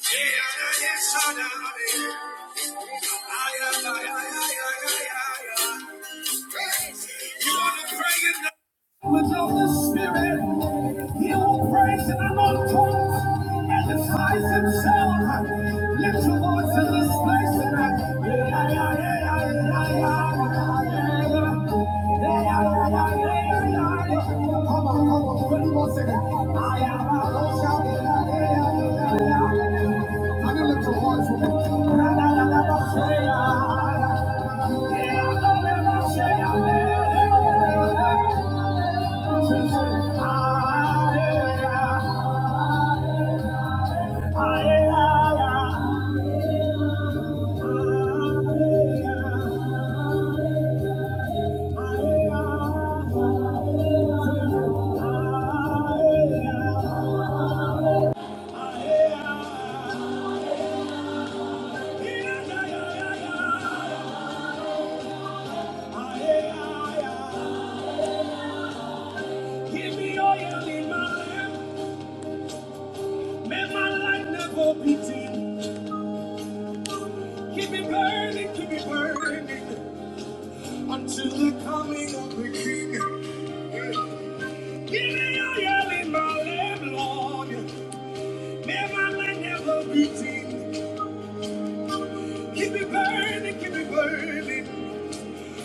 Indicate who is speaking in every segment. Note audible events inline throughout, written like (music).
Speaker 1: Yeah. Give me oil in my lamp, my light never be dim. Keep me burning, keep me burning, until the coming of the King. Give me oil in my lamp, Lord. May my light never be dim. Keep it burning, keep it burning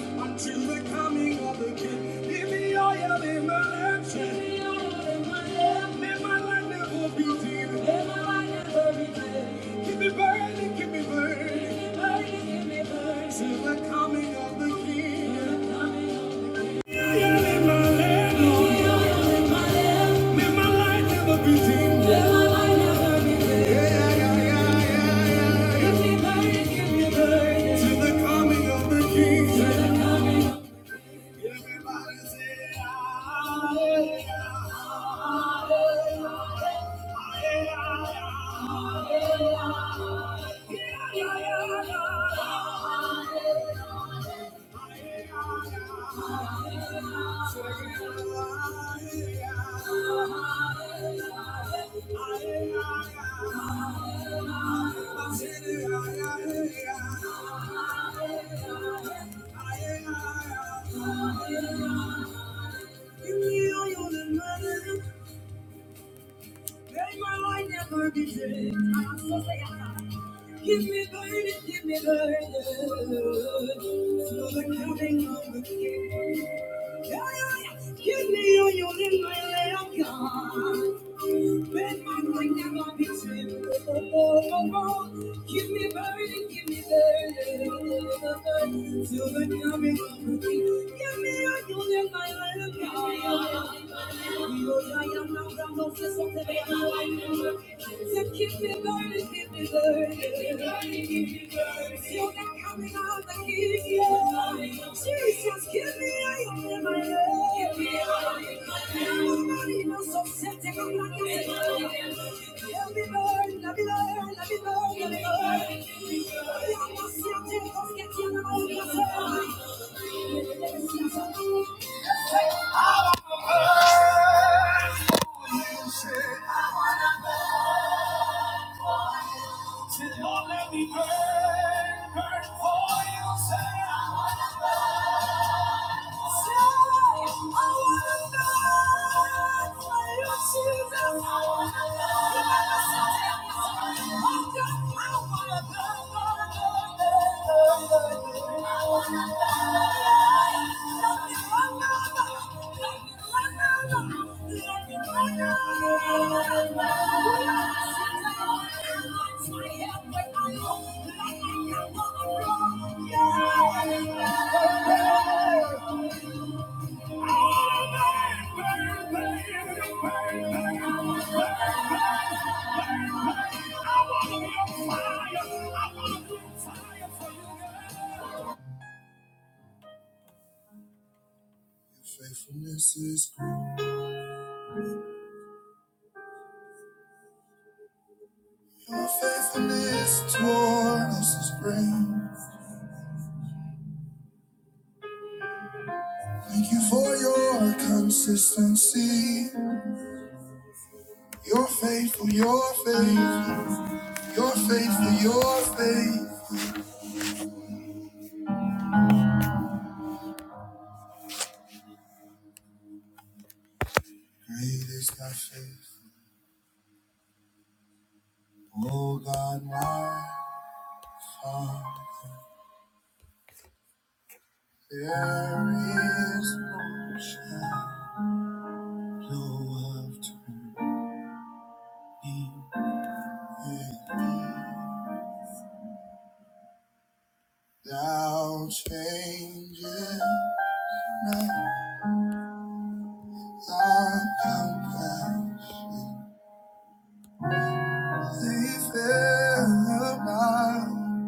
Speaker 1: until the coming of the King. Give me all your limbs. May my light never be dim. May my light never be dim. Keep it burning, keep it burning. Keep it burning, keep it burning. Till the coming of the King. Till the coming of the King. Yeah. Give me burning, give me burning, till the counting of the key. Give me all you in my left God. Let my mind never be trimmed. Oh, oh, oh, oh. Give me burning, give me burning. Till the coming of the King. Give me all you in my left God. Because I am not the Moses of the Lord. So keep me burning, give me let let me burn, let me burn, let me burn, Thank you. Thank you. Faithfulness is great. Your faithfulness toward us is great. Thank you for your consistency. You're faithful, you're faithful, you're faithful, you're faithful. Great is thy faith, O God, my Father. There is no shadow of turning with thou changes thy complex. They fell about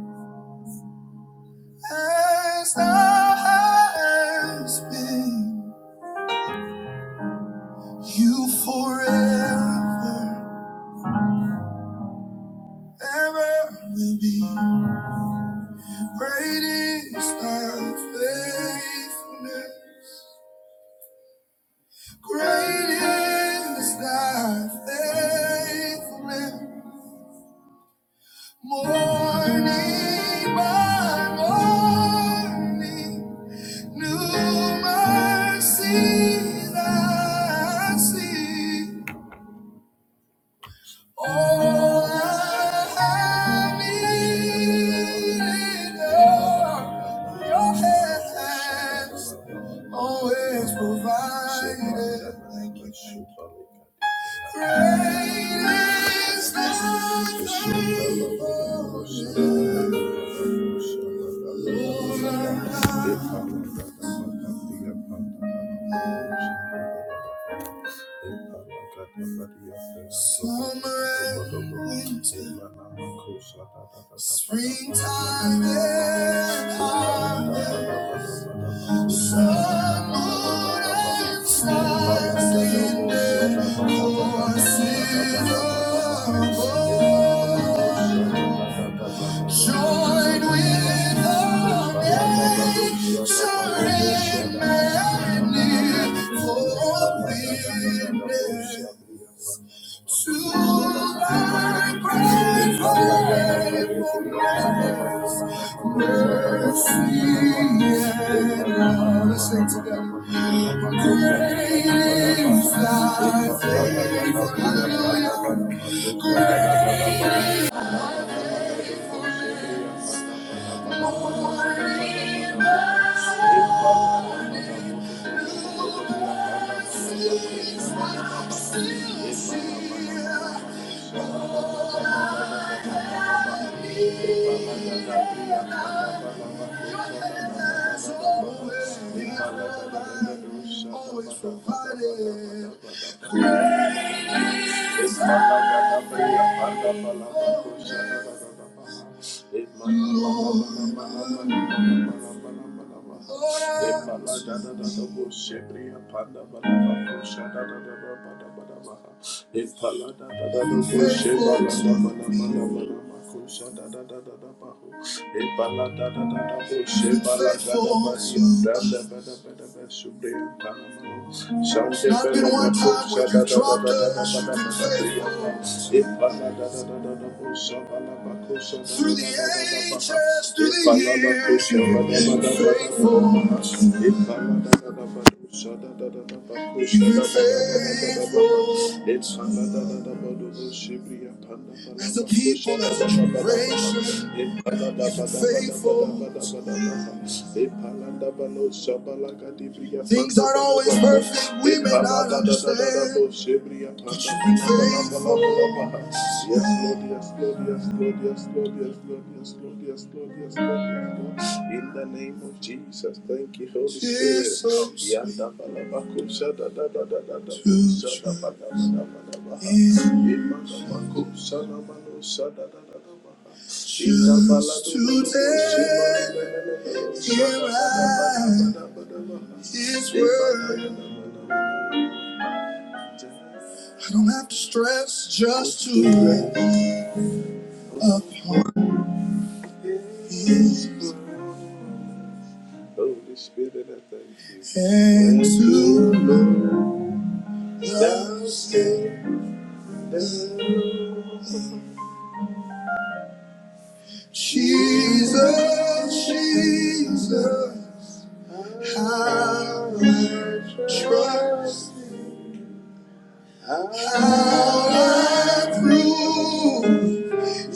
Speaker 1: as thou hast been. You forever, ever will be. Great is thy faithfulness. Great is thy faithfulness, morning by morning, new mercies I see. All I have needed, are your hands always provided. Thank you. Great is thy faithfulness. Lord, Summer and winter, springtime and harvest, sun, moon, and stars in their courses above. Join with the angels in majesty for witness to thy faithfulness, mercy and love. Let's sing together. Great is thy faithfulness. Hallelujah. Ipala da da da da, makusha da da da da da bahu. have been da da da bo shebala da da ba ya da da ba da ba da ba shubre as a people, as a generation, you're faithful. Things aren't always perfect, we may not understand, but you've been faithful. Yes, Lord, yes, Lord, Yes, Lord, yes, Lord, yes, Lord, yes, Lord, yes, Lord, yes, Lord, yes, Lord. In the name of Jesus, thank you, Holy Spirit. Jesus. Yanda balabaku shada da da da da da. Shada ba da ba da ba da Imma baku shana manu shada da da da ba. Inda bala do do do do. Choose Shada da da ba da ba da ba His word. I don't have to stress just to. Holy Spirit, I thank you. And Thank to Lord. Thou standest. Jesus, Jesus, how I trust, how I prove.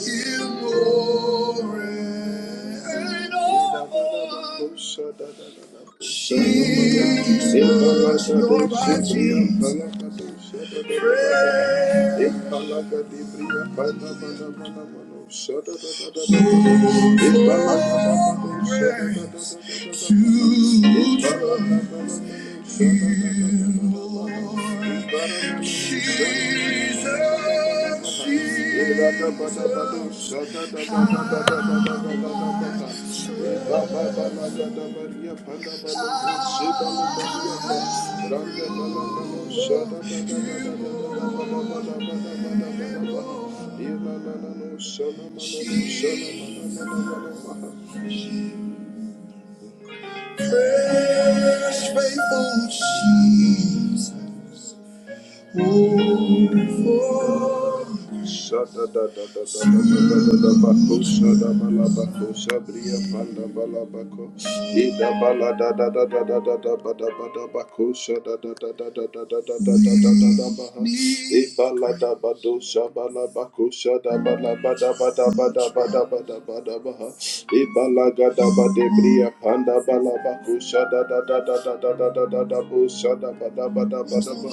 Speaker 1: Always to trust righteous praise. Jesus, Jesus, I surrender. Precious faithful Jesus. Ibalaga da ba de bria panda balaba da da da da da da da da da da shada bada bada bada ba.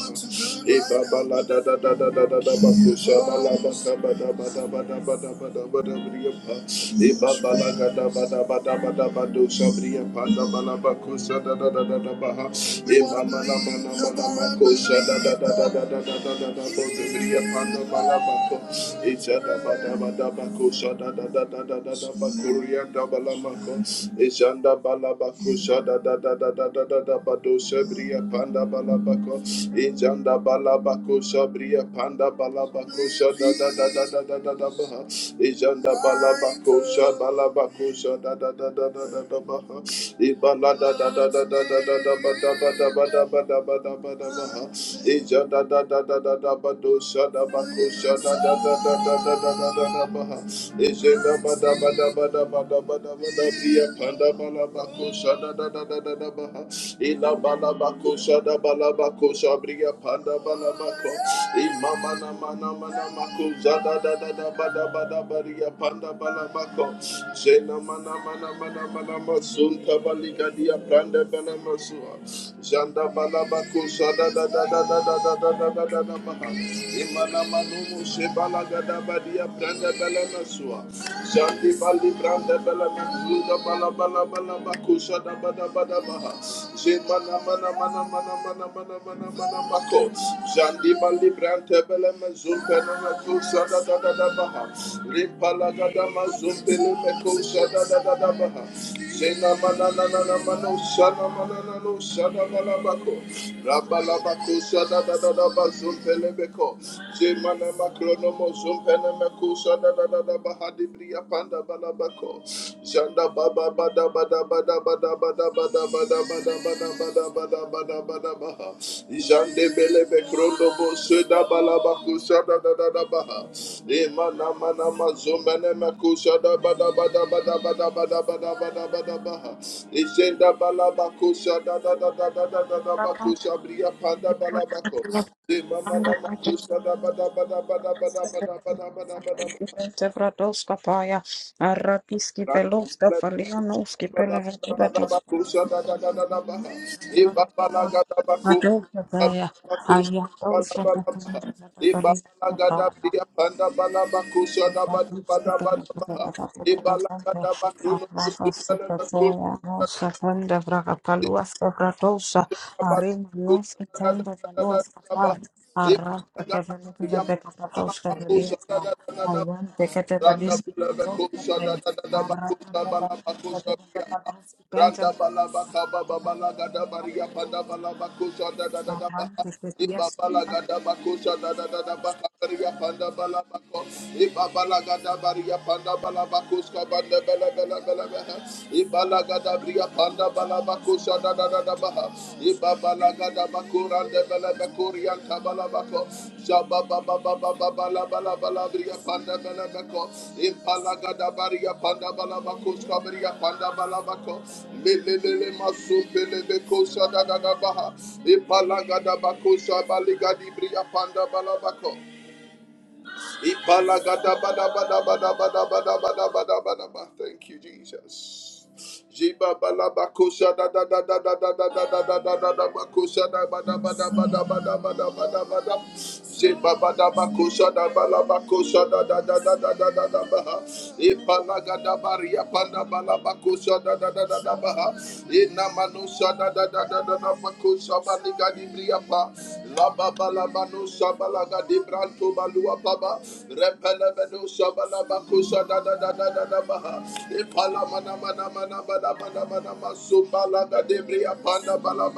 Speaker 1: E baba la da da da da da da da ba ko shaba la ba ka bada bada bada bada bada bada briya pa. E baba la ga da bada bada bada bada shabriya pa da ba la ba ko shada da da da da ba ha. E mama la ma na ma ma ko shada da da da da da da da da da ba ko da ba la ba ko. E shada bada bada ba ko shada da da da da da da ba ko Dabalamaco, Ejanda Balabaco, Shada da da da da da da da Bado Shabria Panda Balabaco, Ejanda Balabaco, Shabria Panda Balabaco, Shada da da da da da da da Baha, Ejanda Balabaco, Shabalabaco, Shada da da da da da da Baha, Ibala da da da da da da da da ba da ba da ba da ba da ba da ba da Baha, Ejanda da da da da da Bado Shada Jena mana mana mana mana masunta balika dia pranda bana masua. Janda balaba kusha da da da da da da da da da da da da baha. Imana manumu shebala gada badia branda bela Jandi bali branda bela masluda bala bala bala bakusha da Balabala Balabako Sada Bada Bada baha. Jemana mana mana mana mana mana mana mana mako. Jandi bali branda bela mazumpa na makusha da da da da baha. Ripalagadama zumbele meko shada da da da baha. Zena mana na na na mano shana mana na no shana mana bako. Rabala bako shada da da da ba zumbele meko. Zemana makrono mo zumbele meko shada da da da baha di bria panda bala bako. Shanda baba bada bada bada bada bada bada bada bada bada bada bada Jande belebe krondo bo seda balaba kusha da da da da baha. Ema na ma na ma zomba ne ma kusha da ba da ba da ba da ba da ba da ba da ba da ba da baha. Ijenda balaba kusha da da da da da da da da ba kusha bria panda balaba ko. Ema ma na ma
Speaker 2: Sevra
Speaker 1: kusha da ba da ba da ba da ba da ba da ba da ba da ba da.
Speaker 2: dos capaias, arrakiski pelo cafelhão, noski pela vegetação. Matos caia, aí a causa da poluição. I want
Speaker 1: Ibala gada bakruno kusuka na kusuka Randa balaba kaba babala gada baria pada balaba kusa da da da da ba.
Speaker 2: to Arran
Speaker 1: Ibabalagada bakosha da da da da bakaria panda bala bakos. Ibabalagada baria panda bala bakoska banda bala bala bala bala. Ibalagada bria panda bala bakosha da da da da panda panda panda bria Ibabala Balabako, Shaba Baba Baba Baba Labala Balabria Panda Balabako, Impalagada Baria Panda Balabako, Scabaria Panda Balabako, Lele Masu Pelebeko Shada Baha, Impalagada Bako Shabaligadi Bria Panda Balabako. Ipalagadabadabadabadabadabadabadabadaba. Thank you, Jesus. Jibabalabakosa da da da da da da da da da da da da bakosa da ba da ba da ba da ba da ba da ba da ba da. Zibabadabakosa da balabakosa da da da da da da da da ba ha. Ipalagadabaria pandabalabakosa da da da da da ba ha. Inamanusa da da da da da da bakosa baligadibriapa. Shabalabano Shabalaga di Branto Balua Baba Repelemeno Shabalabakusha da da da da da Baha Ipala Mana Mana Mana Mana Mana Masubalaga de Bria Panda Bala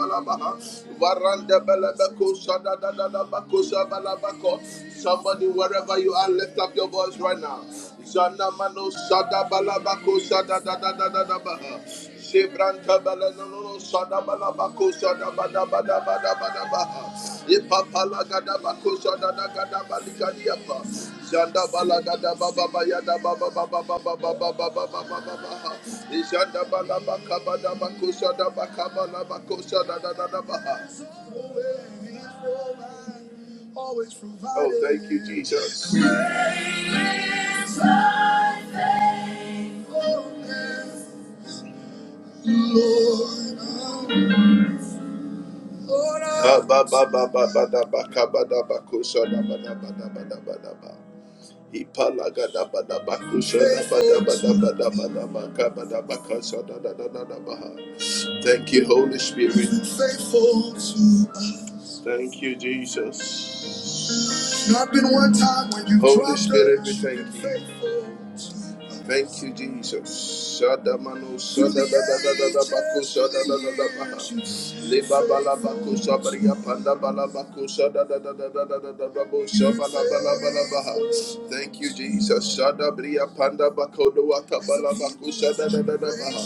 Speaker 1: Varanda Belebekusha da da da da Bakusha Balabako Somebody wherever you are lift up your voice right now Zanamano Shada Balabako Shada da da da da Baha Shebranta balalolo sada balabako sada bada bada bada bada baha. Ipa palagada bako sada nagada baligadi apa. Janda balagada baba bayada baba baba baba baba baba baba baha. Ijanda balabaka bada bako sada baka balabako sada da da da baha. Oh, thank you, Jesus. Lord, Ba ba ba ba ba ba da ba ka ba da ba ko sha da ba da ba da ba da ba da ba. Ipa la ga da ba da ba ko sha da ba da ba da ba da ba da ba ka ba da ba ka sha da da da da da ba ha. Thank you, Holy Spirit. Thank you, Jesus. Holy Spirit, we thank you. Thank you, Jesus. Shada manu. Shada da da da da da ba ku. Shada da da da ba. Liba ba la ba ku. Shada bria panda ba la ba ku. Shada da da da da ba ku. Shada ba la ba la ba ha. Thank you, Jesus. Shada bria panda ba ku. No wata ba la ba ku. Shada da da da ba ha.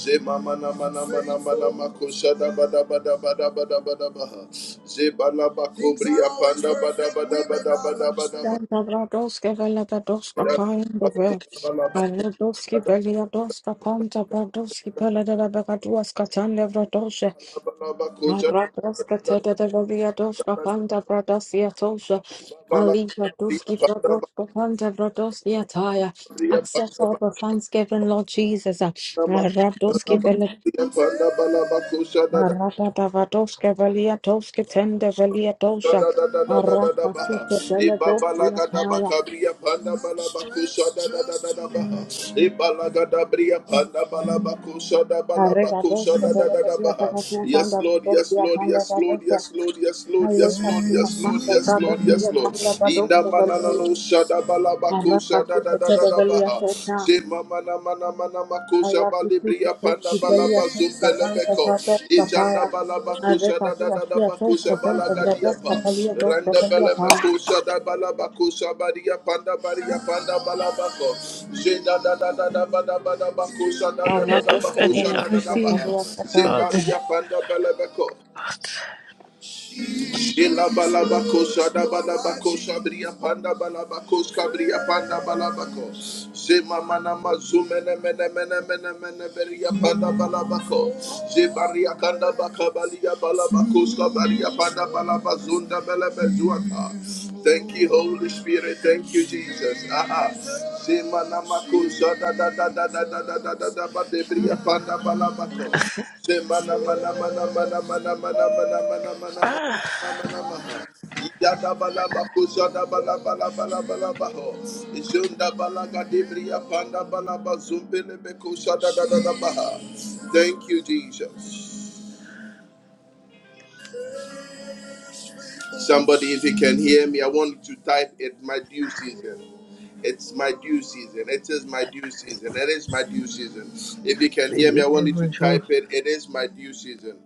Speaker 1: Zema na ma na ma na ma na ma ku. Shada ba da ba da ba da ba da ba ha. Ze ba la ba ku bria panda ba da ba da ba da ba da ba da ba
Speaker 2: Bradoska Veladoska
Speaker 1: la
Speaker 2: Pandava,
Speaker 1: ba la ba ku.
Speaker 2: Radoski Veladoska Panta Bradoski Pelada Bagatuaska Tanda Vradosha,
Speaker 1: Bria
Speaker 2: Radoska
Speaker 1: panda
Speaker 2: Teda Veladoska Panta Bradasia Tosha,
Speaker 1: bala
Speaker 2: Ali Radoski Bradoska Panta Bradosia Taya. Accept all the thanksgiving, Lord Jesus.
Speaker 1: nama,
Speaker 2: Radoski Veladoska.
Speaker 1: bria panda bala bakusha
Speaker 2: Arata Vadoska Velia Toska Tenda Velia
Speaker 1: Da
Speaker 2: Dosha.
Speaker 1: da da da da da da
Speaker 2: Arata
Speaker 1: ba.
Speaker 2: Fita Veladoska
Speaker 1: Ibabalaga da ba
Speaker 2: Taya.
Speaker 1: kabria panda balabakusha da da Da da da ba. Ibalaga da bria panda balabakusha da
Speaker 2: Arriba dos,
Speaker 1: balabakusha da da
Speaker 2: vele
Speaker 1: Da
Speaker 2: de
Speaker 1: da ba! ba
Speaker 2: día
Speaker 1: ba ba!
Speaker 2: para que
Speaker 1: Yes,
Speaker 2: sanga
Speaker 1: Lord,
Speaker 2: dos
Speaker 1: yes,
Speaker 2: día
Speaker 1: Lord,
Speaker 2: sanga
Speaker 1: yes,
Speaker 2: para
Speaker 1: Lord, yes,
Speaker 2: dos.
Speaker 1: Lord, yes, Lord,
Speaker 2: Alle
Speaker 1: yes, Lord,
Speaker 2: kasi na
Speaker 1: yes, Lord,
Speaker 2: sanga
Speaker 1: yes,
Speaker 2: para
Speaker 1: Lord,
Speaker 2: dos día
Speaker 1: yes, Lord.
Speaker 2: sanga para dos
Speaker 1: Ina
Speaker 2: vele
Speaker 1: manana
Speaker 2: de.
Speaker 1: no shada
Speaker 2: Arra
Speaker 1: balabako
Speaker 2: kasi
Speaker 1: shada da
Speaker 2: de
Speaker 1: da da
Speaker 2: de
Speaker 1: da
Speaker 2: vele ya
Speaker 1: ba!
Speaker 2: seta.
Speaker 1: Je mama na mana mana makusha
Speaker 2: Alla kisi
Speaker 1: balibria
Speaker 2: kisi
Speaker 1: panda
Speaker 2: kisi vele ya
Speaker 1: balaba
Speaker 2: seta sanga
Speaker 1: zumbelemeko.
Speaker 2: para dos
Speaker 1: Ijanda
Speaker 2: sapaya.
Speaker 1: balaba
Speaker 2: Arre
Speaker 1: kusha da
Speaker 2: kasi
Speaker 1: da da da
Speaker 2: asi asi
Speaker 1: bakusha
Speaker 2: seven para dos
Speaker 1: balagadiapa.
Speaker 2: sapaya dos
Speaker 1: Randa
Speaker 2: vele ya pa.
Speaker 1: belemekusha da balaba kusha baria panda baria panda balabako. Je da da da da da ba da ba da bakusha da da
Speaker 2: Arra
Speaker 1: da da
Speaker 2: dos
Speaker 1: bakusha
Speaker 2: vele
Speaker 1: da
Speaker 2: de
Speaker 1: da da
Speaker 2: día
Speaker 1: ba.
Speaker 2: para ya
Speaker 1: Je
Speaker 2: seta.
Speaker 1: baria panda belebeko. Ila balabako shada balabako shabria panda balabako shabria panda balabako. Zema mana mazume ne mene mene mene mene beria panda balabako. Zebaria kanda bakabalia balabako shabaria panda balabazunda bele bezuata. Thank you, Holy Spirit. Thank you, Jesus. Aha. Zema namako shada da da da da da da da da da ba debria panda balabako. Zemana mana mana mana mana mana mana mana mana mana Thank you, Jesus. Somebody, if you can hear me, I want you to type it my due season. It's my due season. It is my due season. It is my due season. If you can hear me, I want you to type it. It is my due season.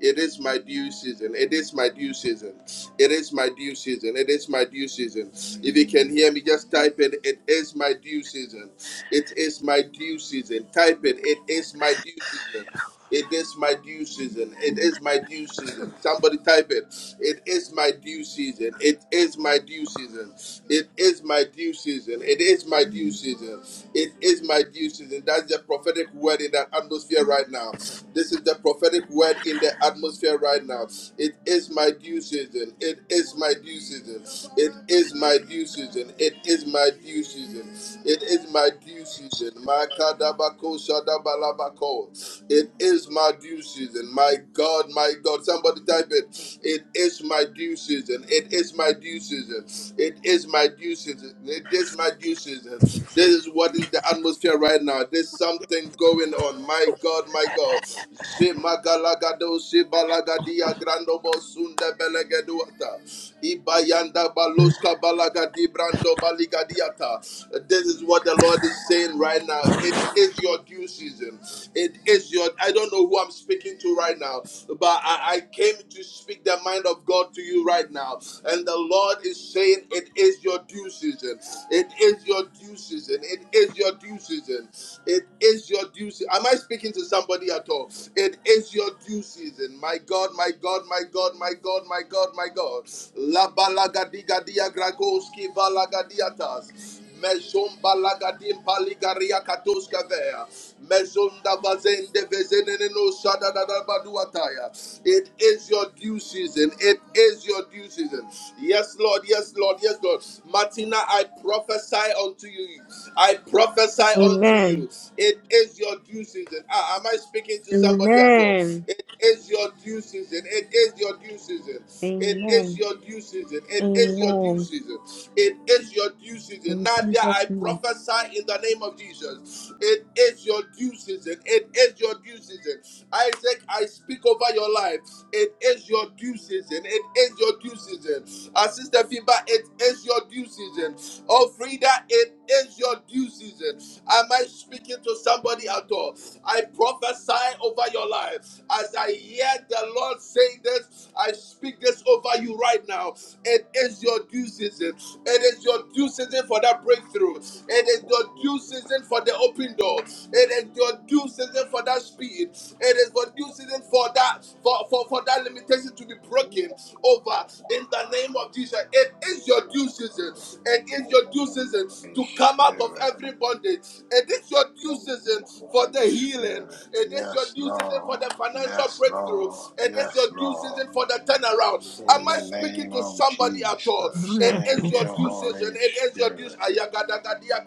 Speaker 1: It is my due season. It is my due season. It is my due season. It is my due season. If you can hear me, just type it. It is my due season. It is my due season. Type it. It is my due season. It is my due season. It is my due season. Somebody type it. It is my due season. It is my due season. It is my due season. It is my due season. It is my due season. That's the prophetic word in the atmosphere right now. This is the prophetic word in the atmosphere right now. It is my due season. It is my due season. It is my due season. It is my my due season. It is my due season. My kadabako shadabalabako. It is my due season. My God, my God. Somebody type it. It is my due season. It is my due season. It is my due season. It is my due season. This is what is the atmosphere right now. There's something going on. My God, my God. Shemagalagado, shibalagadia, grandobo, sunda, belegeduata. Ibayanda baloska balagadi brando baligadiata. This is what the Lord is saying right now. It is your due season. It is your. I don't know who I'm speaking to right now, but I, I came to speak the mind of God to you right now. And the Lord is saying, It is your due season. It is your due season. It is your due season. It is your due season. Am I Am I speaking to somebody at all? It is your due season. My God, my God, my God, my God, my God, my God. La balagadigadia gragoski valagadiatas. Mezon balagadim paligaria katoska vea. Mezon da vazende vezenene no sada da da baduataya. It is your due season. It is your due season. Yes, Lord. Yes, Lord. Lord. Yes, God. Martina, I prophesy unto you. I prophesy unto
Speaker 2: Amen.
Speaker 1: you. It is your due season. Ah, am I speaking to somebody at all?
Speaker 2: Amen.
Speaker 1: It is your due season. It is your due season. It is
Speaker 2: Amen.
Speaker 1: your due season. It is your due
Speaker 2: Amen.
Speaker 1: season. It is your due season.
Speaker 2: In
Speaker 1: Nadia,
Speaker 2: Jesus'
Speaker 1: I
Speaker 2: name.
Speaker 1: prophesy in the name of Jesus. It is your due season. It is your due season. Isaac, I speak over your life. It is your due season. It is your due season. Our sister Fiba, it is your due season. Oh, Frida, it is your due season. Am I speaking to somebody at all? I prophesy over your life. As I hear the Lord saying this, I speak this over you right now. It is your due season. It is your due season for that breakthrough. It is your due season for the open door. It is your due season for that speed. It is your due season for that for, for, for that limitation to be broken over in the name of Jesus. It is your due season. It is your due season
Speaker 3: Holy
Speaker 1: to come out of
Speaker 3: Spirit,
Speaker 1: every bondage. It is your due season for
Speaker 3: Holy
Speaker 1: the healing.
Speaker 3: Spirit.
Speaker 1: It is your
Speaker 3: Yes,
Speaker 1: due season for the
Speaker 3: Lord.
Speaker 1: financial
Speaker 3: Yes,
Speaker 1: breakthrough.
Speaker 3: Lord.
Speaker 1: It is
Speaker 3: Yes,
Speaker 1: your due
Speaker 3: Lord.
Speaker 1: season for the turnaround.
Speaker 3: In
Speaker 1: Am I
Speaker 3: the
Speaker 1: speaking
Speaker 3: name
Speaker 1: to
Speaker 3: of
Speaker 1: somebody at all?
Speaker 3: Jesus.
Speaker 1: It is
Speaker 3: Thank
Speaker 1: your
Speaker 3: you,
Speaker 1: due season.
Speaker 3: Holy
Speaker 1: It is your due
Speaker 3: Spirit.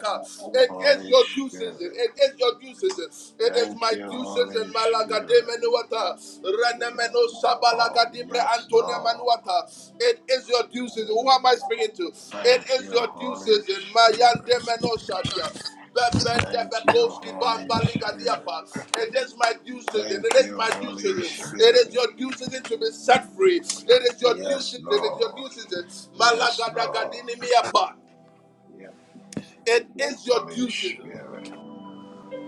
Speaker 3: Thank you,
Speaker 1: It is
Speaker 3: Holy
Speaker 1: your due season.
Speaker 3: Spirit.
Speaker 1: It is your due season. It is
Speaker 3: Thank
Speaker 1: my
Speaker 3: you,
Speaker 1: due season.
Speaker 3: Holy
Speaker 1: Malagade
Speaker 3: Spirit.
Speaker 1: menuata.
Speaker 3: Yes,
Speaker 1: Renemeno
Speaker 3: Lord.
Speaker 1: sabalagadibre
Speaker 3: Yes,
Speaker 1: antone
Speaker 3: Lord.
Speaker 1: manuata. It is your due season.
Speaker 3: Yes.
Speaker 1: Who am I speaking to? It
Speaker 3: Thank
Speaker 1: is
Speaker 3: you,
Speaker 1: your due
Speaker 3: Holy
Speaker 1: season.
Speaker 3: Spirit.
Speaker 1: Mayande meno shadia.
Speaker 3: Thank you,
Speaker 1: Bebendebekoski
Speaker 3: Holy Spirit.
Speaker 1: Bambaligadiapa. It is my due season. It
Speaker 3: Thank
Speaker 1: is
Speaker 3: you,
Speaker 1: my due
Speaker 3: Holy
Speaker 1: season. It is
Speaker 3: Spirit.
Speaker 1: your due season to be set free. It is your due
Speaker 3: Yes,
Speaker 1: season. It is your
Speaker 3: Lord.
Speaker 1: due season.
Speaker 3: Yes, Lord.
Speaker 1: Malagadagadi
Speaker 3: Yeah,
Speaker 1: It
Speaker 3: thank you,
Speaker 1: is your
Speaker 3: Holy
Speaker 1: due season.
Speaker 3: Spirit.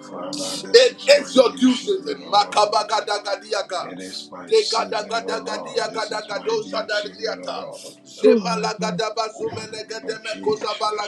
Speaker 3: Father, this
Speaker 1: It
Speaker 3: is my due
Speaker 1: exoduces
Speaker 3: season,
Speaker 1: in
Speaker 3: O Lord.
Speaker 1: Makabagadagadiaga.
Speaker 3: It is my
Speaker 1: De gada
Speaker 3: season, O
Speaker 1: gada
Speaker 3: Lord.
Speaker 1: gadia
Speaker 3: This
Speaker 1: gada
Speaker 3: is my
Speaker 1: gadosa
Speaker 3: due season, O
Speaker 1: dariata.
Speaker 3: Lord.
Speaker 1: Sema la gada bazume
Speaker 3: Oh,
Speaker 1: legede me kosa
Speaker 3: Jesus.
Speaker 1: bala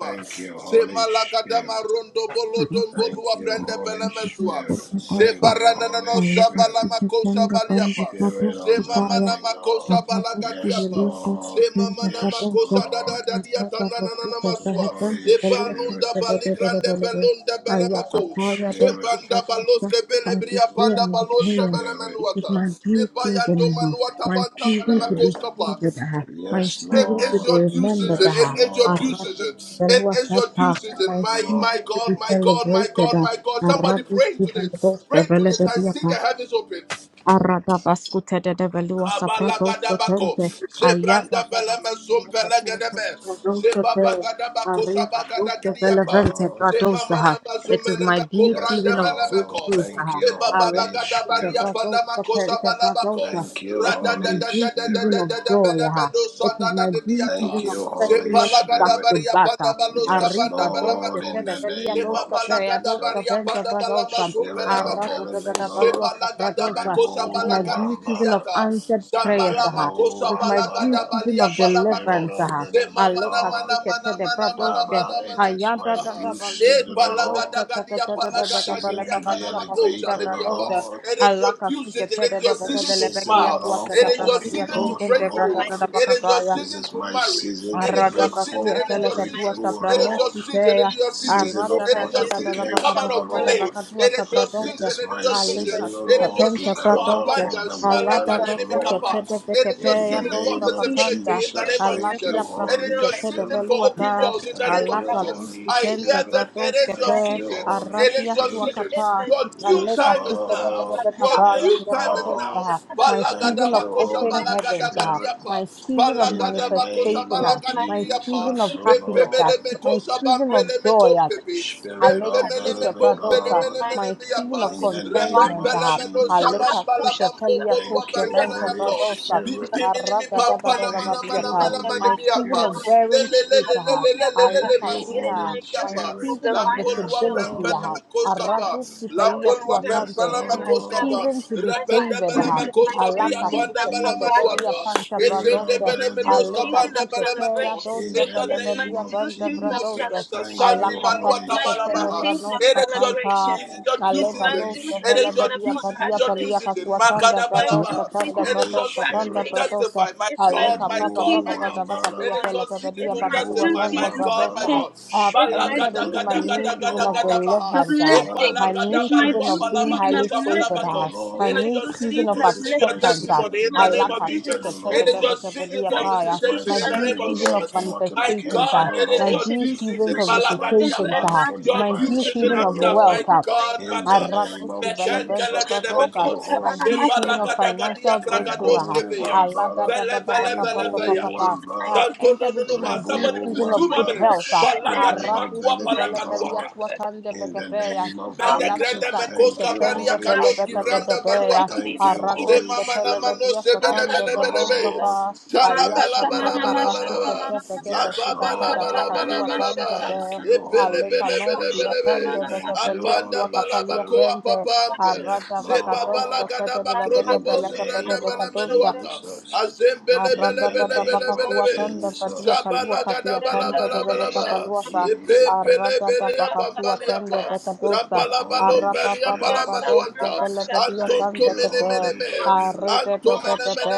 Speaker 3: Thank you,
Speaker 1: It is your
Speaker 3: Holy Spirit.
Speaker 1: due
Speaker 3: Thank
Speaker 1: season.
Speaker 3: you,
Speaker 2: Thank
Speaker 3: Holy
Speaker 1: Makabagadagadiaga.
Speaker 3: Spirit. Thank
Speaker 1: Degadagadagadiogadagadosadagriata.
Speaker 3: you,
Speaker 1: Shemalagadabazumelegedemekosabalagadiopa.
Speaker 3: Holy Spirit.
Speaker 1: makosa baliapa.
Speaker 3: Spirit of the
Speaker 1: Zema mana
Speaker 3: living God.
Speaker 1: makosha balaga
Speaker 3: Yes, Lord.
Speaker 1: Zema mana
Speaker 3: Yes,
Speaker 2: you.
Speaker 1: makosha da
Speaker 3: Lord.
Speaker 1: da
Speaker 2: It
Speaker 1: da
Speaker 2: is
Speaker 1: dia
Speaker 2: my
Speaker 1: na na na
Speaker 2: duty,
Speaker 1: na
Speaker 2: the
Speaker 3: Holy Spirit.
Speaker 1: Ebalunda baligrande belunda belemeko.
Speaker 3: Spirit.
Speaker 1: Zembanda baloske belebria panda balonte
Speaker 3: Spirit.
Speaker 1: belemenuata. Ebayando
Speaker 2: Lord,
Speaker 1: manuata
Speaker 2: my
Speaker 1: panta
Speaker 2: season to
Speaker 3: Spirit.
Speaker 2: be
Speaker 1: belemekoska pa.
Speaker 2: favored, ah, my
Speaker 3: Yes,
Speaker 1: It
Speaker 2: season to
Speaker 1: is
Speaker 2: be
Speaker 3: Lord.
Speaker 1: your due
Speaker 2: remembered,
Speaker 1: season.
Speaker 3: Yes,
Speaker 2: ah,
Speaker 1: It is your
Speaker 2: ah,
Speaker 1: due
Speaker 3: Lord.
Speaker 2: Rabbi
Speaker 1: season. It
Speaker 2: Shivalua
Speaker 1: is your due
Speaker 2: Tata,
Speaker 1: season.
Speaker 2: my
Speaker 1: My
Speaker 3: Nemo.
Speaker 1: my
Speaker 2: season to be
Speaker 1: God, my God, my
Speaker 2: celebrated,
Speaker 1: God,
Speaker 2: ah,
Speaker 1: my God.
Speaker 2: ah,
Speaker 1: Somebody
Speaker 2: Rabbi
Speaker 1: pray to this. Pray to this. I
Speaker 2: Shivalua
Speaker 1: see the
Speaker 2: Tata,
Speaker 1: heavens open.
Speaker 2: Arada bascute de de velua saprato
Speaker 1: Kabalagadabako,
Speaker 2: potente, ayaza
Speaker 1: Zebranda
Speaker 2: da
Speaker 1: Belema
Speaker 2: bascute le potente,
Speaker 1: Zumpelegadebe,
Speaker 2: produce te,
Speaker 1: Zebabagadabako
Speaker 2: arriba, produce
Speaker 1: Sabagadagidiaka,
Speaker 2: velevente,
Speaker 3: Lord.
Speaker 2: produce
Speaker 1: Zemamana
Speaker 2: ha. It is my
Speaker 1: Zumenemeko
Speaker 2: due
Speaker 3: Yes,
Speaker 1: Branda
Speaker 2: season of
Speaker 3: Lord.
Speaker 1: Belemeko,
Speaker 2: breakthrough,
Speaker 3: Thank
Speaker 2: Saha.
Speaker 3: you, Holy
Speaker 2: Alaka sute
Speaker 1: Zebabalagadabaria
Speaker 3: Spirit.
Speaker 2: produce
Speaker 1: Panamako
Speaker 2: potente,
Speaker 1: Sabalabako,
Speaker 2: produce.
Speaker 3: Thank you,
Speaker 2: It is my
Speaker 3: Holy
Speaker 2: due season
Speaker 3: Spirit.
Speaker 2: of
Speaker 1: Radadadadadadadada
Speaker 2: joy, ha.
Speaker 1: Benebedo
Speaker 2: It is my due
Speaker 3: Thank
Speaker 1: Sadadadiata,
Speaker 2: season of
Speaker 3: you, Holy
Speaker 2: testimony back
Speaker 3: Spirit.
Speaker 2: to
Speaker 1: Zempalagadabaria
Speaker 2: back, ha.
Speaker 1: Panabalos
Speaker 3: Yes,
Speaker 1: Kabanda
Speaker 2: Arriba,
Speaker 3: Lord,
Speaker 2: produce te,
Speaker 3: in the
Speaker 1: Belemeko,
Speaker 2: levelia,
Speaker 3: name
Speaker 2: produce
Speaker 1: Seba
Speaker 3: of
Speaker 2: te,
Speaker 1: balagada
Speaker 2: produce
Speaker 3: Jesus,
Speaker 1: baria
Speaker 2: vente,
Speaker 1: panda balama
Speaker 2: produce.
Speaker 3: Spirit of the
Speaker 1: zumpelemeko.
Speaker 3: living God,
Speaker 1: Seba lagada bakosa
Speaker 2: It is my
Speaker 3: Rebo
Speaker 1: balagadi
Speaker 2: due season
Speaker 3: Wambala,
Speaker 2: of
Speaker 1: diata.
Speaker 2: answered prayers.
Speaker 1: Zambala
Speaker 3: Rebo
Speaker 2: It
Speaker 1: makosa
Speaker 2: is my due
Speaker 1: balagada
Speaker 3: Wambala,
Speaker 2: season
Speaker 1: balia
Speaker 2: of
Speaker 3: Spirit
Speaker 1: palamako.
Speaker 2: deliverance,
Speaker 3: of
Speaker 2: Saha.
Speaker 3: the
Speaker 1: Sema
Speaker 3: living
Speaker 1: mana
Speaker 2: Aleka
Speaker 3: God.
Speaker 1: mana
Speaker 2: sukete
Speaker 1: mana
Speaker 2: de
Speaker 1: mana mana
Speaker 2: bradoske.
Speaker 3: Father,
Speaker 1: mana mana
Speaker 3: it
Speaker 1: mana
Speaker 3: is
Speaker 2: Ayada
Speaker 3: my
Speaker 2: da
Speaker 1: maha.
Speaker 2: da
Speaker 3: due
Speaker 1: E
Speaker 3: season,
Speaker 2: baluki
Speaker 3: O Lord,
Speaker 2: bradoske.
Speaker 1: balagada
Speaker 2: Tete
Speaker 1: gadia
Speaker 2: tete
Speaker 3: the
Speaker 2: de
Speaker 1: balagada
Speaker 2: bekete
Speaker 3: season
Speaker 1: gidia
Speaker 2: leka
Speaker 3: to be
Speaker 1: kana
Speaker 2: badia kasuke
Speaker 1: makosa de
Speaker 3: elevated, O
Speaker 1: diapa.
Speaker 2: bradoske.
Speaker 3: Lord,
Speaker 1: It is your
Speaker 2: Alaka
Speaker 1: due season.
Speaker 2: sukete
Speaker 1: It
Speaker 2: de
Speaker 1: is
Speaker 2: de
Speaker 1: your
Speaker 3: the
Speaker 1: season
Speaker 2: bekete
Speaker 1: to
Speaker 3: season, O
Speaker 2: lebekia
Speaker 1: smile.
Speaker 3: Lord,
Speaker 2: suate
Speaker 1: It
Speaker 2: de
Speaker 3: for
Speaker 1: is your
Speaker 3: open
Speaker 2: brahatia.
Speaker 1: season
Speaker 4: receive
Speaker 1: to
Speaker 3: doors,
Speaker 2: Tonten
Speaker 3: O
Speaker 2: de
Speaker 1: break through.
Speaker 4: my
Speaker 3: Lord.
Speaker 2: bradada da
Speaker 1: It is
Speaker 4: mercy.
Speaker 1: your
Speaker 2: bakapaya.
Speaker 3: This
Speaker 1: season
Speaker 3: is
Speaker 1: to
Speaker 3: my
Speaker 1: marry.
Speaker 3: season
Speaker 4: You
Speaker 1: It
Speaker 3: to
Speaker 1: is
Speaker 2: Arada
Speaker 1: your
Speaker 3: break
Speaker 4: victims of
Speaker 2: vafu
Speaker 1: season
Speaker 3: forth,
Speaker 1: season. It
Speaker 3: to
Speaker 2: etele
Speaker 1: is
Speaker 4: God,
Speaker 1: your
Speaker 3: break
Speaker 4: my
Speaker 2: kadua
Speaker 1: season.
Speaker 3: through, O
Speaker 1: It
Speaker 4: children
Speaker 1: is
Speaker 2: sabranos
Speaker 4: of
Speaker 1: your
Speaker 3: Lord.
Speaker 1: season.
Speaker 2: kitea.
Speaker 1: It is
Speaker 4: salvation.
Speaker 1: your season.
Speaker 3: Season
Speaker 4: Let
Speaker 2: Arada
Speaker 3: of
Speaker 1: It
Speaker 4: my
Speaker 2: da
Speaker 1: is
Speaker 2: da
Speaker 1: your
Speaker 4: duties
Speaker 1: season to
Speaker 4: of
Speaker 2: baka
Speaker 1: come out
Speaker 3: multiplication,
Speaker 2: baka
Speaker 3: O
Speaker 1: of
Speaker 2: baka
Speaker 4: prosperity.
Speaker 1: delay.
Speaker 3: Lord.
Speaker 2: baka dua
Speaker 1: It is
Speaker 4: Let
Speaker 1: your
Speaker 4: my
Speaker 3: It
Speaker 2: sabradosa.
Speaker 4: duties
Speaker 1: season.
Speaker 3: is
Speaker 1: It
Speaker 4: of
Speaker 1: is
Speaker 3: my
Speaker 1: your season.
Speaker 4: fertility.
Speaker 2: Alika
Speaker 3: season, O
Speaker 1: It
Speaker 2: suka
Speaker 1: is your
Speaker 3: Lord, to
Speaker 2: pensa
Speaker 1: season
Speaker 4: Let
Speaker 1: for
Speaker 3: come out
Speaker 4: my
Speaker 2: sabradosa.
Speaker 3: from the
Speaker 1: abundance.
Speaker 4: duties of
Speaker 2: Alada
Speaker 3: wilderness,
Speaker 4: my
Speaker 3: O
Speaker 2: vasu
Speaker 3: Lord.
Speaker 1: Malagadinimikapa.
Speaker 4: comfort.
Speaker 2: ketede
Speaker 1: It is your
Speaker 3: In
Speaker 2: vekepea
Speaker 3: the
Speaker 1: season
Speaker 4: Let
Speaker 1: for
Speaker 2: dosa
Speaker 3: name
Speaker 4: duties,
Speaker 3: of
Speaker 2: katanda.
Speaker 4: my
Speaker 1: visibility in the
Speaker 3: Jesus,
Speaker 1: name
Speaker 4: duties
Speaker 1: of
Speaker 3: thank
Speaker 4: of
Speaker 3: you,
Speaker 2: Alatia
Speaker 1: Jesus. It
Speaker 2: prasu
Speaker 1: is
Speaker 3: Holy
Speaker 1: your
Speaker 4: fulfillment.
Speaker 2: ketede
Speaker 1: season
Speaker 3: Spirit.
Speaker 1: for
Speaker 2: veluata.
Speaker 1: open
Speaker 4: Fill
Speaker 1: doors in the
Speaker 4: with
Speaker 1: name
Speaker 3: Thank
Speaker 4: His
Speaker 1: of
Speaker 3: you,
Speaker 2: Alapa
Speaker 4: promise.
Speaker 1: Jesus.
Speaker 3: Holy
Speaker 2: duski
Speaker 1: I
Speaker 2: tente
Speaker 1: hear
Speaker 3: Spirit.
Speaker 1: that
Speaker 2: brados
Speaker 4: Let
Speaker 1: it is your
Speaker 2: kepe.
Speaker 4: my
Speaker 3: Thank you,
Speaker 4: duties.
Speaker 1: season.
Speaker 3: Holy
Speaker 1: It is
Speaker 2: Aradia
Speaker 1: your
Speaker 2: sua
Speaker 3: Spirit.
Speaker 4: Let,
Speaker 1: season.
Speaker 4: let
Speaker 2: kata.
Speaker 4: my
Speaker 1: Your
Speaker 4: duties.
Speaker 1: due
Speaker 3: Yes,
Speaker 2: Alika
Speaker 1: time is
Speaker 2: suka de de
Speaker 4: It is my.
Speaker 1: now.
Speaker 3: Lord.
Speaker 1: Your
Speaker 3: Yes,
Speaker 1: due
Speaker 2: yanga
Speaker 1: time is
Speaker 3: Lord.
Speaker 1: now.
Speaker 2: bradosa. My
Speaker 3: Thank
Speaker 2: season of
Speaker 3: you,
Speaker 1: Balagadabakosha
Speaker 2: open
Speaker 3: Holy
Speaker 2: heavens
Speaker 3: Spirit,
Speaker 2: my
Speaker 1: balagadagadiapa.
Speaker 2: season of
Speaker 3: in
Speaker 1: Palagada
Speaker 3: the
Speaker 1: bakosa
Speaker 3: name
Speaker 2: manifestation,
Speaker 4: It
Speaker 2: ah,
Speaker 3: of
Speaker 4: is my.
Speaker 1: balagadi
Speaker 2: my
Speaker 1: biyapa.
Speaker 2: season
Speaker 3: Jesus,
Speaker 2: of
Speaker 3: O
Speaker 2: happiness,
Speaker 3: Lord.
Speaker 2: ah,
Speaker 1: Pempemele me
Speaker 2: my
Speaker 1: kosa
Speaker 2: season of
Speaker 1: bampele me
Speaker 2: joy. ah,
Speaker 1: kompepe.
Speaker 3: Spirit of the
Speaker 1: Pempemele me
Speaker 2: Alekatike
Speaker 3: living
Speaker 4: It
Speaker 1: pompele
Speaker 2: bradosa,
Speaker 3: God,
Speaker 1: mele mele
Speaker 2: my feeling
Speaker 1: miyapa.
Speaker 2: of
Speaker 3: in the name
Speaker 2: contentment.
Speaker 3: of
Speaker 1: Repempele
Speaker 2: ah,
Speaker 1: me no
Speaker 3: Jesus.
Speaker 1: sabamba la
Speaker 2: Alekatike telia
Speaker 1: bambombolua
Speaker 3: Thank
Speaker 2: toske
Speaker 3: you,
Speaker 1: bambele
Speaker 2: bente
Speaker 1: me
Speaker 3: Holy
Speaker 1: ko.
Speaker 2: bradosa,
Speaker 3: Spirit.
Speaker 1: Pimpimini mi pampa na mana
Speaker 3: Thank
Speaker 1: mana
Speaker 3: you,
Speaker 2: aragadadadadabadiata,
Speaker 1: mana mana
Speaker 2: My
Speaker 3: Holy
Speaker 1: miyapa.
Speaker 2: season of
Speaker 3: Spirit.
Speaker 2: bearing
Speaker 1: Lele
Speaker 2: fruit,
Speaker 1: lele
Speaker 2: ah,
Speaker 1: lele lele lele
Speaker 3: Thank you,
Speaker 4: is my.
Speaker 1: masumpini
Speaker 2: Alekatike,
Speaker 3: Holy
Speaker 2: my
Speaker 4: It is
Speaker 1: miyapa.
Speaker 3: Spirit.
Speaker 2: season of
Speaker 3: Yes,
Speaker 1: Lampolua
Speaker 4: my
Speaker 2: visibility,
Speaker 1: pempele
Speaker 2: ah,
Speaker 1: me
Speaker 3: Lord.
Speaker 4: the promise
Speaker 1: koskapa.
Speaker 2: araduske
Speaker 4: I
Speaker 2: pelia
Speaker 4: will
Speaker 1: Lampolua
Speaker 4: concerns
Speaker 3: Yes,
Speaker 2: suatante,
Speaker 4: me
Speaker 1: pempele me
Speaker 4: and my
Speaker 2: my
Speaker 3: Lord.
Speaker 4: family
Speaker 1: koskapa.
Speaker 2: season
Speaker 4: and
Speaker 2: to be
Speaker 4: my
Speaker 1: Repende
Speaker 2: favored,
Speaker 1: bele
Speaker 2: ah,
Speaker 4: friends.
Speaker 1: me
Speaker 4: It's
Speaker 1: Menos
Speaker 4: my due
Speaker 3: Name
Speaker 1: Cabria
Speaker 4: season
Speaker 3: of
Speaker 1: Banda
Speaker 4: of
Speaker 2: Alakatike telia
Speaker 1: Balamanuata,
Speaker 4: congratulations.
Speaker 3: Jesus,
Speaker 2: panta
Speaker 3: Spirit
Speaker 1: Ezende
Speaker 3: of
Speaker 4: It's
Speaker 3: the
Speaker 2: bradosa,
Speaker 4: my due
Speaker 3: living
Speaker 1: Belemenos
Speaker 3: God.
Speaker 4: season of
Speaker 1: Cabanda
Speaker 2: Alekatike telia
Speaker 1: Balamako,
Speaker 4: celebration.
Speaker 3: In
Speaker 2: doske
Speaker 1: in
Speaker 3: the
Speaker 1: the
Speaker 4: It's my
Speaker 3: name
Speaker 1: name
Speaker 2: pelebedia
Speaker 3: of
Speaker 4: due
Speaker 2: panta
Speaker 4: season of
Speaker 1: of
Speaker 2: bradosa.
Speaker 3: Jesus,
Speaker 1: Jesus,
Speaker 3: thank
Speaker 4: celebration.
Speaker 1: Sandy
Speaker 3: you,
Speaker 2: Alaka
Speaker 4: It's
Speaker 3: Holy
Speaker 1: Baluata
Speaker 4: my
Speaker 2: pasuke
Speaker 4: due
Speaker 2: tebe
Speaker 3: Spirit.
Speaker 4: season
Speaker 1: Balabaha.
Speaker 2: prano
Speaker 4: of
Speaker 1: It is your
Speaker 2: satanta.
Speaker 4: celebration.
Speaker 1: it is
Speaker 3: Thank
Speaker 1: your
Speaker 3: you,
Speaker 1: due
Speaker 4: It's
Speaker 2: Aleva
Speaker 4: my
Speaker 1: season.
Speaker 3: Holy
Speaker 4: due
Speaker 2: dosa
Speaker 1: It is
Speaker 4: season
Speaker 1: your
Speaker 3: Spirit.
Speaker 4: of
Speaker 2: velebedia
Speaker 1: due season.
Speaker 2: padia
Speaker 1: Your due
Speaker 2: palia
Speaker 4: congratulations.
Speaker 1: season.
Speaker 2: kasuatanda
Speaker 4: It's
Speaker 1: Makada
Speaker 4: my due
Speaker 2: bradosa
Speaker 1: Balabaha.
Speaker 2: tanda
Speaker 4: season of
Speaker 1: It is
Speaker 3: Holy
Speaker 1: your
Speaker 2: bradosa
Speaker 1: season
Speaker 2: tanda
Speaker 1: to
Speaker 3: Spirit.
Speaker 4: congratulations.
Speaker 2: bradosa.
Speaker 1: testify. My
Speaker 4: It's my
Speaker 1: God,
Speaker 2: Aleka
Speaker 1: my
Speaker 4: due
Speaker 2: papa
Speaker 1: God,
Speaker 3: Rebo
Speaker 2: papa
Speaker 1: my
Speaker 4: season of
Speaker 2: pada
Speaker 1: God.
Speaker 3: Wambada.
Speaker 1: It
Speaker 2: vakadia
Speaker 1: is
Speaker 4: testimonies.
Speaker 1: your season
Speaker 2: velebedia
Speaker 4: It's
Speaker 1: to
Speaker 4: my due
Speaker 1: testify.
Speaker 3: Rebo
Speaker 2: pakasuatanda
Speaker 1: My
Speaker 4: season for
Speaker 1: God, my
Speaker 3: Wambada.
Speaker 2: bradosa.
Speaker 4: change.
Speaker 1: God.
Speaker 2: I have
Speaker 4: It's my
Speaker 3: Spirit
Speaker 2: entered
Speaker 1: Balagada
Speaker 4: due
Speaker 2: into my
Speaker 3: of
Speaker 1: gada
Speaker 3: the
Speaker 4: season
Speaker 2: new
Speaker 1: gada
Speaker 3: living
Speaker 2: season
Speaker 1: gada
Speaker 2: of
Speaker 3: God.
Speaker 1: gada baha.
Speaker 2: deliverance.
Speaker 3: Father,
Speaker 4: uplifting.
Speaker 2: My
Speaker 3: this
Speaker 1: Epalagada
Speaker 4: It's
Speaker 3: is
Speaker 2: new
Speaker 4: my
Speaker 3: my
Speaker 2: season
Speaker 4: due
Speaker 2: of
Speaker 1: balua
Speaker 2: being
Speaker 3: season
Speaker 4: season
Speaker 3: to
Speaker 2: highly
Speaker 4: of
Speaker 3: be
Speaker 2: favored
Speaker 3: favored,
Speaker 4: lifting.
Speaker 3: O
Speaker 2: has.
Speaker 4: It's
Speaker 2: My
Speaker 3: Lord.
Speaker 1: it
Speaker 4: my
Speaker 1: is
Speaker 2: new
Speaker 1: your
Speaker 4: due
Speaker 2: season
Speaker 1: season
Speaker 2: of
Speaker 4: season
Speaker 1: to
Speaker 3: This
Speaker 4: of
Speaker 3: is
Speaker 1: receive your
Speaker 3: my
Speaker 4: lifting.
Speaker 2: acceptance has.
Speaker 3: season
Speaker 1: testimony
Speaker 4: It's
Speaker 1: in
Speaker 3: to
Speaker 4: my
Speaker 3: be
Speaker 1: the name
Speaker 4: due
Speaker 1: of
Speaker 2: Alaka
Speaker 4: season
Speaker 3: elevated, O
Speaker 4: of
Speaker 1: Jesus. It is
Speaker 3: Lord.
Speaker 4: lifting.
Speaker 1: your
Speaker 4: It's
Speaker 1: season for
Speaker 4: my
Speaker 3: This
Speaker 4: due
Speaker 3: is
Speaker 2: sukekedebekebediapaya.
Speaker 3: my
Speaker 1: visitation
Speaker 2: My
Speaker 4: season of
Speaker 1: in the
Speaker 2: due
Speaker 1: name
Speaker 3: season, O
Speaker 1: of
Speaker 2: season
Speaker 4: elevation.
Speaker 3: Lord,
Speaker 2: of
Speaker 3: for
Speaker 1: Jesus.
Speaker 4: It's my
Speaker 1: My
Speaker 4: due
Speaker 2: manifestations
Speaker 4: season
Speaker 1: God,
Speaker 3: multiplication,
Speaker 2: has.
Speaker 3: O
Speaker 4: of
Speaker 1: it is
Speaker 2: My
Speaker 1: your
Speaker 3: Lord.
Speaker 4: elevation.
Speaker 2: due
Speaker 1: due
Speaker 4: It's
Speaker 1: season.
Speaker 2: seasons
Speaker 4: my
Speaker 3: This
Speaker 2: of
Speaker 3: is
Speaker 4: due
Speaker 3: my
Speaker 4: season for
Speaker 2: visitations
Speaker 1: Malagadiapa.
Speaker 3: season
Speaker 2: has.
Speaker 3: for
Speaker 1: Your
Speaker 4: advancement.
Speaker 2: My
Speaker 3: divine
Speaker 1: due
Speaker 2: due
Speaker 4: It's
Speaker 1: season
Speaker 3: speed,
Speaker 4: my
Speaker 2: season
Speaker 3: O
Speaker 1: has
Speaker 2: of
Speaker 4: due
Speaker 1: come.
Speaker 2: wealth
Speaker 1: My
Speaker 3: Lord.
Speaker 2: has.
Speaker 4: season in the
Speaker 1: God,
Speaker 4: name of
Speaker 1: my
Speaker 3: In the
Speaker 4: Jesus.
Speaker 1: God.
Speaker 4: It's My
Speaker 3: name
Speaker 2: Arrakos
Speaker 3: of
Speaker 4: due season.
Speaker 2: development
Speaker 3: Jesus,
Speaker 4: Oh,
Speaker 3: thank
Speaker 2: Jabradosa,
Speaker 3: you,
Speaker 1: Mekenkelegedebeko.
Speaker 4: put on
Speaker 2: my
Speaker 3: Holy
Speaker 4: Kotamana
Speaker 2: due
Speaker 4: Master.
Speaker 2: season of
Speaker 3: Spirit.
Speaker 2: financial
Speaker 1: Shebalagadabadia
Speaker 2: breakthrough. ah.
Speaker 3: Rebo
Speaker 4: Yeah
Speaker 1: kragadoskeveya.
Speaker 2: Allah da
Speaker 3: Wambara,
Speaker 2: da da
Speaker 1: Vele,
Speaker 2: da
Speaker 4: our
Speaker 2: ba
Speaker 1: vele,
Speaker 2: ka pa
Speaker 1: vele,
Speaker 2: pa pa pa
Speaker 3: Rebo
Speaker 4: participation
Speaker 2: pa.
Speaker 1: veyato.
Speaker 4: in
Speaker 2: I
Speaker 4: life
Speaker 3: Wambara,
Speaker 2: have
Speaker 4: to
Speaker 1: Santo
Speaker 4: name
Speaker 1: no
Speaker 4: of
Speaker 2: entered
Speaker 1: no
Speaker 2: into
Speaker 1: no
Speaker 2: my
Speaker 1: ma.
Speaker 2: due
Speaker 4: Jesus
Speaker 1: Somebody
Speaker 3: Rebo
Speaker 1: please
Speaker 2: season
Speaker 4: before
Speaker 1: two
Speaker 2: of
Speaker 1: more
Speaker 2: good
Speaker 3: Wambara,
Speaker 2: health.
Speaker 1: minutes.
Speaker 2: ah.
Speaker 4: 2025 and
Speaker 3: Spirit
Speaker 4: it's
Speaker 1: Balagadima
Speaker 3: of
Speaker 2: Arrakos
Speaker 3: the
Speaker 1: kuwa
Speaker 4: my
Speaker 3: Living
Speaker 4: duty
Speaker 2: development
Speaker 4: to
Speaker 3: God.
Speaker 1: palakaduaka.
Speaker 4: forever to
Speaker 2: Wakan de
Speaker 3: In the
Speaker 2: Vecapeya,
Speaker 3: name of
Speaker 4: love
Speaker 1: Pende
Speaker 2: Allah
Speaker 4: her
Speaker 3: Jesus,
Speaker 1: grande
Speaker 4: for
Speaker 2: Pisa
Speaker 1: mekos
Speaker 3: thank
Speaker 2: Pisa
Speaker 3: you,
Speaker 2: Pen
Speaker 1: kabaria
Speaker 3: Holy
Speaker 4: myself
Speaker 1: kandos
Speaker 3: Spirit.
Speaker 4: in
Speaker 1: kivranda
Speaker 4: the
Speaker 2: de Levedeya,
Speaker 4: mighty
Speaker 1: baluata.
Speaker 3: Thank
Speaker 4: name of
Speaker 3: you,
Speaker 1: Se
Speaker 4: Jesus.
Speaker 3: Holy
Speaker 2: Aradoska
Speaker 1: mama na
Speaker 3: Spirit.
Speaker 1: mano
Speaker 2: Televedia
Speaker 1: se bele
Speaker 3: Yes,
Speaker 2: Satanda
Speaker 1: bele bele be.
Speaker 3: Lord.
Speaker 2: Badosafa,
Speaker 4: Makatoshata,
Speaker 1: Shala
Speaker 3: Yes,
Speaker 1: bala
Speaker 2: Ayata
Speaker 1: bala
Speaker 2: Tata
Speaker 1: bala bala
Speaker 3: Lord.
Speaker 2: Pasika
Speaker 1: ba.
Speaker 4: makatamanamashatamanama,
Speaker 2: Tefeke
Speaker 3: Yes,
Speaker 1: Aba
Speaker 2: Pesika
Speaker 1: bala
Speaker 2: Tata
Speaker 1: bala
Speaker 3: Lord.
Speaker 1: bala
Speaker 2: Bakatua
Speaker 1: bala ba.
Speaker 3: Thank
Speaker 2: Tandabe,
Speaker 1: E
Speaker 4: makatamanamashatamanama,
Speaker 3: you,
Speaker 1: bele
Speaker 3: Holy
Speaker 2: Aleka
Speaker 1: bele bele
Speaker 3: Spirit.
Speaker 2: Nocia
Speaker 1: bele be.
Speaker 2: Tanda
Speaker 3: Thank you,
Speaker 4: makoshatamanamakata,
Speaker 2: Becapelia
Speaker 1: Apanda
Speaker 3: Holy
Speaker 1: bala
Speaker 2: Suacapalia
Speaker 1: bako
Speaker 3: Spirit.
Speaker 2: Sente,
Speaker 1: apapampe.
Speaker 3: Yes,
Speaker 2: Arada
Speaker 1: Se
Speaker 4: devasutamanama,
Speaker 1: babala
Speaker 3: Lord.
Speaker 2: Vacadoska
Speaker 1: gada
Speaker 2: Tata
Speaker 1: bakrono
Speaker 3: In
Speaker 1: bo
Speaker 3: the
Speaker 2: Becapelia Pede
Speaker 3: name
Speaker 1: subranda
Speaker 3: of
Speaker 1: bana
Speaker 2: Vecadosa,
Speaker 1: menuata.
Speaker 3: Jesus.
Speaker 1: Azem bele
Speaker 3: In
Speaker 1: bele
Speaker 3: the
Speaker 1: bele bele
Speaker 3: name of
Speaker 1: bele be.
Speaker 2: Arratatapakasuatanda fatia
Speaker 3: Jesus.
Speaker 2: palua
Speaker 1: Shabala
Speaker 3: In
Speaker 2: kasiatanda
Speaker 3: the
Speaker 2: tebebeta
Speaker 3: name
Speaker 1: Rabalabalabalabalaba.
Speaker 3: of
Speaker 2: paluasa.
Speaker 4: marumakotamanamakatam,
Speaker 3: Jesus.
Speaker 2: Arratatapakasuatanda
Speaker 1: Epempelebeleyapambaliapa.
Speaker 2: fekadosa.
Speaker 3: Holy Spirit.
Speaker 2: Arrapapapapadosa
Speaker 1: Rampalabalompeleyapalamanuanta.
Speaker 2: felefatia
Speaker 3: Thank
Speaker 2: santa
Speaker 3: you,
Speaker 2: kete.
Speaker 3: Holy
Speaker 1: Antontomenemeneme.
Speaker 3: Spirit.
Speaker 2: Arrepepepepepe.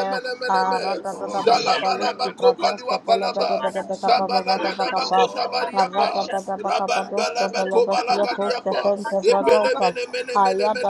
Speaker 3: Thank you, Holy
Speaker 2: Arratatapakapalusi
Speaker 3: Spirit.
Speaker 2: pradosa
Speaker 1: Shalabalabakopaliwapalaba.
Speaker 3: Yes,
Speaker 2: felebebebebebekapapapapapa.
Speaker 3: Lord.
Speaker 2: Arra
Speaker 1: Shabalagadabakosabariyapa.
Speaker 2: da
Speaker 1: Rabambalabakobalagadiyapa.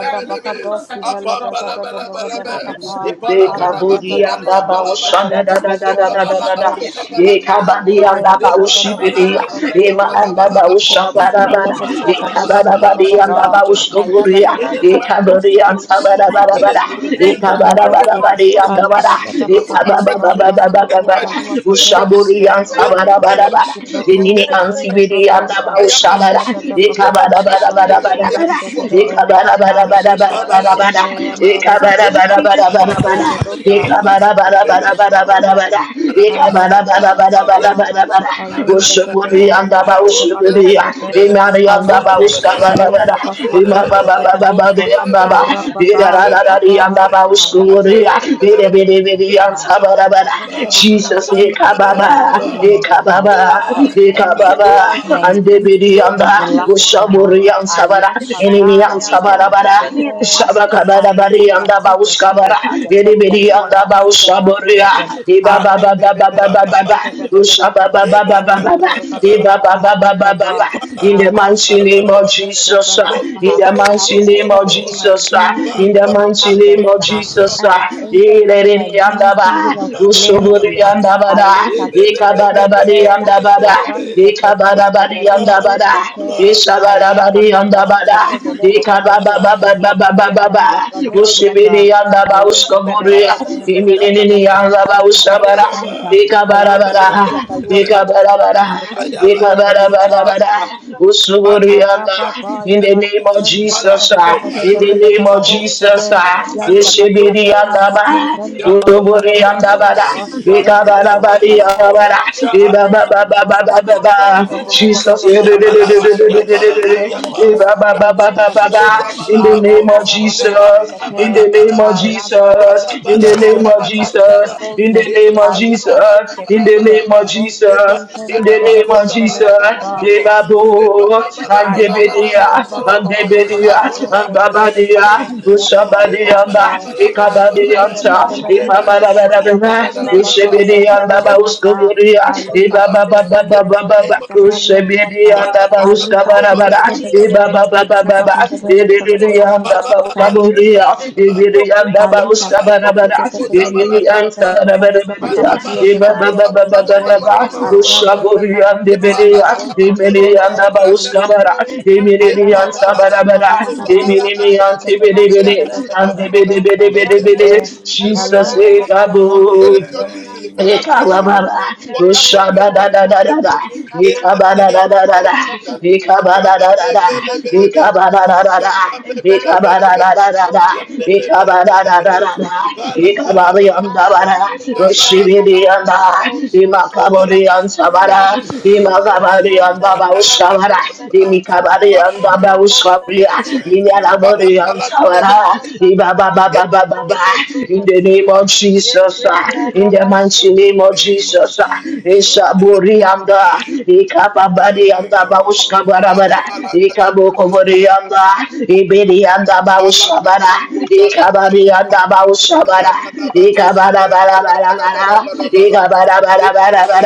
Speaker 5: Uh, Gideon, close the kitchen door
Speaker 3: Lord.
Speaker 5: and open the,
Speaker 6: Mr.
Speaker 5: the back door.
Speaker 6: Say
Speaker 1: Abambalabalabalaba
Speaker 3: This
Speaker 4: Thank you.
Speaker 6: Kabudi
Speaker 3: is
Speaker 2: da
Speaker 3: the
Speaker 6: and
Speaker 1: balia
Speaker 6: Abao
Speaker 3: Lord.
Speaker 4: Season
Speaker 6: Shanda
Speaker 1: palabako,
Speaker 6: da da da da
Speaker 1: Zeba
Speaker 6: da
Speaker 3: This
Speaker 6: da da
Speaker 3: is
Speaker 2: da
Speaker 6: da.
Speaker 1: balabako
Speaker 3: my
Speaker 5: Gideon,
Speaker 3: season,
Speaker 6: Ekabadi
Speaker 1: shabalagadiapa,
Speaker 3: O
Speaker 6: anda
Speaker 2: Alaka
Speaker 6: ba
Speaker 2: da
Speaker 1: Zeba
Speaker 2: da da
Speaker 5: let me a
Speaker 2: baka
Speaker 6: ushibiri.
Speaker 5: garden
Speaker 2: baka
Speaker 3: Lord.
Speaker 5: and
Speaker 1: labalabalabaria
Speaker 6: Ema
Speaker 2: stepele
Speaker 6: anda
Speaker 2: batia
Speaker 6: ba
Speaker 2: pasta
Speaker 1: panabalabako,
Speaker 6: ushabara
Speaker 2: stepele
Speaker 6: bara.
Speaker 2: batia pata baka
Speaker 6: Ekabara
Speaker 2: da
Speaker 3: Season
Speaker 6: badi
Speaker 2: da
Speaker 3: to be
Speaker 6: anda
Speaker 2: ba
Speaker 6: ba
Speaker 1: Rababalabalabalabalabalabalabalaba.
Speaker 2: aya da
Speaker 6: ushkuzuri.
Speaker 2: da
Speaker 3: multiplication, O
Speaker 1: It
Speaker 2: da
Speaker 1: is
Speaker 2: baka
Speaker 1: my
Speaker 2: baka
Speaker 1: due
Speaker 3: Lord.
Speaker 6: Ekabari
Speaker 1: season,
Speaker 2: stepele
Speaker 6: anda
Speaker 1: God.
Speaker 6: bara
Speaker 2: batia
Speaker 3: Season
Speaker 6: bara
Speaker 1: It
Speaker 3: of
Speaker 2: pasta
Speaker 6: bara.
Speaker 1: is my
Speaker 2: palua
Speaker 3: divine
Speaker 1: due
Speaker 5: close the door.
Speaker 2: sante
Speaker 1: season
Speaker 3: speed,
Speaker 1: for
Speaker 3: O
Speaker 6: Ekabara
Speaker 1: my
Speaker 4: with
Speaker 6: bara
Speaker 2: baka
Speaker 1: healing.
Speaker 3: Lord.
Speaker 4: divine
Speaker 6: badi
Speaker 1: It
Speaker 6: anda
Speaker 1: is my
Speaker 4: fulfillment
Speaker 6: bara.
Speaker 2: alaka da
Speaker 1: due
Speaker 2: da
Speaker 3: Season
Speaker 4: in
Speaker 1: season
Speaker 3: of
Speaker 1: for
Speaker 2: baka
Speaker 4: my
Speaker 1: my
Speaker 2: pa
Speaker 4: two
Speaker 6: Ekababa
Speaker 1: breakthrough.
Speaker 6: bara
Speaker 2: panta
Speaker 6: bara
Speaker 4: season
Speaker 3: advancement, O
Speaker 2: baka
Speaker 1: It
Speaker 6: bara
Speaker 1: is
Speaker 2: dia
Speaker 1: my
Speaker 6: bara.
Speaker 1: due
Speaker 3: Lord.
Speaker 2: palua
Speaker 1: season
Speaker 4: live an
Speaker 1: for my
Speaker 6: Ushaburi
Speaker 2: satentente
Speaker 1: marriage.
Speaker 4: answered
Speaker 3: Season of
Speaker 6: anda
Speaker 1: in
Speaker 4: prayer.
Speaker 6: bara
Speaker 2: aleka
Speaker 1: the name
Speaker 6: bara
Speaker 1: of
Speaker 6: bara.
Speaker 2: paluski
Speaker 3: reposition, O
Speaker 1: Jesus.
Speaker 2: proto
Speaker 6: Enini
Speaker 1: It
Speaker 4: Answered
Speaker 3: Lord.
Speaker 1: is
Speaker 4: prayer.
Speaker 1: my
Speaker 2: stepende
Speaker 1: due
Speaker 6: antibiri
Speaker 2: proto
Speaker 6: anda
Speaker 1: season.
Speaker 3: Father,
Speaker 6: ba
Speaker 1: Maya
Speaker 4: My
Speaker 6: ushabara.
Speaker 4: two
Speaker 1: Baduapa.
Speaker 2: alaka
Speaker 3: reposition
Speaker 2: da
Speaker 4: speed.
Speaker 3: me,
Speaker 2: baka
Speaker 1: It
Speaker 4: Live
Speaker 1: is
Speaker 6: Ekabara
Speaker 4: an
Speaker 2: tuski
Speaker 1: my
Speaker 6: bara
Speaker 1: due
Speaker 3: reposition
Speaker 6: bara
Speaker 4: answered
Speaker 3: me,
Speaker 2: proto
Speaker 1: season.
Speaker 6: bara
Speaker 4: prayer.
Speaker 1: Maya
Speaker 2: stepende
Speaker 3: Holy
Speaker 6: bara.
Speaker 2: da da
Speaker 4: If
Speaker 1: Dabuapa.
Speaker 3: Spirit.
Speaker 4: I
Speaker 2: ba
Speaker 6: Ekabara
Speaker 4: do
Speaker 6: bara
Speaker 4: see
Speaker 3: This
Speaker 4: them
Speaker 6: bara
Speaker 3: is
Speaker 4: for
Speaker 2: arriba
Speaker 6: bara
Speaker 3: my
Speaker 6: bara
Speaker 2: tuski
Speaker 6: bara.
Speaker 3: season,
Speaker 4: elevation,
Speaker 2: pe
Speaker 3: O
Speaker 1: Kabalagadabayaba,
Speaker 2: anta
Speaker 3: Lord.
Speaker 2: da
Speaker 4: if I
Speaker 2: da
Speaker 6: Ekabara
Speaker 2: baka
Speaker 4: do
Speaker 6: bara
Speaker 4: see
Speaker 2: panta
Speaker 4: them
Speaker 6: bara
Speaker 4: for
Speaker 2: da
Speaker 6: bara
Speaker 2: da
Speaker 6: bara.
Speaker 4: rest,
Speaker 3: Yes,
Speaker 6: Ye
Speaker 2: baka
Speaker 4: if
Speaker 1: Lebabalagadababriapa,
Speaker 6: kabada
Speaker 4: I
Speaker 6: bara
Speaker 4: do
Speaker 3: Lord.
Speaker 6: bara
Speaker 4: see
Speaker 6: bara
Speaker 3: Yes,
Speaker 4: them
Speaker 6: bara
Speaker 4: for
Speaker 6: bara
Speaker 4: rest,
Speaker 3: Lord.
Speaker 6: bara.
Speaker 4: if I
Speaker 6: Eka
Speaker 3: In
Speaker 6: bara
Speaker 3: the
Speaker 4: do see
Speaker 6: bara
Speaker 4: them
Speaker 1: Lebabalagadabayabarabaraba,
Speaker 3: name
Speaker 6: bara
Speaker 3: of
Speaker 4: for
Speaker 2: Aratakapakapa,
Speaker 6: bara
Speaker 4: rest,
Speaker 6: bara
Speaker 3: Jesus,
Speaker 6: bara.
Speaker 4: if I do see
Speaker 1: Lebarandabalabalaba,
Speaker 4: them
Speaker 6: Ushuburi
Speaker 4: for
Speaker 6: anda
Speaker 3: Holy
Speaker 4: long
Speaker 6: ba
Speaker 3: Spirit.
Speaker 4: awaited
Speaker 6: ushuburi ya.
Speaker 2: alentekepepepelebebebekatoseke,
Speaker 4: testimony,
Speaker 3: Thank
Speaker 1: Apombelebelebe,
Speaker 3: you,
Speaker 6: Imani anda
Speaker 4: if
Speaker 6: ba
Speaker 2: alante,
Speaker 4: I
Speaker 3: Holy
Speaker 6: uska
Speaker 4: do
Speaker 1: Apolobelea,
Speaker 4: see
Speaker 6: bara
Speaker 4: them
Speaker 3: Spirit.
Speaker 6: bara.
Speaker 4: for long
Speaker 3: Thank
Speaker 6: Ima
Speaker 3: you,
Speaker 6: ba ba
Speaker 1: Apolobelea,
Speaker 4: awaited
Speaker 6: ba ba
Speaker 3: Holy
Speaker 6: ba
Speaker 2: aleikapasuatendebekatose,
Speaker 6: di
Speaker 4: testimony,
Speaker 3: Spirit.
Speaker 6: anda
Speaker 4: then
Speaker 6: ba.
Speaker 1: Apolobelea,
Speaker 4: I
Speaker 6: Ida da
Speaker 2: arapakaya
Speaker 6: da
Speaker 4: name
Speaker 6: da
Speaker 4: of
Speaker 2: papa,
Speaker 6: di
Speaker 4: Jesus,
Speaker 6: anda
Speaker 1: Ashebelebelebe,
Speaker 6: ba
Speaker 4: my God,
Speaker 3: Rebel
Speaker 4: my
Speaker 6: ushuburi ya.
Speaker 4: God,
Speaker 3: wall
Speaker 4: my
Speaker 6: Ida
Speaker 1: Ashebelebelebe,
Speaker 6: bi
Speaker 4: God,
Speaker 6: di bi
Speaker 4: my
Speaker 2: alinkasuatendebekatosa.
Speaker 6: anda
Speaker 2: I
Speaker 6: bara
Speaker 2: have
Speaker 4: God,
Speaker 6: bara.
Speaker 3: of
Speaker 4: my God,
Speaker 2: entered
Speaker 4: my
Speaker 1: Rababalabalaba,
Speaker 2: into
Speaker 3: Jesus.
Speaker 2: my
Speaker 6: Jesus
Speaker 4: God.
Speaker 2: deep
Speaker 6: eka
Speaker 2: season
Speaker 6: baba
Speaker 2: of
Speaker 3: Rebel one
Speaker 1: Rababalabalaba,
Speaker 2: goodness.
Speaker 6: eka
Speaker 2: I
Speaker 3: bottom.
Speaker 2: have
Speaker 6: baba
Speaker 2: I
Speaker 4: Rock-a-pa-sa-to-ka-sa.
Speaker 2: have
Speaker 1: Apoa,
Speaker 6: eka
Speaker 4: It's my
Speaker 3: Rebel
Speaker 2: entered
Speaker 6: baba.
Speaker 4: new
Speaker 1: Apoa,
Speaker 3: one
Speaker 2: into my
Speaker 3: bottom.
Speaker 6: Ande
Speaker 4: season.
Speaker 2: deep
Speaker 6: bi di
Speaker 2: season
Speaker 1: Apoa,
Speaker 4: The
Speaker 6: anda
Speaker 2: of
Speaker 3: Rebel
Speaker 4: promises to
Speaker 3: one
Speaker 4: be
Speaker 2: laughter.
Speaker 6: ushuburi
Speaker 3: bottom.
Speaker 4: fulfilled.
Speaker 6: anda bara.
Speaker 4: It's my
Speaker 6: Ini ni
Speaker 4: due
Speaker 3: Spirit
Speaker 2: Ayakataya
Speaker 3: of
Speaker 6: anda
Speaker 3: the
Speaker 4: season
Speaker 6: bara
Speaker 3: living
Speaker 6: bara.
Speaker 4: for the
Speaker 3: God,
Speaker 2: dosekete,
Speaker 6: Shabaka
Speaker 4: impossible to
Speaker 6: bara
Speaker 3: Father.
Speaker 4: make
Speaker 6: bara bidi
Speaker 3: Rebel
Speaker 4: possible,
Speaker 2: Alenka
Speaker 6: anda
Speaker 2: tuta
Speaker 6: babushka
Speaker 4: the
Speaker 2: sike
Speaker 6: bara.
Speaker 2: tuta
Speaker 4: impossible
Speaker 6: Yedi
Speaker 2: teli
Speaker 4: to
Speaker 2: ya
Speaker 4: be
Speaker 6: bidi
Speaker 4: made
Speaker 2: tua
Speaker 6: anda
Speaker 4: possible,
Speaker 2: kapante
Speaker 6: babusha
Speaker 4: the
Speaker 6: boria.
Speaker 2: patoska.
Speaker 4: impossible
Speaker 6: Iba
Speaker 4: to
Speaker 6: ba
Speaker 4: be
Speaker 6: ba
Speaker 2: Arebe
Speaker 6: ba
Speaker 4: made
Speaker 6: ba
Speaker 2: bebe
Speaker 6: ba ba
Speaker 2: bebe
Speaker 1: Kababa,
Speaker 4: possible.
Speaker 6: ba
Speaker 2: debe
Speaker 6: ba.
Speaker 2: kebe
Speaker 4: It
Speaker 2: debe
Speaker 4: might
Speaker 6: Usha ba
Speaker 2: kebe
Speaker 6: ba
Speaker 4: just be
Speaker 6: ba
Speaker 2: doska
Speaker 6: ba ba
Speaker 4: for
Speaker 2: vele
Speaker 6: ba ba.
Speaker 2: debe
Speaker 1: Yebabalabalabalaba,
Speaker 2: katia
Speaker 4: the
Speaker 6: Iba ba
Speaker 2: patia
Speaker 6: ba ba
Speaker 2: kanta
Speaker 4: impossible
Speaker 6: ba ba
Speaker 2: va.
Speaker 6: ba.
Speaker 4: to be
Speaker 6: In
Speaker 4: made
Speaker 6: the mighty
Speaker 2: Arriba,
Speaker 4: possible,
Speaker 2: don't
Speaker 6: name
Speaker 1: Ipalabalabalabalaba.
Speaker 6: of
Speaker 2: forget that
Speaker 6: Jesus.
Speaker 2: I
Speaker 6: ah.
Speaker 2: know,
Speaker 1: Pom,
Speaker 6: In
Speaker 2: God.
Speaker 1: pom,
Speaker 6: the
Speaker 1: pom,
Speaker 2: I have
Speaker 1: pom,
Speaker 6: mighty name
Speaker 1: pom,
Speaker 2: entered
Speaker 6: of
Speaker 2: into my
Speaker 1: pom.
Speaker 6: Jesus. ah.
Speaker 2: due
Speaker 1: Pam,
Speaker 6: In
Speaker 2: season
Speaker 6: the
Speaker 2: of
Speaker 1: pam,
Speaker 6: mighty
Speaker 1: pam,
Speaker 2: harvest.
Speaker 6: name
Speaker 1: pam,
Speaker 6: of
Speaker 2: God.
Speaker 1: pam,
Speaker 6: Jesus.
Speaker 2: I
Speaker 1: pam.
Speaker 2: have
Speaker 6: ah.
Speaker 2: entered
Speaker 6: Ire
Speaker 2: into my
Speaker 6: bidi anda
Speaker 2: due
Speaker 6: ba.
Speaker 2: season of
Speaker 1: Ba, ba,
Speaker 6: Usho
Speaker 3: one
Speaker 1: ba, ba,
Speaker 2: plenty.
Speaker 3: bottom.
Speaker 1: ba.
Speaker 6: boria anda bara.
Speaker 1: Ye,
Speaker 2: Aleka
Speaker 1: be, be,
Speaker 6: Ika
Speaker 1: be,
Speaker 6: ba
Speaker 1: be,
Speaker 6: da ba
Speaker 1: be,
Speaker 6: di
Speaker 1: be,
Speaker 2: supetente,
Speaker 1: be,
Speaker 6: anda
Speaker 1: be,
Speaker 6: bara.
Speaker 1: be, be.
Speaker 2: arante
Speaker 6: Ika ba da ba
Speaker 2: pedoske
Speaker 6: di
Speaker 2: velia
Speaker 6: anda
Speaker 3: Rebel
Speaker 6: bara.
Speaker 2: boske.
Speaker 1: Balabalabalaba.
Speaker 2: Ayaka
Speaker 6: Ishabadabadi
Speaker 3: Spirit
Speaker 2: kapa
Speaker 3: of
Speaker 6: andabada.
Speaker 2: suke
Speaker 3: the
Speaker 2: teze
Speaker 3: living
Speaker 2: debe
Speaker 3: God,
Speaker 2: kebelia toka
Speaker 4: the
Speaker 2: suwa
Speaker 4: impossible.
Speaker 2: kapia tanda
Speaker 6: Ikabababababababa.
Speaker 3: in
Speaker 1: Shabaligaba,
Speaker 4: It
Speaker 3: the
Speaker 2: kanusia ta.
Speaker 6: Ushibidi
Speaker 3: name of
Speaker 6: andaba
Speaker 2: Aleke
Speaker 4: Rama
Speaker 3: Jesus.
Speaker 2: pede
Speaker 6: uskaburia.
Speaker 2: beke
Speaker 4: was a
Speaker 2: bebe
Speaker 4: brother.
Speaker 2: bede
Speaker 1: shabaligaba,
Speaker 2: beke
Speaker 3: Thank
Speaker 6: Iminini
Speaker 3: you,
Speaker 2: patoska
Speaker 4: He
Speaker 6: andaba
Speaker 3: Holy
Speaker 2: kalia
Speaker 4: had a
Speaker 2: kasuwa
Speaker 6: ushabara.
Speaker 4: son.
Speaker 1: shabaligaba.
Speaker 3: Spirit.
Speaker 2: tanda.
Speaker 1: Baba
Speaker 2: Aleke
Speaker 4: He
Speaker 3: Father,
Speaker 6: Ikabarabara.
Speaker 1: ida
Speaker 2: ketia
Speaker 4: had a
Speaker 1: bere
Speaker 2: palua
Speaker 4: son
Speaker 1: bere
Speaker 3: elevate
Speaker 2: salte
Speaker 4: too.
Speaker 3: us,
Speaker 4: He
Speaker 1: bere.
Speaker 3: O
Speaker 4: had
Speaker 6: Ikabarabara.
Speaker 2: matuske
Speaker 3: Lord.
Speaker 4: a son.
Speaker 2: tende
Speaker 1: Ayabalida
Speaker 2: velia
Speaker 1: ya
Speaker 3: Father,
Speaker 2: ta.
Speaker 6: Ikabarabara.
Speaker 4: He had a
Speaker 1: palamako.
Speaker 4: son too.
Speaker 3: elevate us,
Speaker 4: He
Speaker 3: O
Speaker 1: Pandi
Speaker 4: had
Speaker 6: Usuburianda.
Speaker 3: Lord.
Speaker 1: akwa
Speaker 4: a
Speaker 6: In
Speaker 2: Arababaya
Speaker 6: the
Speaker 1: palamako.
Speaker 3: our
Speaker 6: name
Speaker 2: Kalia
Speaker 6: of
Speaker 3: season,
Speaker 2: Tenta
Speaker 3: O
Speaker 6: Jesus.
Speaker 3: Lord,
Speaker 2: Katada
Speaker 1: Palamado
Speaker 6: ah.
Speaker 3: to
Speaker 4: son.
Speaker 6: In the
Speaker 3: shine, O
Speaker 2: Bakata
Speaker 6: name
Speaker 1: palameriapa.
Speaker 4: He
Speaker 6: of
Speaker 4: had
Speaker 3: Lord.
Speaker 4: a
Speaker 2: Badoshka
Speaker 4: son
Speaker 6: Jesus.
Speaker 2: there,
Speaker 6: ah.
Speaker 1: Shambali
Speaker 3: Our
Speaker 1: brando
Speaker 2: Yanta
Speaker 3: season
Speaker 2: Kalia
Speaker 1: bozum
Speaker 3: to
Speaker 6: Ishibidi
Speaker 3: be
Speaker 4: too. He had a son. He had a son too. He had
Speaker 2: Palua
Speaker 1: palamako.
Speaker 6: andaba.
Speaker 4: a
Speaker 2: Katan
Speaker 3: elevated,
Speaker 2: Tenta
Speaker 3: O
Speaker 4: son.
Speaker 3: Lord.
Speaker 2: Bakabata
Speaker 6: Usuburi
Speaker 1: Shababalabalaba,
Speaker 3: Our
Speaker 6: andabada.
Speaker 2: Bakapova,
Speaker 3: season to
Speaker 2: Denta
Speaker 3: break forth,
Speaker 6: Ikabara.
Speaker 2: Velia
Speaker 3: O
Speaker 1: shababalabalaba,
Speaker 2: Kafua
Speaker 4: He
Speaker 2: Ker,
Speaker 3: Lord.
Speaker 6: Ikabara.
Speaker 4: had a
Speaker 3: Our
Speaker 4: son
Speaker 2: Arata
Speaker 4: too.
Speaker 3: season
Speaker 1: shabalabalaba.
Speaker 2: Bakata
Speaker 3: to break
Speaker 6: Ikabara
Speaker 2: Bakapata
Speaker 3: through,
Speaker 6: ba.
Speaker 3: O Lord.
Speaker 2: Bakapata
Speaker 6: Jesus. eh, de- de-
Speaker 2: Bakapata
Speaker 6: de-
Speaker 3: This
Speaker 6: de- de-
Speaker 3: is
Speaker 6: de- de-
Speaker 3: my
Speaker 6: de- de- de-
Speaker 3: season, O
Speaker 6: de.
Speaker 2: Bakapata
Speaker 6: Eh,
Speaker 1: Ijabalabaliapalagadiapa.
Speaker 3: Lord.
Speaker 6: ba- ba- ba- ba- ba-
Speaker 3: This
Speaker 6: ba-
Speaker 3: is
Speaker 6: ba.
Speaker 3: my
Speaker 6: In the
Speaker 3: season, O
Speaker 6: name
Speaker 1: Zamanabakozabalabako.
Speaker 6: of
Speaker 2: Arata
Speaker 3: Lord.
Speaker 6: Jesus.
Speaker 3: Holy
Speaker 2: Bakadoshka
Speaker 6: In
Speaker 2: there,
Speaker 6: the
Speaker 3: Spirit,
Speaker 6: name of
Speaker 1: Zebabalabalaba.
Speaker 6: Jesus.
Speaker 3: rebel,
Speaker 2: Alabadoski
Speaker 6: In the
Speaker 2: Tenta
Speaker 6: name of
Speaker 2: Bratoski
Speaker 6: Jesus.
Speaker 1: Zababalagadabalabalaba.
Speaker 6: In
Speaker 2: Afote,
Speaker 6: the name of
Speaker 3: rebel,
Speaker 2: Alika
Speaker 6: Jesus.
Speaker 2: Suke
Speaker 4: Thank
Speaker 6: In the
Speaker 2: Tenta
Speaker 6: name
Speaker 1: Ibalabalabalabalaba.
Speaker 6: of
Speaker 2: Bratoski
Speaker 6: Jesus.
Speaker 3: rebel,
Speaker 2: Tenta
Speaker 6: In
Speaker 2: Tenta
Speaker 6: the
Speaker 2: Tenta
Speaker 6: name of
Speaker 3: rebel,
Speaker 2: Tenta
Speaker 6: Jesus.
Speaker 2: Tenta
Speaker 6: Eh,
Speaker 1: Ibalagadabakozabalagabako.
Speaker 6: ba-
Speaker 3: rebel,
Speaker 6: bo. And de- be- de-
Speaker 2: Ayakata
Speaker 6: ya.
Speaker 3: Spirit
Speaker 2: papa
Speaker 6: And
Speaker 3: of
Speaker 1: Zebalabalabalabalabalaba.
Speaker 6: de-
Speaker 3: the
Speaker 2: papa
Speaker 6: be- de-
Speaker 3: living
Speaker 6: ya.
Speaker 2: papa
Speaker 3: God.
Speaker 1: abumba.
Speaker 6: And ba-
Speaker 2: bediya
Speaker 6: ba- de-
Speaker 2: bediya
Speaker 6: ya.
Speaker 3: In the
Speaker 2: pasiya to
Speaker 3: name
Speaker 6: Ushabadi
Speaker 1: Deba
Speaker 3: of
Speaker 1: ba
Speaker 6: yanda,
Speaker 4: you.
Speaker 2: shkevele
Speaker 1: ba la ba la
Speaker 3: Jesus.
Speaker 1: ba
Speaker 2: Arre
Speaker 4: It's
Speaker 6: ikabadi
Speaker 1: la
Speaker 4: my
Speaker 1: ba
Speaker 2: bede
Speaker 4: two
Speaker 3: Thank
Speaker 6: yanta,
Speaker 2: bede
Speaker 3: you,
Speaker 2: bede
Speaker 4: pieces
Speaker 1: Deba
Speaker 2: bede
Speaker 6: imamada
Speaker 3: Holy
Speaker 1: da
Speaker 2: bede
Speaker 1: ba
Speaker 6: da
Speaker 4: for
Speaker 1: da
Speaker 6: da
Speaker 2: bede
Speaker 6: da da,
Speaker 3: Spirit.
Speaker 2: papa
Speaker 1: ba, da
Speaker 2: dora
Speaker 1: ba
Speaker 4: advancement.
Speaker 1: da ba da
Speaker 2: basa
Speaker 1: ba
Speaker 4: It's
Speaker 6: ishibidi
Speaker 3: Thank
Speaker 4: my
Speaker 6: yanda
Speaker 3: you,
Speaker 6: ba
Speaker 4: two
Speaker 1: Deba da
Speaker 4: pieces
Speaker 1: ba
Speaker 3: Holy
Speaker 6: Korea,
Speaker 4: for
Speaker 3: Spirit.
Speaker 1: da ba Zebabalabalabalabalaba. Zebadabadabadabadabadaba.
Speaker 6: Iba
Speaker 1: Zemanamanamanama.
Speaker 6: baba baba baba,
Speaker 1: In
Speaker 4: prosperity.
Speaker 6: ba
Speaker 1: the
Speaker 6: ba ba
Speaker 1: name of
Speaker 4: It's my
Speaker 1: Jesus.
Speaker 3: Yes,
Speaker 6: Usebidi
Speaker 4: pieces.
Speaker 1: Shada
Speaker 6: anda ba
Speaker 1: gada
Speaker 3: Lord.
Speaker 6: uska
Speaker 4: I'll
Speaker 6: ba na ba da.
Speaker 3: Yes,
Speaker 4: create
Speaker 6: Iba
Speaker 1: Shalagadabakobalagadiyaba.
Speaker 4: it.
Speaker 6: ba baba
Speaker 3: Lord.
Speaker 6: ba ba
Speaker 4: I'll
Speaker 6: ba.
Speaker 4: school
Speaker 3: Yes,
Speaker 4: control.
Speaker 6: Ibidi anda
Speaker 3: Lord.
Speaker 6: ba uska
Speaker 4: My
Speaker 2: Water.
Speaker 3: Thank
Speaker 4: two
Speaker 3: you,
Speaker 6: buria.
Speaker 4: seasons
Speaker 3: Holy
Speaker 4: for
Speaker 6: Ibidi anda
Speaker 3: Spirit.
Speaker 6: ba
Speaker 4: breakthrough,
Speaker 2: Alika
Speaker 6: uska ba
Speaker 1: Ba-ba-la-ba-la-ba-la-ba-la-ba.
Speaker 2: escucha,
Speaker 6: na
Speaker 4: for
Speaker 6: ba da.
Speaker 3: In the
Speaker 4: breakthrough,
Speaker 2: pepe,
Speaker 3: name
Speaker 2: pepe,
Speaker 6: Ibidi
Speaker 4: for
Speaker 3: of
Speaker 2: pepe,
Speaker 1: Zebalagadabakosabalagadaba.
Speaker 2: pepe,
Speaker 6: anda
Speaker 2: pepe,
Speaker 6: na ba
Speaker 2: pepe,
Speaker 6: da
Speaker 2: pepe,
Speaker 6: ba
Speaker 3: Jesus.
Speaker 4: breakthrough.
Speaker 2: pepe,
Speaker 4: for
Speaker 6: da.
Speaker 2: patía,
Speaker 4: every
Speaker 6: Iba ba
Speaker 2: pepetía,
Speaker 4: side,
Speaker 6: ba
Speaker 3: Spirit
Speaker 6: ba ba
Speaker 3: of
Speaker 2: punta,
Speaker 3: the
Speaker 6: ba
Speaker 4: love
Speaker 6: ba
Speaker 2: ver,
Speaker 4: my
Speaker 3: living
Speaker 4: bus so
Speaker 3: God.
Speaker 6: Uska
Speaker 2: arrata,
Speaker 4: cold.
Speaker 1: Mandabalabakosabalabalabalabalabaha.
Speaker 2: tata,
Speaker 6: buria
Speaker 2: pata,
Speaker 6: anda
Speaker 2: vaya,
Speaker 3: Remove
Speaker 2: tosta, que
Speaker 3: one
Speaker 6: Ibidi
Speaker 2: ten,
Speaker 3: bottle.
Speaker 2: ten,
Speaker 6: anda ba
Speaker 2: con el
Speaker 6: uska
Speaker 2: día,
Speaker 6: ba
Speaker 4: Jesus,
Speaker 6: da.
Speaker 3: Remove
Speaker 2: tosta.
Speaker 1: Zebalagadabakodobosubrandabalameleko.
Speaker 3: one
Speaker 2: Allá,
Speaker 6: Ibidi
Speaker 3: body.
Speaker 2: tata,
Speaker 6: anda
Speaker 2: tata,
Speaker 6: ba na
Speaker 2: pata,
Speaker 6: ba
Speaker 2: pata,
Speaker 6: da.
Speaker 2: pata, pata, patía,
Speaker 6: Ibidi
Speaker 1: Zebalagadabakosabalagadiaba.
Speaker 2: pepe,
Speaker 6: anda
Speaker 3: Remove
Speaker 6: ba
Speaker 2: pepe,
Speaker 6: da
Speaker 3: one
Speaker 6: ba
Speaker 2: pepe, pepe,
Speaker 1: In
Speaker 6: da.
Speaker 3: bottle.
Speaker 1: the name of
Speaker 2: pepe,
Speaker 6: Anda
Speaker 2: pepe, pepe,
Speaker 1: Jesus,
Speaker 2: pepe,
Speaker 3: Holy
Speaker 1: it
Speaker 2: tosta,
Speaker 1: is your
Speaker 2: que
Speaker 1: due
Speaker 3: Spirit
Speaker 1: season. It
Speaker 3: of
Speaker 1: is
Speaker 6: Jesus,
Speaker 1: your
Speaker 2: alante,
Speaker 1: due
Speaker 3: God.
Speaker 6: eh,
Speaker 2: que tía,
Speaker 1: season. It
Speaker 3: In the
Speaker 1: is
Speaker 2: santo,
Speaker 1: your due season
Speaker 3: name
Speaker 1: for that
Speaker 3: of
Speaker 1: breakthrough,
Speaker 3: Jesus,
Speaker 6: Ikabababa,
Speaker 1: for that
Speaker 3: thank
Speaker 1: prophetic word
Speaker 3: you,
Speaker 1: to
Speaker 6: ushadadadadada,
Speaker 3: Holy
Speaker 1: manifest. In the
Speaker 3: Spirit.
Speaker 1: name of
Speaker 6: ikabadadadada,
Speaker 3: Thank
Speaker 1: Jesus.
Speaker 3: you, Holy
Speaker 1: Shamba be
Speaker 6: ikabadadadada,
Speaker 1: be
Speaker 3: Spirit.
Speaker 1: le be le be.
Speaker 3: Yes,
Speaker 6: ikabadadadada,
Speaker 1: Shamba
Speaker 3: Lord.
Speaker 1: be be le be le be.
Speaker 3: Yes,
Speaker 6: ikabadadadada,
Speaker 1: La be le be
Speaker 3: Lord.
Speaker 1: le be le
Speaker 6: ikabadadadada,
Speaker 3: Yes,
Speaker 1: be. Ba la
Speaker 3: Lord.
Speaker 1: ba la ba la ba.
Speaker 3: Thank
Speaker 6: ikababiyandabada,
Speaker 3: you,
Speaker 4: Masutura
Speaker 1: Ga ba la ba
Speaker 3: Spirit
Speaker 1: la ba
Speaker 3: of
Speaker 4: Satamana
Speaker 1: la
Speaker 6: ushibidiyanda,
Speaker 3: the
Speaker 1: ba.
Speaker 3: living
Speaker 4: Kosa
Speaker 1: Iko
Speaker 3: Lord.
Speaker 4: Tamana
Speaker 3: In
Speaker 6: imakaburiyandabada,
Speaker 3: the
Speaker 4: Kotoya
Speaker 3: name of
Speaker 4: Rapata
Speaker 3: Jesus,
Speaker 6: imakabariyandaba ushabada,
Speaker 4: Kalarado
Speaker 3: thank
Speaker 4: Satan.
Speaker 3: you, Holy
Speaker 6: imikabariyandaba
Speaker 3: Spirit.
Speaker 6: ushabuya,
Speaker 1: so.
Speaker 3: Thank you,
Speaker 6: Yalamory
Speaker 3: Holy
Speaker 6: on
Speaker 3: Spirit.
Speaker 6: Tawara, Iba ba ba
Speaker 1: In
Speaker 6: ba
Speaker 1: the
Speaker 6: ba ba
Speaker 1: name
Speaker 6: ba.
Speaker 1: of
Speaker 6: In
Speaker 3: Thank
Speaker 6: the
Speaker 1: Jesus.
Speaker 6: name
Speaker 3: you,
Speaker 6: of
Speaker 3: Holy
Speaker 6: Jesus,
Speaker 3: Spirit.
Speaker 6: ah. in the mighty name
Speaker 3: In
Speaker 6: of
Speaker 3: the name of
Speaker 6: Jesus, ah. Esa
Speaker 3: Jesus.
Speaker 1: In the name of Jesus.
Speaker 6: Borianda,
Speaker 3: Spirit of the
Speaker 6: Ikapabadi and
Speaker 3: living
Speaker 6: the
Speaker 3: God.
Speaker 6: Bauska Barabara, Ikaboko
Speaker 3: Rebo
Speaker 6: Borianda,
Speaker 3: Ambara.
Speaker 6: Ibidi and the Bausabara,
Speaker 3: Rebo Ambara.
Speaker 6: Ikabadi and the Bausabara,
Speaker 3: Rebo Ambara.
Speaker 6: Ikabara Bara Bara Bara,
Speaker 3: Holy Spirit,
Speaker 6: Ikabara bara bara
Speaker 3: O Lord.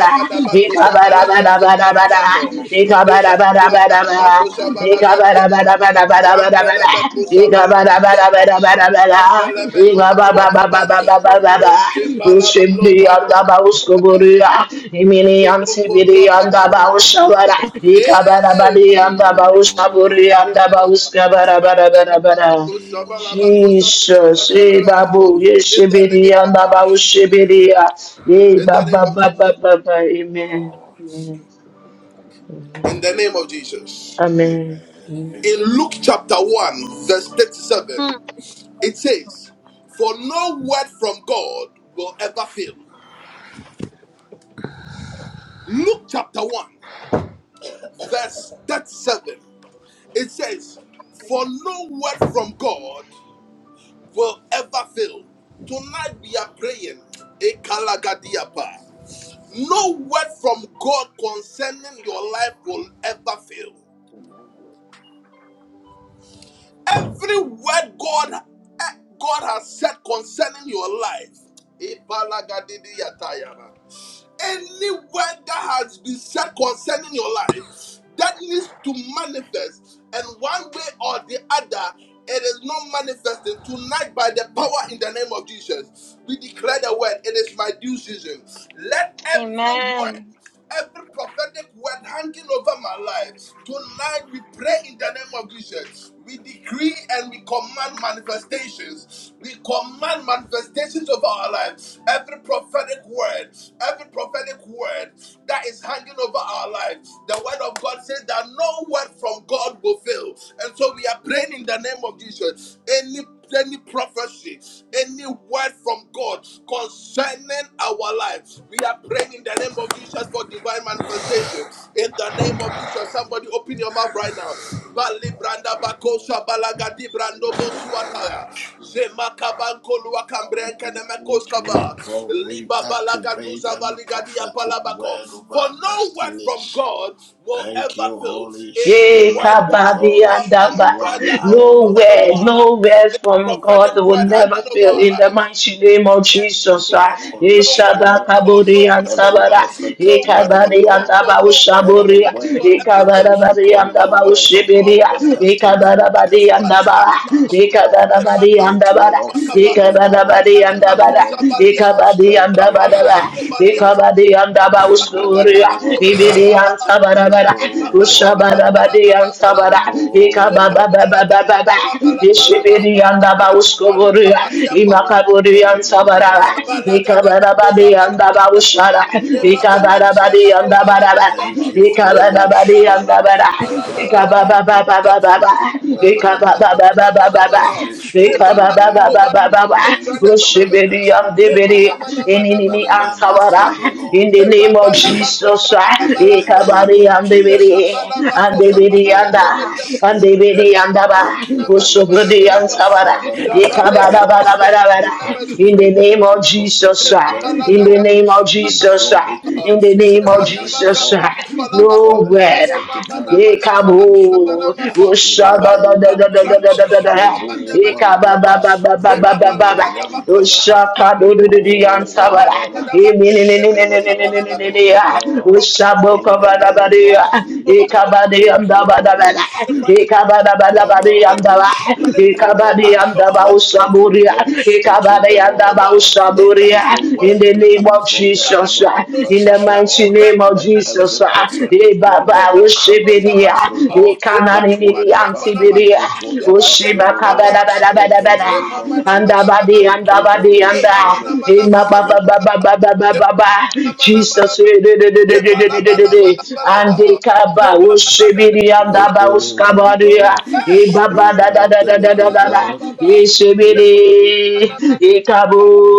Speaker 3: In the name of Jesus. Thank you, Holy Spirit. Thank you, Holy Spirit.
Speaker 1: Rampele
Speaker 3: Thank
Speaker 1: meno
Speaker 3: you,
Speaker 1: manua
Speaker 3: Holy
Speaker 1: tabante,
Speaker 3: Spirit.
Speaker 1: in the name
Speaker 3: Rebo Ambara. Rebo Ambara. Rebo Ambara. In the name of
Speaker 6: Jesus,
Speaker 3: Jesus,
Speaker 6: eh, babu,
Speaker 3: thank you,
Speaker 6: yeshibidi,
Speaker 1: of
Speaker 6: andaba,
Speaker 3: Holy
Speaker 1: Jesus.
Speaker 6: ushibidi,
Speaker 3: Spirit.
Speaker 6: ah, eh,
Speaker 1: In
Speaker 6: ba,
Speaker 1: the name
Speaker 3: We
Speaker 6: ba,
Speaker 1: of
Speaker 6: ba,
Speaker 3: bless your
Speaker 1: Jesus.
Speaker 3: name, O Lord.
Speaker 6: amen,
Speaker 3: We thank you for
Speaker 6: amen,
Speaker 3: this
Speaker 1: In the name of
Speaker 3: season, O Lord.
Speaker 1: Jesus.
Speaker 6: amen,
Speaker 3: Amen.
Speaker 6: amen.
Speaker 1: In
Speaker 3: Amen.
Speaker 1: Luke chapter 1, verse 37, it says, For no word from God will ever fail. Luke chapter 1, verse 37. It says, For no word from God will ever fail. Tonight we are praying. Ekalagadiapa. No word from God concerning your life will ever fail.
Speaker 3: Amen.
Speaker 1: Every word God eh, God has said concerning your life. Ipalagadidiyatayama. Any word that has been said concerning your life that needs to manifest, and one way or the other, it is not manifesting tonight by the power in the name of Jesus. We declare the word, it is my due season. Let every
Speaker 4: Amen.
Speaker 1: word every prophetic word hanging over my life. Tonight we pray in the name of Jesus. We decree and we command manifestations. We command manifestations of our life. Every prophetic word, every prophetic word that is hanging over our life. The word of God says that no word from God will fail. And so we are praying in the name of Jesus. Any any prophecy, any word from God concerning our lives. We are praying in the name of Jesus for divine manifestation. In the name of Jesus, somebody open your mouth right now.
Speaker 3: Oh, yes,
Speaker 1: Bali
Speaker 3: Lord.
Speaker 1: branda
Speaker 3: Yes,
Speaker 1: bakosha
Speaker 3: Lord.
Speaker 1: balagadi
Speaker 3: Thank
Speaker 1: brando
Speaker 3: you, Holy
Speaker 1: bosuataya.
Speaker 3: Spirit.
Speaker 1: Zema kabanko
Speaker 3: Father,
Speaker 1: luakambren
Speaker 3: tonight we,
Speaker 1: kenemekoskaba.
Speaker 3: pro- we
Speaker 1: Liba
Speaker 3: activate
Speaker 1: balagaduza
Speaker 3: every
Speaker 1: valigadi
Speaker 3: prophetic
Speaker 1: apalabako.
Speaker 3: word of
Speaker 1: For
Speaker 3: our
Speaker 1: no word from
Speaker 3: destinies.
Speaker 1: God will
Speaker 3: Thank
Speaker 1: ever
Speaker 3: you,
Speaker 1: fail.
Speaker 3: Holy
Speaker 1: Any
Speaker 6: Yeah,
Speaker 1: word
Speaker 3: Spirit,
Speaker 1: that has
Speaker 6: kabadi
Speaker 3: because
Speaker 6: and
Speaker 1: come any
Speaker 6: daba.
Speaker 3: you are
Speaker 1: word
Speaker 3: the
Speaker 1: that has been
Speaker 3: Lord of
Speaker 1: said over
Speaker 6: Nowhere,
Speaker 3: all
Speaker 1: our lives,
Speaker 6: nowhere
Speaker 1: any
Speaker 6: from God
Speaker 3: possibilities.
Speaker 1: prophetic
Speaker 6: will
Speaker 1: word
Speaker 6: never
Speaker 1: hanging over
Speaker 6: fail
Speaker 1: our
Speaker 6: in the
Speaker 1: lives. We
Speaker 6: mighty name of
Speaker 1: decree and
Speaker 3: Thank
Speaker 6: Jesus.
Speaker 1: we
Speaker 3: you,
Speaker 6: ah.
Speaker 1: declare
Speaker 6: Eh,
Speaker 3: Holy
Speaker 1: no word
Speaker 6: shaba
Speaker 1: from
Speaker 3: Spirit.
Speaker 1: God,
Speaker 6: kabodi
Speaker 1: no
Speaker 6: and
Speaker 1: word from
Speaker 3: Every
Speaker 6: sabara.
Speaker 1: God,
Speaker 3: prophetic
Speaker 6: Eh,
Speaker 1: no word
Speaker 3: word, O
Speaker 1: from
Speaker 6: kabadi and
Speaker 1: God,
Speaker 3: Lord,
Speaker 1: for
Speaker 6: daba
Speaker 1: no word from
Speaker 3: every
Speaker 6: ushaburi.
Speaker 1: God
Speaker 3: word
Speaker 1: will
Speaker 6: Eh,
Speaker 3: of
Speaker 1: ever fail,
Speaker 6: kabada
Speaker 3: blessings
Speaker 6: badi
Speaker 1: for
Speaker 3: upon
Speaker 6: and
Speaker 3: my
Speaker 1: no
Speaker 6: daba
Speaker 1: word
Speaker 3: life,
Speaker 1: from God
Speaker 6: ushibiri.
Speaker 3: upon my
Speaker 1: will ever
Speaker 6: Eh,
Speaker 3: destiny,
Speaker 1: fail.
Speaker 6: kabada
Speaker 3: would
Speaker 6: badi and
Speaker 3: definitely come
Speaker 6: daba.
Speaker 3: to
Speaker 1: Malibalikadiapa,
Speaker 3: pass, O
Speaker 6: Eh,
Speaker 3: Lord.
Speaker 6: kabada badi and
Speaker 3: It will
Speaker 6: daba.
Speaker 3: not
Speaker 1: Semakabakoluakaba,
Speaker 6: Eh,
Speaker 3: fail, O
Speaker 6: kabada
Speaker 3: Lord,
Speaker 6: badi
Speaker 3: in the
Speaker 6: and daba.
Speaker 3: name of
Speaker 6: Eh,
Speaker 1: Semanamakosabaliapa,
Speaker 3: Jesus.
Speaker 6: kabadi and
Speaker 3: Thank you,
Speaker 6: daba daba.
Speaker 3: Holy
Speaker 6: Eh,
Speaker 3: Spirit.
Speaker 1: Sabalabakobaliapa,
Speaker 6: kabadi and daba ushku. Uria,
Speaker 3: Rebo
Speaker 6: Ibidi
Speaker 3: Wambara.
Speaker 6: and
Speaker 1: Rababalagadabakobriapalabako,
Speaker 6: Sabarabara,
Speaker 3: Rebo Wambara.
Speaker 6: Ushabarabadi and
Speaker 1: Sebabalabalabalabalabalaba,
Speaker 6: Sabara,
Speaker 3: Rebo,
Speaker 6: Ikabababababa,
Speaker 1: Sebabalagadabalabalabalabaha,
Speaker 6: Ishibidi
Speaker 3: Rebo,
Speaker 6: and Abauskoburia,
Speaker 1: Mandibalukabaliapa,
Speaker 3: Spirit of the
Speaker 6: Imakaburi and
Speaker 3: living
Speaker 6: Sabara,
Speaker 1: bako
Speaker 3: God,
Speaker 6: Ikabarabadi and Abaushara,
Speaker 3: in the name of
Speaker 6: Ikabarabadi
Speaker 3: Jesus.
Speaker 1: bako
Speaker 6: and
Speaker 1: bala
Speaker 6: Abaraba,
Speaker 3: Thank you, Holy
Speaker 1: bala
Speaker 6: Ikabarabadi and
Speaker 1: bala bala bala.
Speaker 3: Spirit.
Speaker 6: Abara,
Speaker 1: bala bala. bala
Speaker 3: Father, every
Speaker 1: bala
Speaker 6: Ikababababababa.
Speaker 3: prophetic word, O
Speaker 1: mana mana
Speaker 3: Lord,
Speaker 1: mana mana mana mana. mana
Speaker 6: Ikababababababa.
Speaker 3: every
Speaker 1: Reba bala
Speaker 3: spoken word
Speaker 1: bako
Speaker 3: over my
Speaker 6: Ikababababababa.
Speaker 1: balagadia
Speaker 3: life,
Speaker 1: brande
Speaker 3: over
Speaker 1: bala
Speaker 3: my
Speaker 1: bala.
Speaker 6: Oshibidi
Speaker 3: destiny, O
Speaker 1: Reba mana
Speaker 6: yamdibidi.
Speaker 3: Lord,
Speaker 1: mana mana
Speaker 3: will
Speaker 6: Ininini
Speaker 1: mana
Speaker 3: never
Speaker 1: mana.
Speaker 6: antawara.
Speaker 3: fail, O Lord,
Speaker 6: In the
Speaker 1: brande
Speaker 6: name of
Speaker 1: bala.
Speaker 6: Jesus,
Speaker 1: bakoza bala
Speaker 3: in
Speaker 1: bala
Speaker 3: the
Speaker 1: bala
Speaker 3: name
Speaker 1: bala
Speaker 6: Ikabari
Speaker 3: of
Speaker 1: babala
Speaker 6: andibidi,
Speaker 1: babala
Speaker 3: Jesus.
Speaker 1: babala
Speaker 3: Thank
Speaker 6: andibidi
Speaker 3: you,
Speaker 6: anda,
Speaker 3: Holy Spirit.
Speaker 6: andibidi andaba,
Speaker 3: Thank you, Holy
Speaker 6: Ushubidi
Speaker 3: Spirit,
Speaker 6: antawara,
Speaker 3: Father, tonight,
Speaker 1: babala
Speaker 3: O
Speaker 1: bakosa bakosa
Speaker 3: Lord.
Speaker 6: Ikababababababa.
Speaker 3: We
Speaker 1: bala
Speaker 6: In
Speaker 1: mazumba de
Speaker 6: the
Speaker 3: activate
Speaker 6: name
Speaker 3: every
Speaker 6: of
Speaker 1: miapa. De
Speaker 6: Jesus,
Speaker 3: prophetic word,
Speaker 1: babala
Speaker 3: O
Speaker 6: in the
Speaker 1: gada
Speaker 3: Lord.
Speaker 6: name
Speaker 1: bala
Speaker 6: of
Speaker 1: bala bala bala
Speaker 3: We
Speaker 1: bala
Speaker 6: Jesus,
Speaker 3: draw it
Speaker 6: in
Speaker 3: into
Speaker 6: the
Speaker 1: De
Speaker 6: name of
Speaker 3: physical realm,
Speaker 1: badaba
Speaker 3: O
Speaker 6: Jesus,
Speaker 3: Lord.
Speaker 1: kabadia bala
Speaker 3: We
Speaker 1: bako.
Speaker 6: no
Speaker 3: call it
Speaker 6: word,
Speaker 1: De mama na
Speaker 3: prophetically
Speaker 1: mana mana mana
Speaker 3: established, O
Speaker 1: mana mana
Speaker 6: Ikabu,
Speaker 3: Lord. In the
Speaker 6: ushaba da
Speaker 3: name
Speaker 6: da da
Speaker 3: of
Speaker 6: da da da da da
Speaker 3: Jesus,
Speaker 6: da.
Speaker 3: Rebo
Speaker 1: malua
Speaker 6: Ikaba
Speaker 3: Wambara,
Speaker 6: ba
Speaker 1: miapa.
Speaker 6: ba ba ba ba
Speaker 1: De
Speaker 6: ba
Speaker 1: babala
Speaker 6: ba ba.
Speaker 3: Rebo
Speaker 1: gada bakosa
Speaker 3: Wambara,
Speaker 1: baliga
Speaker 6: Ushaka do do
Speaker 1: diapa.
Speaker 6: do do
Speaker 1: De
Speaker 3: Rebo
Speaker 6: yansabara.
Speaker 1: babala
Speaker 3: Wambara,
Speaker 1: gada
Speaker 6: Imi ni
Speaker 1: bakreke
Speaker 6: ni
Speaker 1: de
Speaker 6: ni ni ni
Speaker 1: mekosa
Speaker 3: Spirit
Speaker 6: ni ni ni
Speaker 1: bala
Speaker 3: of
Speaker 6: ni
Speaker 3: the
Speaker 6: ni
Speaker 1: bako.
Speaker 6: ni
Speaker 3: Living
Speaker 6: ya.
Speaker 1: Every
Speaker 3: God,
Speaker 1: prophetic
Speaker 6: Ushabo
Speaker 1: word
Speaker 3: in the
Speaker 6: kaba da ba
Speaker 3: name
Speaker 6: di ya.
Speaker 3: of
Speaker 1: Father, hand over our
Speaker 3: Jesus,
Speaker 6: Ikaba di
Speaker 3: thank
Speaker 1: lives.
Speaker 6: yanda
Speaker 3: you,
Speaker 1: Pray
Speaker 6: ba da
Speaker 1: for
Speaker 6: ba
Speaker 3: Holy
Speaker 6: da.
Speaker 1: each one of us
Speaker 3: Spirit.
Speaker 1: in the name
Speaker 6: Ikaba da
Speaker 1: of
Speaker 6: ba da
Speaker 1: Jesus.
Speaker 6: ba
Speaker 3: Father,
Speaker 6: di
Speaker 1: Any
Speaker 6: yanda
Speaker 3: Holy
Speaker 6: ba.
Speaker 1: good prophetic
Speaker 3: Spirit, O
Speaker 1: words,
Speaker 6: Ikaba
Speaker 3: Lord,
Speaker 6: di
Speaker 1: hand it
Speaker 6: yanda
Speaker 1: over
Speaker 6: ba
Speaker 1: our
Speaker 3: let
Speaker 1: lives.
Speaker 3: every
Speaker 6: ushaburia.
Speaker 1: Pray
Speaker 3: word
Speaker 1: for the
Speaker 6: Ikaba
Speaker 3: spoken, O
Speaker 6: di
Speaker 1: manifestation
Speaker 6: yanda
Speaker 1: of
Speaker 3: Lord,
Speaker 6: ba
Speaker 1: God.
Speaker 3: let
Speaker 1: Is that
Speaker 6: ushaburia.
Speaker 1: that
Speaker 3: every
Speaker 1: that no
Speaker 6: In
Speaker 1: she
Speaker 3: word
Speaker 6: the
Speaker 1: at
Speaker 6: name
Speaker 1: us?
Speaker 3: believed
Speaker 6: of
Speaker 3: from
Speaker 1: Is
Speaker 3: the
Speaker 1: that that
Speaker 6: Jesus,
Speaker 1: that
Speaker 3: heavenly
Speaker 1: that no she
Speaker 6: in the
Speaker 3: places,
Speaker 1: at
Speaker 3: O
Speaker 1: us?
Speaker 6: mighty
Speaker 3: Lord,
Speaker 6: name of
Speaker 3: let
Speaker 1: Bemele no
Speaker 6: Jesus,
Speaker 3: every
Speaker 1: shabadi
Speaker 3: prophetic
Speaker 1: abas.
Speaker 3: word, O
Speaker 6: Ebaba,
Speaker 3: Lord,
Speaker 1: Zemana
Speaker 3: come
Speaker 1: no
Speaker 3: to
Speaker 6: Ushibiria,
Speaker 3: pass,
Speaker 1: shabadi
Speaker 3: O Lord.
Speaker 1: abas.
Speaker 3: It
Speaker 1: Ibandu
Speaker 3: will
Speaker 6: Ekananini
Speaker 1: bandu
Speaker 3: never fail,
Speaker 1: apalamako.
Speaker 6: Antibiria,
Speaker 3: it will never
Speaker 1: Ibande
Speaker 3: fail,
Speaker 6: Ushiba
Speaker 3: O
Speaker 1: manu
Speaker 3: Lord.
Speaker 6: Kabada Bada
Speaker 1: apalamako.
Speaker 3: In
Speaker 6: Bada
Speaker 3: the
Speaker 6: Bada,
Speaker 3: name
Speaker 1: Zemama
Speaker 3: of
Speaker 1: na mana
Speaker 3: Jesus,
Speaker 1: mana
Speaker 6: Andabadi,
Speaker 3: thank you,
Speaker 1: mako.
Speaker 6: Andabadi,
Speaker 3: Holy
Speaker 6: Anda,
Speaker 1: Zemama na
Speaker 3: Spirit.
Speaker 1: mana
Speaker 6: Ima
Speaker 1: mana mana
Speaker 6: Baba
Speaker 3: Rib-
Speaker 6: Baba
Speaker 1: maha.
Speaker 6: Baba Baba Baba, Jesus,
Speaker 1: Shemanamanamanamanama. Ebalabalabalabalabaha.
Speaker 6: Andikaba, Ushibiri Andaba
Speaker 3: Ribble,
Speaker 6: Uskabaria,
Speaker 3: Wambara,
Speaker 1: Shebabalagadabakoshabalagadiaba.
Speaker 6: Ibaba Da
Speaker 3: Spirit
Speaker 6: Da
Speaker 3: of
Speaker 6: Da
Speaker 3: the
Speaker 6: Da Da Da
Speaker 3: living
Speaker 6: Da Da,
Speaker 3: God,
Speaker 1: Ebababababababababa.
Speaker 6: Ishibiri,
Speaker 3: thank
Speaker 6: Ikabu,
Speaker 1: Shemanamanamanamanamaha.
Speaker 3: you,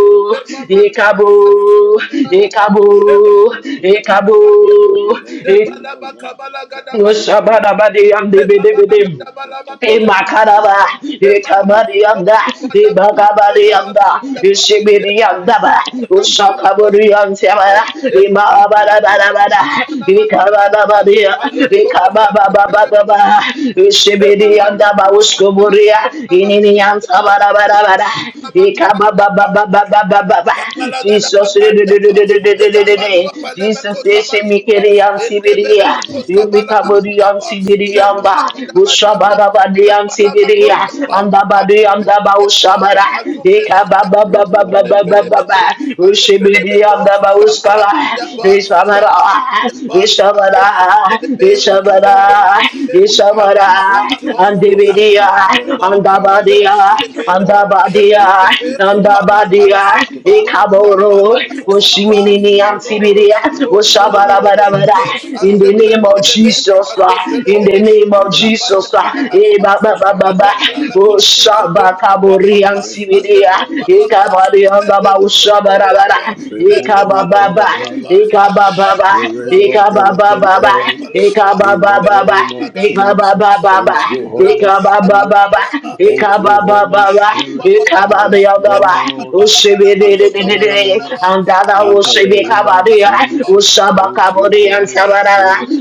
Speaker 3: Holy Spirit.
Speaker 6: Ikabu,
Speaker 3: Father, Lord,
Speaker 1: Shemanamanamanamanamaha.
Speaker 6: Ikabu,
Speaker 3: do not let
Speaker 6: Ikabu,
Speaker 3: them wait,
Speaker 1: Ebabalagadabakabadiaba.
Speaker 3: O Lord. Do
Speaker 6: Ikabu.
Speaker 3: not let those words fail, O
Speaker 1: Shebalabakabalagadabalabalabaha.
Speaker 3: Lord.
Speaker 6: Yoshabadabadi and
Speaker 3: Do not let
Speaker 6: Dibidibidim.
Speaker 3: those prophetic words over
Speaker 1: Ebabalagadabalabakojabalagadiaba.
Speaker 6: Imakaraba,
Speaker 3: my
Speaker 1: Thank
Speaker 3: destiny
Speaker 6: Ikabadi
Speaker 3: fail,
Speaker 6: and
Speaker 3: O
Speaker 6: that,
Speaker 3: Lord. In the
Speaker 6: Ibagabadi
Speaker 3: name
Speaker 6: and
Speaker 3: of
Speaker 6: that,
Speaker 3: Jesus,
Speaker 6: Ishibidi
Speaker 3: because
Speaker 6: and
Speaker 3: your
Speaker 6: Daba,
Speaker 3: words are yea and
Speaker 6: Ushakaburi and
Speaker 3: amen, O
Speaker 6: Tamara,
Speaker 3: Lord. Redeem one brother,
Speaker 6: Imabadabadabada,
Speaker 3: redeem one
Speaker 6: Ikabadabadia,
Speaker 3: brother, redeem one
Speaker 6: Ikabababababa,
Speaker 3: brother. In
Speaker 6: Ishibidi
Speaker 3: the
Speaker 6: and Daba
Speaker 3: name of
Speaker 6: Uskuburia,
Speaker 3: Jesus, thank you,
Speaker 6: Inini and
Speaker 3: Holy Spirit.
Speaker 6: Sabadabadabada,
Speaker 3: Thank you, Holy Spirit.
Speaker 1: you.
Speaker 6: Ikabababababababa.
Speaker 3: Yes,
Speaker 6: Jesus,
Speaker 3: Lord.
Speaker 1: Abalagadamakariapa,
Speaker 3: Yes, Lord.
Speaker 6: Jesus,
Speaker 3: Yes,
Speaker 1: Ejambaluapalebekosabaliapa,
Speaker 3: Lord.
Speaker 6: Shemikiriam
Speaker 3: In the
Speaker 6: Sibiria,
Speaker 3: name of Jesus.
Speaker 6: Mikaburiam
Speaker 1: Endebelebekosabalabakiapa,
Speaker 3: Thank you,
Speaker 6: Sibiriamba,
Speaker 3: Holy
Speaker 1: Zembalagadabaria,
Speaker 3: Spirit.
Speaker 6: Ushabadabadiam
Speaker 3: Thank
Speaker 6: Sibiria,
Speaker 3: you,
Speaker 1: Jambalabakoriapa,
Speaker 3: Holy
Speaker 6: and
Speaker 3: Spirit.
Speaker 6: Abadiam Daba
Speaker 1: Adumpiliapa,
Speaker 3: Yes,
Speaker 6: Ushabara,
Speaker 3: Lord.
Speaker 1: Adumpiliapa,
Speaker 3: Rebo
Speaker 1: Alepelebeko,
Speaker 6: Ikabababababababa,
Speaker 1: Alepelebeko,
Speaker 6: Ushibiriam Daba
Speaker 3: Holy
Speaker 6: Uskara,
Speaker 1: Sabalagadiapa,
Speaker 3: Spirit,
Speaker 6: Ishamara,
Speaker 1: Sabalagadiapa,
Speaker 3: Father,
Speaker 6: Ishamara,
Speaker 1: Azempelegedebe,
Speaker 3: tonight, O Lord,
Speaker 6: Ishamara,
Speaker 1: Azempelegedebe,
Speaker 3: we
Speaker 6: Ishamara,
Speaker 3: activate
Speaker 1: Rababalabako,
Speaker 3: every
Speaker 6: and
Speaker 3: prophetic
Speaker 6: Dividia,
Speaker 3: word
Speaker 1: Rababalabako,
Speaker 6: and
Speaker 3: over our
Speaker 6: Andabadia,
Speaker 3: destinies, O Lord.
Speaker 1: Azembelekebe,
Speaker 3: We
Speaker 6: Andabadia,
Speaker 1: Rabba
Speaker 3: activate every
Speaker 6: Andabadia,
Speaker 3: prophetic word over the
Speaker 6: Ikaboro,
Speaker 3: life of our
Speaker 6: Oshimini
Speaker 3: family, O Lord.
Speaker 6: Antibiria,
Speaker 3: In the name of
Speaker 6: Oshabarabara,
Speaker 3: Jesus,
Speaker 6: in the
Speaker 3: Father, may
Speaker 6: name of
Speaker 3: it come to
Speaker 6: Jesus, Lord.
Speaker 3: pass, O
Speaker 6: in
Speaker 3: Lord.
Speaker 6: the name
Speaker 3: May
Speaker 6: of
Speaker 3: it come
Speaker 6: Jesus, Lord.
Speaker 3: to pass
Speaker 6: Eh, ba, ba,
Speaker 3: because
Speaker 6: ba,
Speaker 3: thy
Speaker 6: ba, ba.
Speaker 3: word are yea and amen, O Lord.
Speaker 6: Oshabakabori
Speaker 3: Rebo
Speaker 6: Antibiria,
Speaker 3: one banner,
Speaker 6: Ikabari Andaba
Speaker 3: one banner.
Speaker 6: Oshabarabara,
Speaker 3: Remove one
Speaker 6: Ikabababa,
Speaker 3: brother,
Speaker 6: Ikabababa,
Speaker 3: Spirit of the living
Speaker 6: Ikabababa,
Speaker 3: God, in the
Speaker 6: Ikabababa,
Speaker 3: name of Jesus.
Speaker 6: Ikabababa, ba,
Speaker 3: Thank you, Holy
Speaker 6: ika ba ba
Speaker 3: Spirit.
Speaker 6: ba ba, ika
Speaker 3: Thank
Speaker 6: ba
Speaker 3: you,
Speaker 6: ba
Speaker 3: Holy Spirit. Yes, Lord.
Speaker 6: usibi di di
Speaker 3: Yes,
Speaker 6: di di di,
Speaker 3: Lord.
Speaker 6: anda da
Speaker 3: In the
Speaker 6: usibi ka
Speaker 3: name
Speaker 6: ba
Speaker 3: of
Speaker 6: di ya,
Speaker 3: Jesus.
Speaker 6: usaba ka
Speaker 3: Thank
Speaker 6: ba
Speaker 3: you,
Speaker 6: di ya
Speaker 3: Holy
Speaker 6: saba da da,
Speaker 3: Spirit.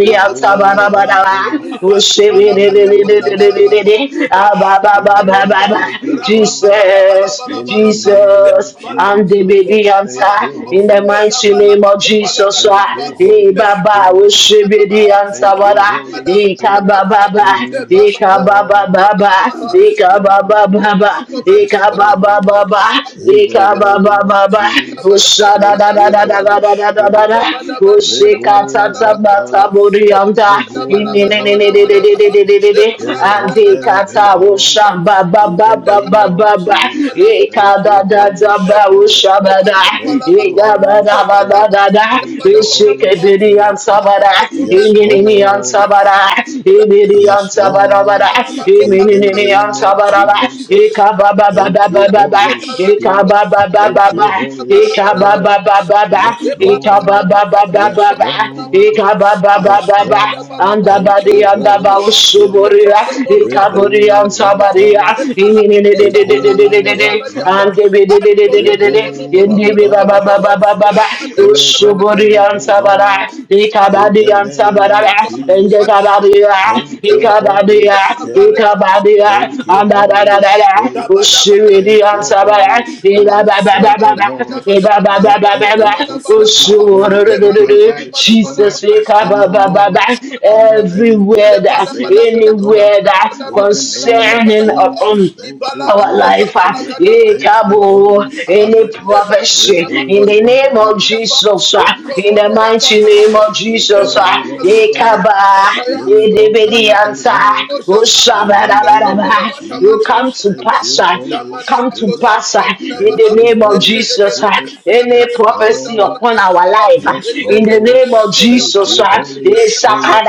Speaker 6: di
Speaker 3: one brother,
Speaker 6: usibi di di di di
Speaker 3: remove
Speaker 6: di
Speaker 3: one
Speaker 6: di di
Speaker 3: brother,
Speaker 6: di, ah ba
Speaker 3: Spirit of the living God.
Speaker 6: Jesus,
Speaker 3: In the name of
Speaker 6: Jesus, and the
Speaker 3: Jesus,
Speaker 6: baby answer
Speaker 3: thank you,
Speaker 6: in the
Speaker 3: Holy
Speaker 6: mighty
Speaker 3: Spirit.
Speaker 6: name of Jesus.
Speaker 3: Thank you,
Speaker 6: E
Speaker 3: Holy
Speaker 6: Baba,
Speaker 3: Spirit.
Speaker 6: Oshibi the answer,
Speaker 3: Thank you,
Speaker 6: Baba,
Speaker 3: Holy
Speaker 6: Eka
Speaker 3: Spirit.
Speaker 1: Thank you.
Speaker 6: Baba,
Speaker 3: Oh, yes,
Speaker 6: Eka Baba,
Speaker 3: Lord.
Speaker 6: Baba,
Speaker 3: Yes,
Speaker 6: Eka Baba,
Speaker 3: Lord.
Speaker 6: Baba,
Speaker 3: Yes,
Speaker 6: Eka Baba,
Speaker 3: Lord.
Speaker 6: Baba,
Speaker 3: In the
Speaker 6: Eka
Speaker 3: name
Speaker 6: Baba,
Speaker 3: of
Speaker 6: Baba,
Speaker 3: Jesus,
Speaker 6: Oshada, da,
Speaker 3: thank
Speaker 6: da,
Speaker 3: you,
Speaker 6: da, da, da,
Speaker 3: Holy
Speaker 6: da, da, da, da,
Speaker 3: Spirit.
Speaker 6: da, Oshika, ta,
Speaker 3: Rebo
Speaker 6: ta, ba, ta,
Speaker 3: Wambala,
Speaker 6: bori, anda,
Speaker 3: Rebo
Speaker 6: Imene, ne, ne, ne ne
Speaker 3: Wambala,
Speaker 6: ne ne ne ne ne ne ne
Speaker 3: Spirit of
Speaker 6: Andi,
Speaker 3: the living
Speaker 6: kata,
Speaker 3: God.
Speaker 6: Osha,
Speaker 3: In
Speaker 6: Baba,
Speaker 3: the
Speaker 6: ba ba ba
Speaker 3: name
Speaker 6: ba
Speaker 3: of
Speaker 6: ba.
Speaker 3: Jesus,
Speaker 6: Eka
Speaker 3: thank you,
Speaker 6: da da
Speaker 3: Holy
Speaker 6: da ba
Speaker 3: Spirit.
Speaker 6: usha da.
Speaker 3: Thank you,
Speaker 6: Eka ba
Speaker 3: Holy
Speaker 6: da ba ba
Speaker 3: Spirit.
Speaker 6: da da.
Speaker 3: Thank you, Holy
Speaker 6: Ishike bidi
Speaker 3: Spirit.
Speaker 6: ansa
Speaker 3: Yes,
Speaker 1: Zebada
Speaker 6: Imini
Speaker 1: Rabba
Speaker 6: ni
Speaker 3: Lord.
Speaker 6: ansa Imini
Speaker 3: Yes,
Speaker 6: ansa ba
Speaker 3: Lord. In
Speaker 6: Imini
Speaker 3: the
Speaker 6: ni ni
Speaker 3: name of
Speaker 6: ba da ba.
Speaker 3: Jesus.
Speaker 6: ba ba ba ba
Speaker 3: Thank
Speaker 6: ba
Speaker 3: you,
Speaker 6: ba ba.
Speaker 3: Holy Spirit.
Speaker 6: ba ba ba ba
Speaker 3: Thank
Speaker 6: ba.
Speaker 3: you, Holy
Speaker 6: Eka ba ba
Speaker 3: Spirit.
Speaker 6: ba ba ba.
Speaker 3: Yes,
Speaker 6: Eka ba
Speaker 3: Lord.
Speaker 6: ba ba ba
Speaker 3: Yes,
Speaker 6: ba ba.
Speaker 3: Lord.
Speaker 6: Eka ba ba ba
Speaker 3: Yes,
Speaker 6: ba ba.
Speaker 3: Lord.
Speaker 6: Anda
Speaker 3: Thank
Speaker 6: badi
Speaker 3: you,
Speaker 6: anda
Speaker 3: Holy
Speaker 6: ba
Speaker 3: Spirit.
Speaker 6: usuburia. Eka buri
Speaker 3: Rebo
Speaker 6: ansa
Speaker 3: Wambala.
Speaker 6: Jesus,
Speaker 3: Rebo Wambara, Rebo Wambara, Spirit of the Living God, in the
Speaker 1: Adumene meni
Speaker 3: name of
Speaker 1: yapa,
Speaker 3: Jesus.
Speaker 1: adumene meni
Speaker 3: Thank you,
Speaker 1: yapa,
Speaker 3: Holy
Speaker 1: sebaba
Speaker 3: Spirit.
Speaker 1: lekadi yapa,
Speaker 3: Thank you, Holy Spirit. Thank you, Holy Spirit, Father Lord. Let every prophetic word over my life, over my destiny, O Lord, Father, let it be
Speaker 6: everywhere that
Speaker 3: activated, O Lord.
Speaker 6: anywhere that
Speaker 3: In the name of
Speaker 6: concerning uh,
Speaker 3: Jesus,
Speaker 6: um,
Speaker 3: thank you,
Speaker 6: our
Speaker 3: Holy
Speaker 6: life. uh,
Speaker 3: Spirit.
Speaker 6: eh,
Speaker 3: Thank you,
Speaker 6: kabo,
Speaker 3: Holy
Speaker 6: Any
Speaker 3: Spirit.
Speaker 6: prophecy in
Speaker 3: Reborn
Speaker 6: the
Speaker 3: one
Speaker 6: name of
Speaker 3: brother,
Speaker 6: Jesus, uh, in the
Speaker 1: Indomono wa
Speaker 6: mighty
Speaker 1: palama
Speaker 6: name
Speaker 1: ko,
Speaker 6: of Jesus, uh,
Speaker 1: zemana
Speaker 3: reborn one
Speaker 6: eh,
Speaker 1: mazumene
Speaker 3: brother,
Speaker 6: kaba, eh,
Speaker 3: Spirit
Speaker 6: de-
Speaker 3: of
Speaker 6: be
Speaker 3: the
Speaker 6: the
Speaker 1: menuataya,
Speaker 3: living
Speaker 6: answer.
Speaker 3: God.
Speaker 1: no
Speaker 6: Oh,
Speaker 1: shaba
Speaker 3: In the
Speaker 1: ibrando
Speaker 3: name
Speaker 1: bolo
Speaker 3: of
Speaker 6: shabba-dabba-dabba. you
Speaker 1: watamani
Speaker 6: come
Speaker 1: mini
Speaker 3: Jesus,
Speaker 6: to
Speaker 1: apa
Speaker 3: thank
Speaker 6: pass,
Speaker 3: you,
Speaker 6: uh,
Speaker 3: Holy
Speaker 1: zamana
Speaker 6: come to
Speaker 3: Spirit.
Speaker 1: makosha
Speaker 6: pass uh,
Speaker 1: balaga
Speaker 6: in
Speaker 1: daba
Speaker 6: the
Speaker 3: Thank you,
Speaker 6: name of
Speaker 1: eje
Speaker 3: Holy
Speaker 1: de
Speaker 6: Jesus.
Speaker 1: gede
Speaker 6: uh,
Speaker 3: Spirit.
Speaker 1: beruya
Speaker 6: Any
Speaker 1: kada
Speaker 3: Yes,
Speaker 1: makosha
Speaker 6: prophecy
Speaker 3: Lord.
Speaker 1: balaga
Speaker 6: upon our
Speaker 1: daba
Speaker 6: life uh,
Speaker 3: Yes,
Speaker 1: eje
Speaker 6: in
Speaker 1: de
Speaker 6: the
Speaker 3: Lord.
Speaker 1: bele
Speaker 6: name of
Speaker 1: mekosha
Speaker 3: Thank
Speaker 6: Jesus.
Speaker 3: you,
Speaker 1: balaga
Speaker 6: uh,
Speaker 1: daba
Speaker 3: Holy
Speaker 6: eh,
Speaker 1: daba daba daba
Speaker 3: Spirit.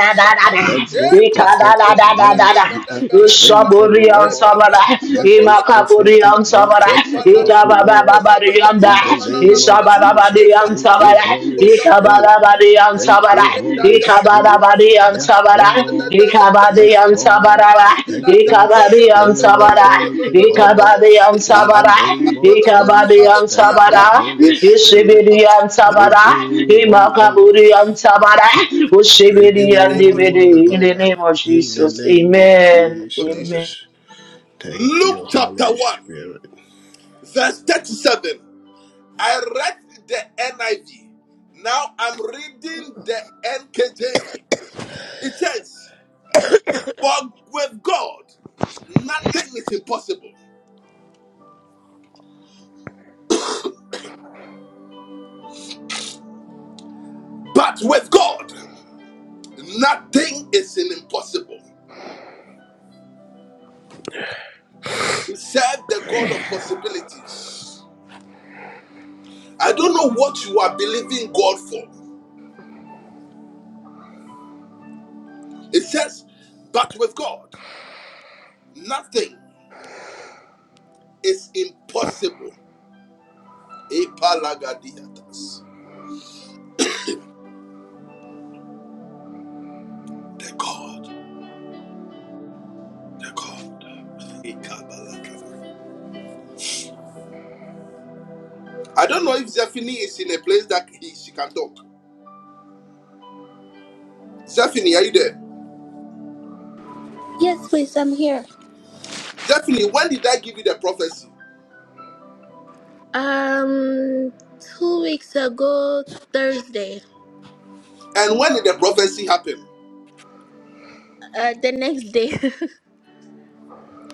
Speaker 1: e
Speaker 3: Let those
Speaker 6: eh,
Speaker 1: balam
Speaker 3: prophetic
Speaker 1: bele bele
Speaker 3: words
Speaker 1: bele
Speaker 6: kadadadadadada.
Speaker 3: be
Speaker 1: bele bele
Speaker 3: activated, O
Speaker 1: de
Speaker 6: Saburian
Speaker 3: Lord.
Speaker 6: Sabara,
Speaker 1: balaga daba
Speaker 3: Let those
Speaker 1: kosha
Speaker 3: prophetic
Speaker 1: daba
Speaker 6: Imakaburian
Speaker 3: words
Speaker 6: Sabara,
Speaker 1: e
Speaker 3: come to pass,
Speaker 1: balaga
Speaker 3: O
Speaker 1: daba
Speaker 3: Lord.
Speaker 1: kosha bria
Speaker 6: Ikabababarianda,
Speaker 3: In
Speaker 1: bada
Speaker 3: the
Speaker 1: bala
Speaker 3: name
Speaker 1: bala
Speaker 3: of
Speaker 1: bala e
Speaker 3: Jesus.
Speaker 6: Isababadian
Speaker 3: Thank
Speaker 1: balaga
Speaker 3: you,
Speaker 6: Sabara,
Speaker 1: daba
Speaker 3: Holy
Speaker 1: kosha balaga
Speaker 3: Spirit.
Speaker 6: Ikababadian
Speaker 3: Thank you,
Speaker 6: Sabara,
Speaker 3: Holy Spirit.
Speaker 6: Ikababadian
Speaker 3: Yes,
Speaker 6: Sabara,
Speaker 3: Lord.
Speaker 1: daba
Speaker 3: Yes,
Speaker 6: Ikabadian
Speaker 3: Lord.
Speaker 1: in
Speaker 6: Sabara,
Speaker 3: Thank
Speaker 1: the
Speaker 3: you,
Speaker 6: Ikabadiyam
Speaker 3: Spirit of
Speaker 6: sabara.
Speaker 3: the living God.
Speaker 6: Ikabadiyam
Speaker 3: In the
Speaker 6: sabara.
Speaker 3: name of Jesus.
Speaker 6: Ikabadiyam
Speaker 3: Thank
Speaker 6: sabara.
Speaker 3: you, Holy
Speaker 1: name
Speaker 3: Spirit.
Speaker 1: of
Speaker 6: Ishibidiyam
Speaker 1: Jesus.
Speaker 6: sabara.
Speaker 3: Rebu Wambara,
Speaker 6: Imakaburiyam sabara.
Speaker 1: In the
Speaker 6: Ushibidiyam
Speaker 1: name
Speaker 3: Rebu
Speaker 1: of Jesus. In the
Speaker 6: dibidi. In the
Speaker 3: Wambara,
Speaker 6: name of
Speaker 3: in the
Speaker 6: Jesus.
Speaker 3: name of
Speaker 6: Amen.
Speaker 1: Name of
Speaker 6: Amen.
Speaker 1: Jesus.
Speaker 3: Jesus. Thank you,
Speaker 1: Luke chapter
Speaker 3: Holy
Speaker 1: 1,
Speaker 3: Spirit.
Speaker 1: verse 37. I read the NIV. Now I'm reading the NKJV. It says, For with God, nothing is impossible. But with God, nothing is impossible. Serve the God of possibilities. I don't know what you are believing God for. It says, but with God, nothing is impossible. Epalagadiatas. The God, the God. I don't know if Zephany is in a place that he, she can talk. Zephany, are you there?
Speaker 7: Yes, please, I'm here.
Speaker 1: Zephany, when did I give you the prophecy?
Speaker 7: Um, two weeks ago, Thursday,
Speaker 1: And when did the prophecy happen?
Speaker 7: uh, the next day. (laughs)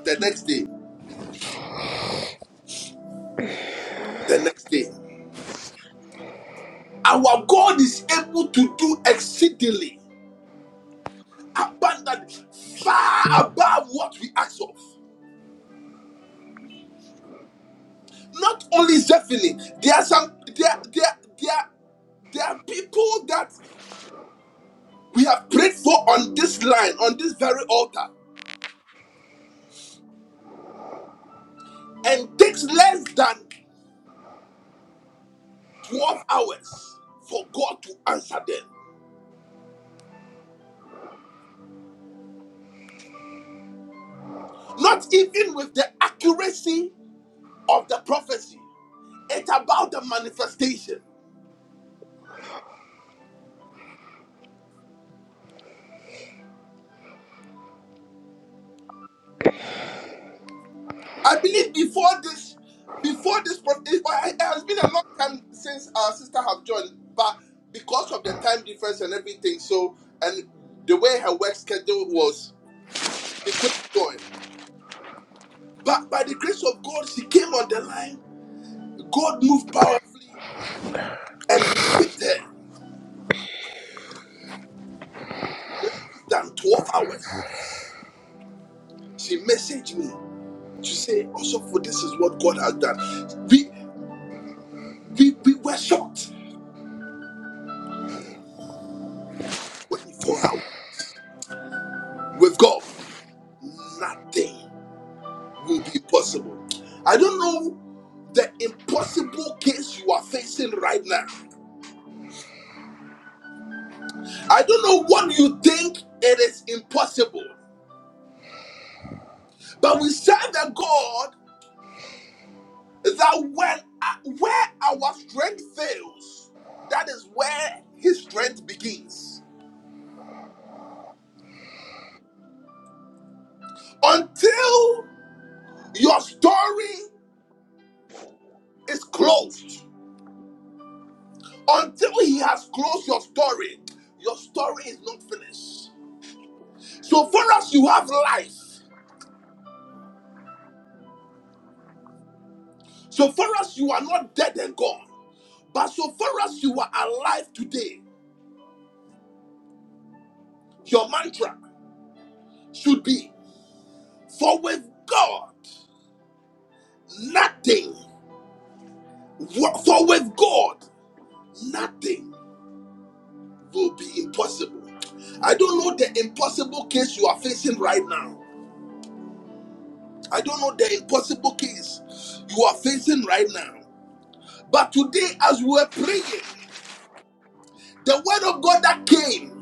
Speaker 1: The next day. The next day. Our God is able to do exceedingly. abundantly, far above what we ask of. Not only Zephany, there are some there there there there are people that we have prayed for on this line, on this very altar, and takes less than 12 hours for God to answer them. Not even with the accuracy of the prophecy. It's about the manifestation. I believe before this, before this, pro- it, it has been a long time since our sister have joined, but because of the time difference and everything, so and the way her work schedule was, she couldn't join. But by the grace of God, she came on the line. God moved powerfully, and we picked her. And less than twelve hours, she messaged me to say, "Also, for this is what God has done." We we we were shocked. Twenty-four hours with God, nothing. will be possible. I don't know the impossible case you are facing right now. I don't know what you think it is impossible, but we serve a God that when where our strength fails, that is where His strength begins. Until your story is closed, until He has closed your story, your story is not finished. So far as you have life. So far as you are not dead and gone, but so far as you are alive today, your mantra should be For with God, nothing, for with God, nothing will be impossible. I don't know the impossible case you are facing right now. I don't know the impossible case you are facing right now. But today, as we were praying, the word of God that came.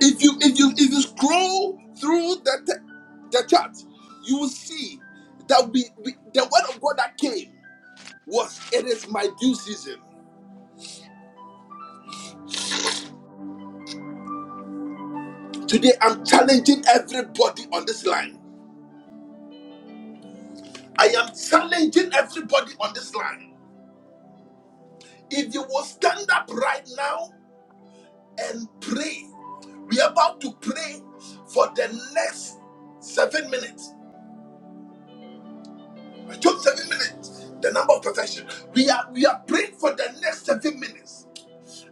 Speaker 1: If you if you if you scroll through the te- the chart, you will see that we, we the word of God that came was it is my due season. Today I'm challenging everybody on this line. I am challenging everybody on this line. If you will stand up right now and pray, we are about to pray for the next seven minutes. Just seven minutes, the number of perfection. We are we are praying for the next seven minutes.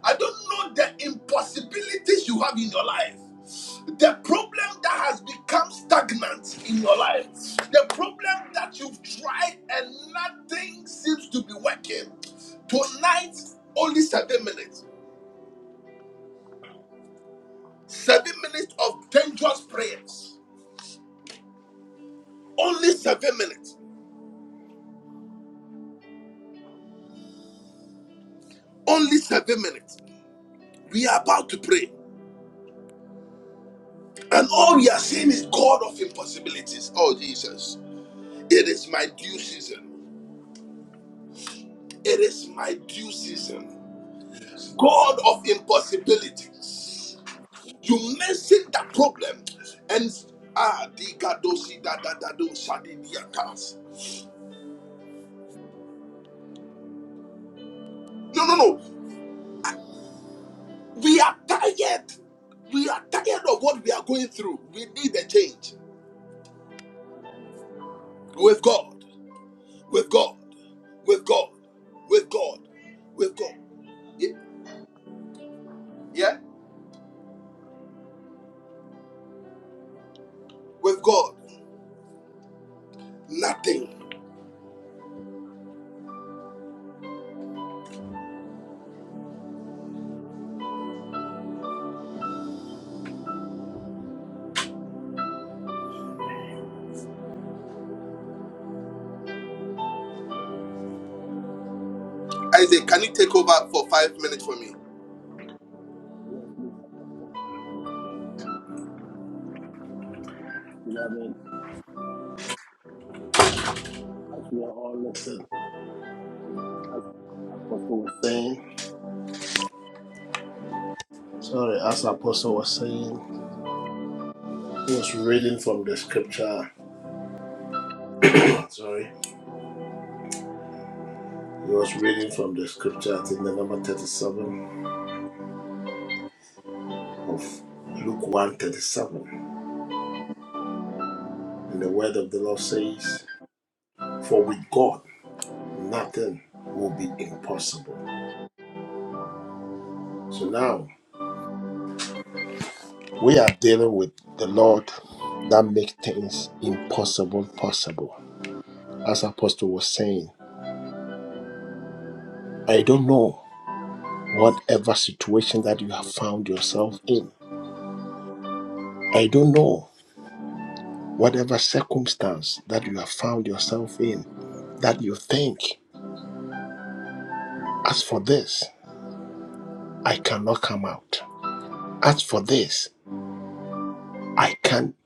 Speaker 1: I don't know the impossibilities you have in your life. The problem that has become stagnant in your life. The problem that you've tried and nothing seems to be working. Tonight, only seven minutes. Seven minutes of dangerous prayers. Only seven minutes. Only seven minutes. We are about to pray. And all we are seeing is God of impossibilities. Oh, Jesus. It is my due season. It is my due season.
Speaker 3: Yes,
Speaker 1: God
Speaker 3: Lord.
Speaker 1: of impossibilities. You mentioned that problem and ah, di kadosi da da da do shadi shadiniakas. No, no, no. We are tired. We are tired of what we are going through. We need a change
Speaker 3: Amen.
Speaker 1: with God, with God, with God, with God, with God. Ye- Yeah, with God, nothing. Isaac, can you take over for five minutes for me?
Speaker 3: Yes, please, Apostle. Yes, please. Beloved, as we are all listening, as Apostle was saying, Sorry, as Apostle was saying, he was reading from the scripture. (clears throat) Sorry, he was reading from the scripture, I think the number 37 of Luke one 37, And the word of the Lord says, For with God, nothing will be impossible. So now we are dealing with the Lord that makes things impossible possible. As Apostle was saying, I don't know whatever situation that you have found yourself in. I don't know whatever circumstance that you have found yourself in that you think, as for this, I cannot come out. As for this, I can't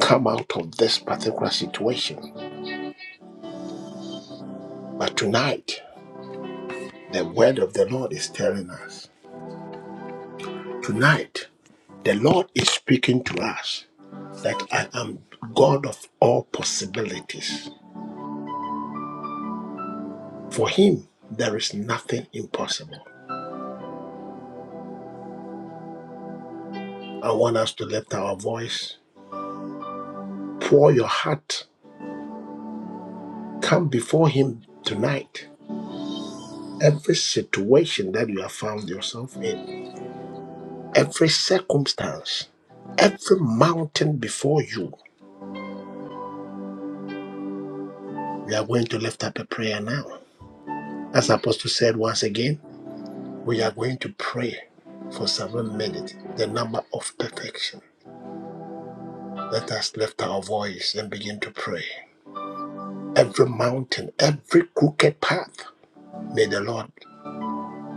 Speaker 3: come out of this particular situation. But tonight, The word of the Lord is telling us. Tonight, the Lord is speaking to us that I am God of all possibilities. For Him, there is nothing impossible. I want us to lift our voice, pour your heart, come before Him tonight. Every situation that you have found yourself in, every circumstance, every mountain before you, we are going to lift up a prayer now. As Apostle said once again, We are going to pray for seven minutes, the number of perfection. Let us lift our voice and begin to pray. Every mountain, every crooked path, may the Lord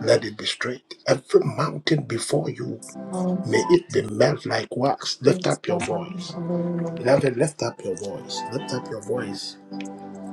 Speaker 3: let it be straight. Every mountain before you,
Speaker 8: Oh,
Speaker 3: may it be melt like wax. Lift
Speaker 8: it's
Speaker 3: up your
Speaker 8: God,
Speaker 3: voice.
Speaker 8: hallelujah.
Speaker 3: Beloved, lift up your voice. Lift up your voice.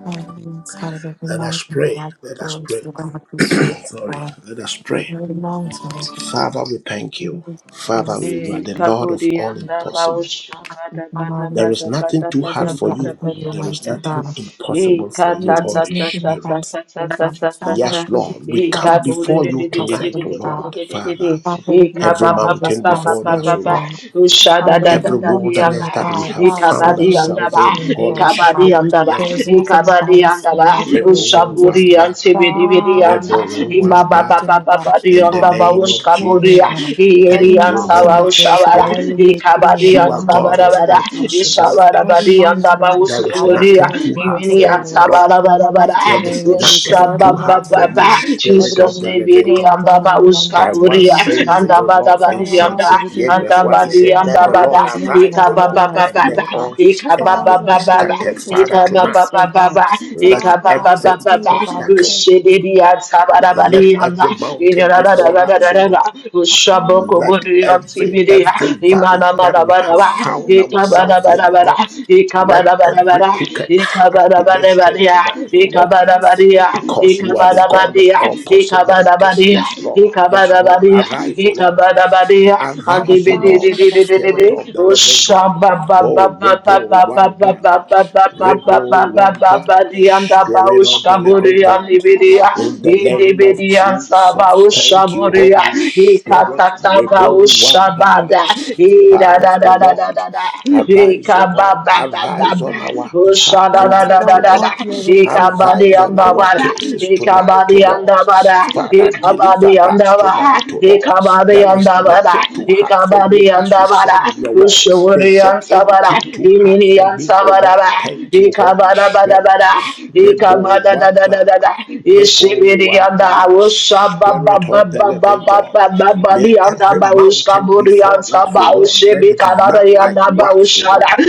Speaker 8: And it's kind of every
Speaker 3: Let us
Speaker 8: mountain,
Speaker 3: pray.
Speaker 8: like
Speaker 3: Let us
Speaker 8: forms,
Speaker 3: pray.
Speaker 8: we're going to be straight
Speaker 3: Sorry.
Speaker 8: for
Speaker 3: Let us pray.
Speaker 8: every mountain.
Speaker 3: Father, we thank you. Father,
Speaker 8: Jesus,
Speaker 3: we, you
Speaker 6: Eh,
Speaker 3: are the Lord of
Speaker 6: kaburi
Speaker 3: all
Speaker 6: anda
Speaker 3: impossible.
Speaker 6: bausha bada
Speaker 8: my
Speaker 6: bada
Speaker 8: heart
Speaker 3: There
Speaker 8: is
Speaker 3: is
Speaker 6: bada
Speaker 3: nothing
Speaker 6: bada
Speaker 3: too hard
Speaker 6: bada
Speaker 8: filled
Speaker 3: for
Speaker 8: with
Speaker 6: bada
Speaker 3: you.
Speaker 8: you,
Speaker 6: bada
Speaker 3: There is
Speaker 8: mighty
Speaker 6: bada.
Speaker 3: nothing
Speaker 8: God.
Speaker 6: Eh,
Speaker 3: impossible
Speaker 6: ka
Speaker 3: for
Speaker 8: You
Speaker 3: you,
Speaker 6: ta ta
Speaker 8: just
Speaker 3: Holy
Speaker 6: ta
Speaker 8: making
Speaker 6: ta
Speaker 8: the
Speaker 6: ta ta
Speaker 3: Spirit.
Speaker 8: past,
Speaker 6: ta ta
Speaker 8: God.
Speaker 6: ta
Speaker 8: I
Speaker 6: ta
Speaker 8: have a
Speaker 6: ta.
Speaker 3: Yes,
Speaker 8: perfect
Speaker 3: Lord, we
Speaker 6: Eh,
Speaker 3: come
Speaker 8: God,
Speaker 6: kaburi
Speaker 3: before
Speaker 6: de
Speaker 8: submitted
Speaker 3: you
Speaker 6: de de de de
Speaker 3: tonight,
Speaker 6: de
Speaker 3: O
Speaker 8: impossible,
Speaker 6: de de
Speaker 8: God.
Speaker 6: de
Speaker 3: Lord,
Speaker 6: de de de de.
Speaker 3: Father.
Speaker 8: Father,
Speaker 6: Eh,
Speaker 8: we give
Speaker 3: Every
Speaker 6: ba
Speaker 8: God
Speaker 6: ba
Speaker 8: the
Speaker 6: ba
Speaker 3: mountain
Speaker 6: ba ba
Speaker 3: before
Speaker 6: ba
Speaker 8: responsibility
Speaker 3: us,
Speaker 6: ba
Speaker 3: O
Speaker 8: of
Speaker 3: Lord.
Speaker 8: God.
Speaker 6: Usha da
Speaker 8: Father,
Speaker 6: da da
Speaker 8: every
Speaker 3: Every
Speaker 6: da di
Speaker 8: mountain
Speaker 6: anda.
Speaker 3: wilderness
Speaker 8: of
Speaker 3: that we
Speaker 8: God,
Speaker 3: have
Speaker 6: Eh,
Speaker 8: God is
Speaker 3: found
Speaker 6: kabadi
Speaker 8: suddenly
Speaker 6: anda
Speaker 3: ourselves
Speaker 6: ba.
Speaker 3: in,
Speaker 8: revealing
Speaker 6: Eh,
Speaker 8: for
Speaker 3: Holy
Speaker 8: us, oh
Speaker 6: kabadi
Speaker 8: God.
Speaker 3: Spirit.
Speaker 6: anda ba.
Speaker 8: There
Speaker 3: Yes,
Speaker 8: is
Speaker 6: Eh,
Speaker 8: nothing
Speaker 3: Lord.
Speaker 8: about
Speaker 6: kabadi
Speaker 8: us
Speaker 6: anda
Speaker 8: too
Speaker 6: ba.
Speaker 8: hard for you,
Speaker 6: Usha
Speaker 3: Rebo
Speaker 8: Jesus.
Speaker 6: buri ansi
Speaker 3: Wambara,
Speaker 6: biri biri
Speaker 8: Father, we
Speaker 6: ansa.
Speaker 8: ask
Speaker 3: Rebo
Speaker 6: Eh,
Speaker 8: on
Speaker 6: ma
Speaker 8: every
Speaker 6: ba ba
Speaker 3: Wambara.
Speaker 8: mountain
Speaker 6: ba
Speaker 8: of
Speaker 6: ba
Speaker 8: God,
Speaker 6: ba di
Speaker 3: In the
Speaker 6: anda
Speaker 8: Father,
Speaker 6: ba
Speaker 8: we
Speaker 3: name
Speaker 8: make
Speaker 3: of
Speaker 6: uska
Speaker 8: plain, oh
Speaker 6: buri.
Speaker 3: Jesus,
Speaker 8: God.
Speaker 6: E
Speaker 8: Every
Speaker 3: thank
Speaker 6: Irian
Speaker 3: you,
Speaker 8: mountain
Speaker 6: Sawa
Speaker 3: Holy
Speaker 8: before us, oh
Speaker 6: Shawara,
Speaker 8: God, let
Speaker 3: Spirit.
Speaker 8: you make plain in the
Speaker 3: You
Speaker 6: Ikabadian
Speaker 3: are God
Speaker 8: mighty
Speaker 3: of
Speaker 6: Sabarabara,
Speaker 3: all
Speaker 8: name of Jesus. Every
Speaker 3: possibilities.
Speaker 6: Ishawarabadian
Speaker 8: mountain, mighty
Speaker 3: There is
Speaker 8: God, let you
Speaker 6: Dabawuskuria,
Speaker 3: nothing
Speaker 8: make
Speaker 3: too
Speaker 8: plain
Speaker 3: hard
Speaker 8: today,
Speaker 3: for
Speaker 6: Iminian
Speaker 3: you, O
Speaker 8: Lord.
Speaker 3: Lord.
Speaker 8: In the
Speaker 6: Sabarabara,
Speaker 8: mighty
Speaker 3: There is
Speaker 8: name of Jesus,
Speaker 3: nothing
Speaker 8: every
Speaker 3: too hard
Speaker 8: mountain,
Speaker 3: for
Speaker 8: oh
Speaker 3: you,
Speaker 8: God.
Speaker 6: Ushabababa,
Speaker 8: Let
Speaker 3: Spirit
Speaker 8: it be
Speaker 3: of
Speaker 6: Jesus
Speaker 3: the
Speaker 8: made
Speaker 3: Living
Speaker 8: clear,
Speaker 6: Ibirian
Speaker 3: God.
Speaker 8: God, in the
Speaker 3: Thy
Speaker 8: mighty
Speaker 3: word
Speaker 6: Dabawuskaburia,
Speaker 8: name of
Speaker 3: says "O
Speaker 6: and
Speaker 8: Jesus.
Speaker 3: Lord in Psalm
Speaker 6: Dabadabadianda,
Speaker 8: Father, we give
Speaker 3: 68,
Speaker 6: and
Speaker 8: you
Speaker 3: verse 1,
Speaker 8: praise,
Speaker 3: it
Speaker 8: O
Speaker 3: said,
Speaker 8: God.
Speaker 3: Let
Speaker 6: Dabadianda
Speaker 3: the
Speaker 8: Father,
Speaker 6: Bada,
Speaker 3: Lord
Speaker 8: there's nothing
Speaker 3: arise, O
Speaker 8: about your
Speaker 3: Lord,
Speaker 8: life for
Speaker 3: and
Speaker 8: you,
Speaker 3: let
Speaker 6: Ikababababa,
Speaker 8: O God.
Speaker 3: all his enemies
Speaker 8: Father,
Speaker 3: be
Speaker 8: God, for your
Speaker 6: Ikababababa,
Speaker 3: scattered.
Speaker 8: riches, O
Speaker 3: Father,
Speaker 8: God, this, O
Speaker 3: tonight,
Speaker 6: Ikababababa,
Speaker 8: God.
Speaker 3: let
Speaker 8: Father, God, as we
Speaker 3: every
Speaker 8: do, O
Speaker 6: Ikababababa,
Speaker 8: God, we
Speaker 3: obstacle,
Speaker 8: thank you.
Speaker 6: Ushidian
Speaker 3: let every
Speaker 6: Sabarabadianda,
Speaker 3: mountain before us, O Lord.
Speaker 6: Shaboko
Speaker 3: Let
Speaker 6: Buri on T
Speaker 3: every
Speaker 6: V D,
Speaker 3: every valley
Speaker 6: imana
Speaker 3: that we have
Speaker 6: Shabokobodeyantibidia, Imanamanabaraba,
Speaker 8: Father,
Speaker 3: found
Speaker 8: we
Speaker 3: ourselves in, O
Speaker 6: Ikabanabarabara,
Speaker 3: Lord, let every
Speaker 6: Ikabanabarabara,
Speaker 3: crooked path be made straight
Speaker 6: Ikabanabarabara,
Speaker 3: tonight, O Lord,
Speaker 6: Ikabanabaria,
Speaker 3: because you are the God of
Speaker 6: Ikabanabadia,
Speaker 3: all possibilities.
Speaker 6: Ikabanabadia,
Speaker 3: Yes, Lord.
Speaker 8: Thank
Speaker 3: Yes,
Speaker 8: you.
Speaker 3: Lord.
Speaker 6: Ikabanabadia,
Speaker 3: Arise, O Lord.
Speaker 6: Ikabanabadia,
Speaker 8: Mighty
Speaker 3: Arise, O Lord,
Speaker 6: Andibididididididi,
Speaker 3: Spirit of the Living God. Oh, Rebo Wambara, Rebo Wambara, Spirit of the Living God.
Speaker 6: Ushababababababababababababababababababadiandabaushaburiandibidia,
Speaker 3: In the name of Jesus, thank you,
Speaker 6: Idibidiansabaushaburia,
Speaker 3: Holy Spirit. Rebo Wambara.
Speaker 6: Ikatatavaushabada.
Speaker 3: Father, O Lord,
Speaker 6: Idadadadadadada.
Speaker 3: arise, O Lord, arise on
Speaker 6: Ikabababababa.
Speaker 3: our behalf tonight, O
Speaker 8: God,
Speaker 6: Ushadadadadadada.
Speaker 8: not
Speaker 3: Lord.
Speaker 8: your way, Jesus.
Speaker 3: Arise on our
Speaker 8: Bring the
Speaker 6: Ikabadiandabada.
Speaker 3: cases
Speaker 8: food in
Speaker 3: tonight, O Lord. Father, deliver us tonight, O Lord. There is
Speaker 6: da
Speaker 3: nothing too hard for you, as you
Speaker 6: da da da.
Speaker 3: said in your word. Is it
Speaker 6: Ushuriyansabada.
Speaker 3: anything too hard for me, O Lord?
Speaker 6: Iminiyansabadaba.
Speaker 3: Thank you, Holy Spirit.
Speaker 6: Ikabadabadabada.
Speaker 3: Rebo Wambara.
Speaker 6: Ikabadadadadadada.
Speaker 3: Rebo Wambara,
Speaker 6: ba
Speaker 3: Spirit of
Speaker 6: ba
Speaker 3: the Living God. May
Speaker 6: body and
Speaker 3: every
Speaker 6: Abauska
Speaker 3: mountain
Speaker 6: Buri
Speaker 3: before
Speaker 6: and
Speaker 3: us, O Lord,
Speaker 6: Sabaushi
Speaker 3: let it melt
Speaker 6: Bikanari and
Speaker 3: like wax, O
Speaker 6: Abaushara,
Speaker 3: Lord.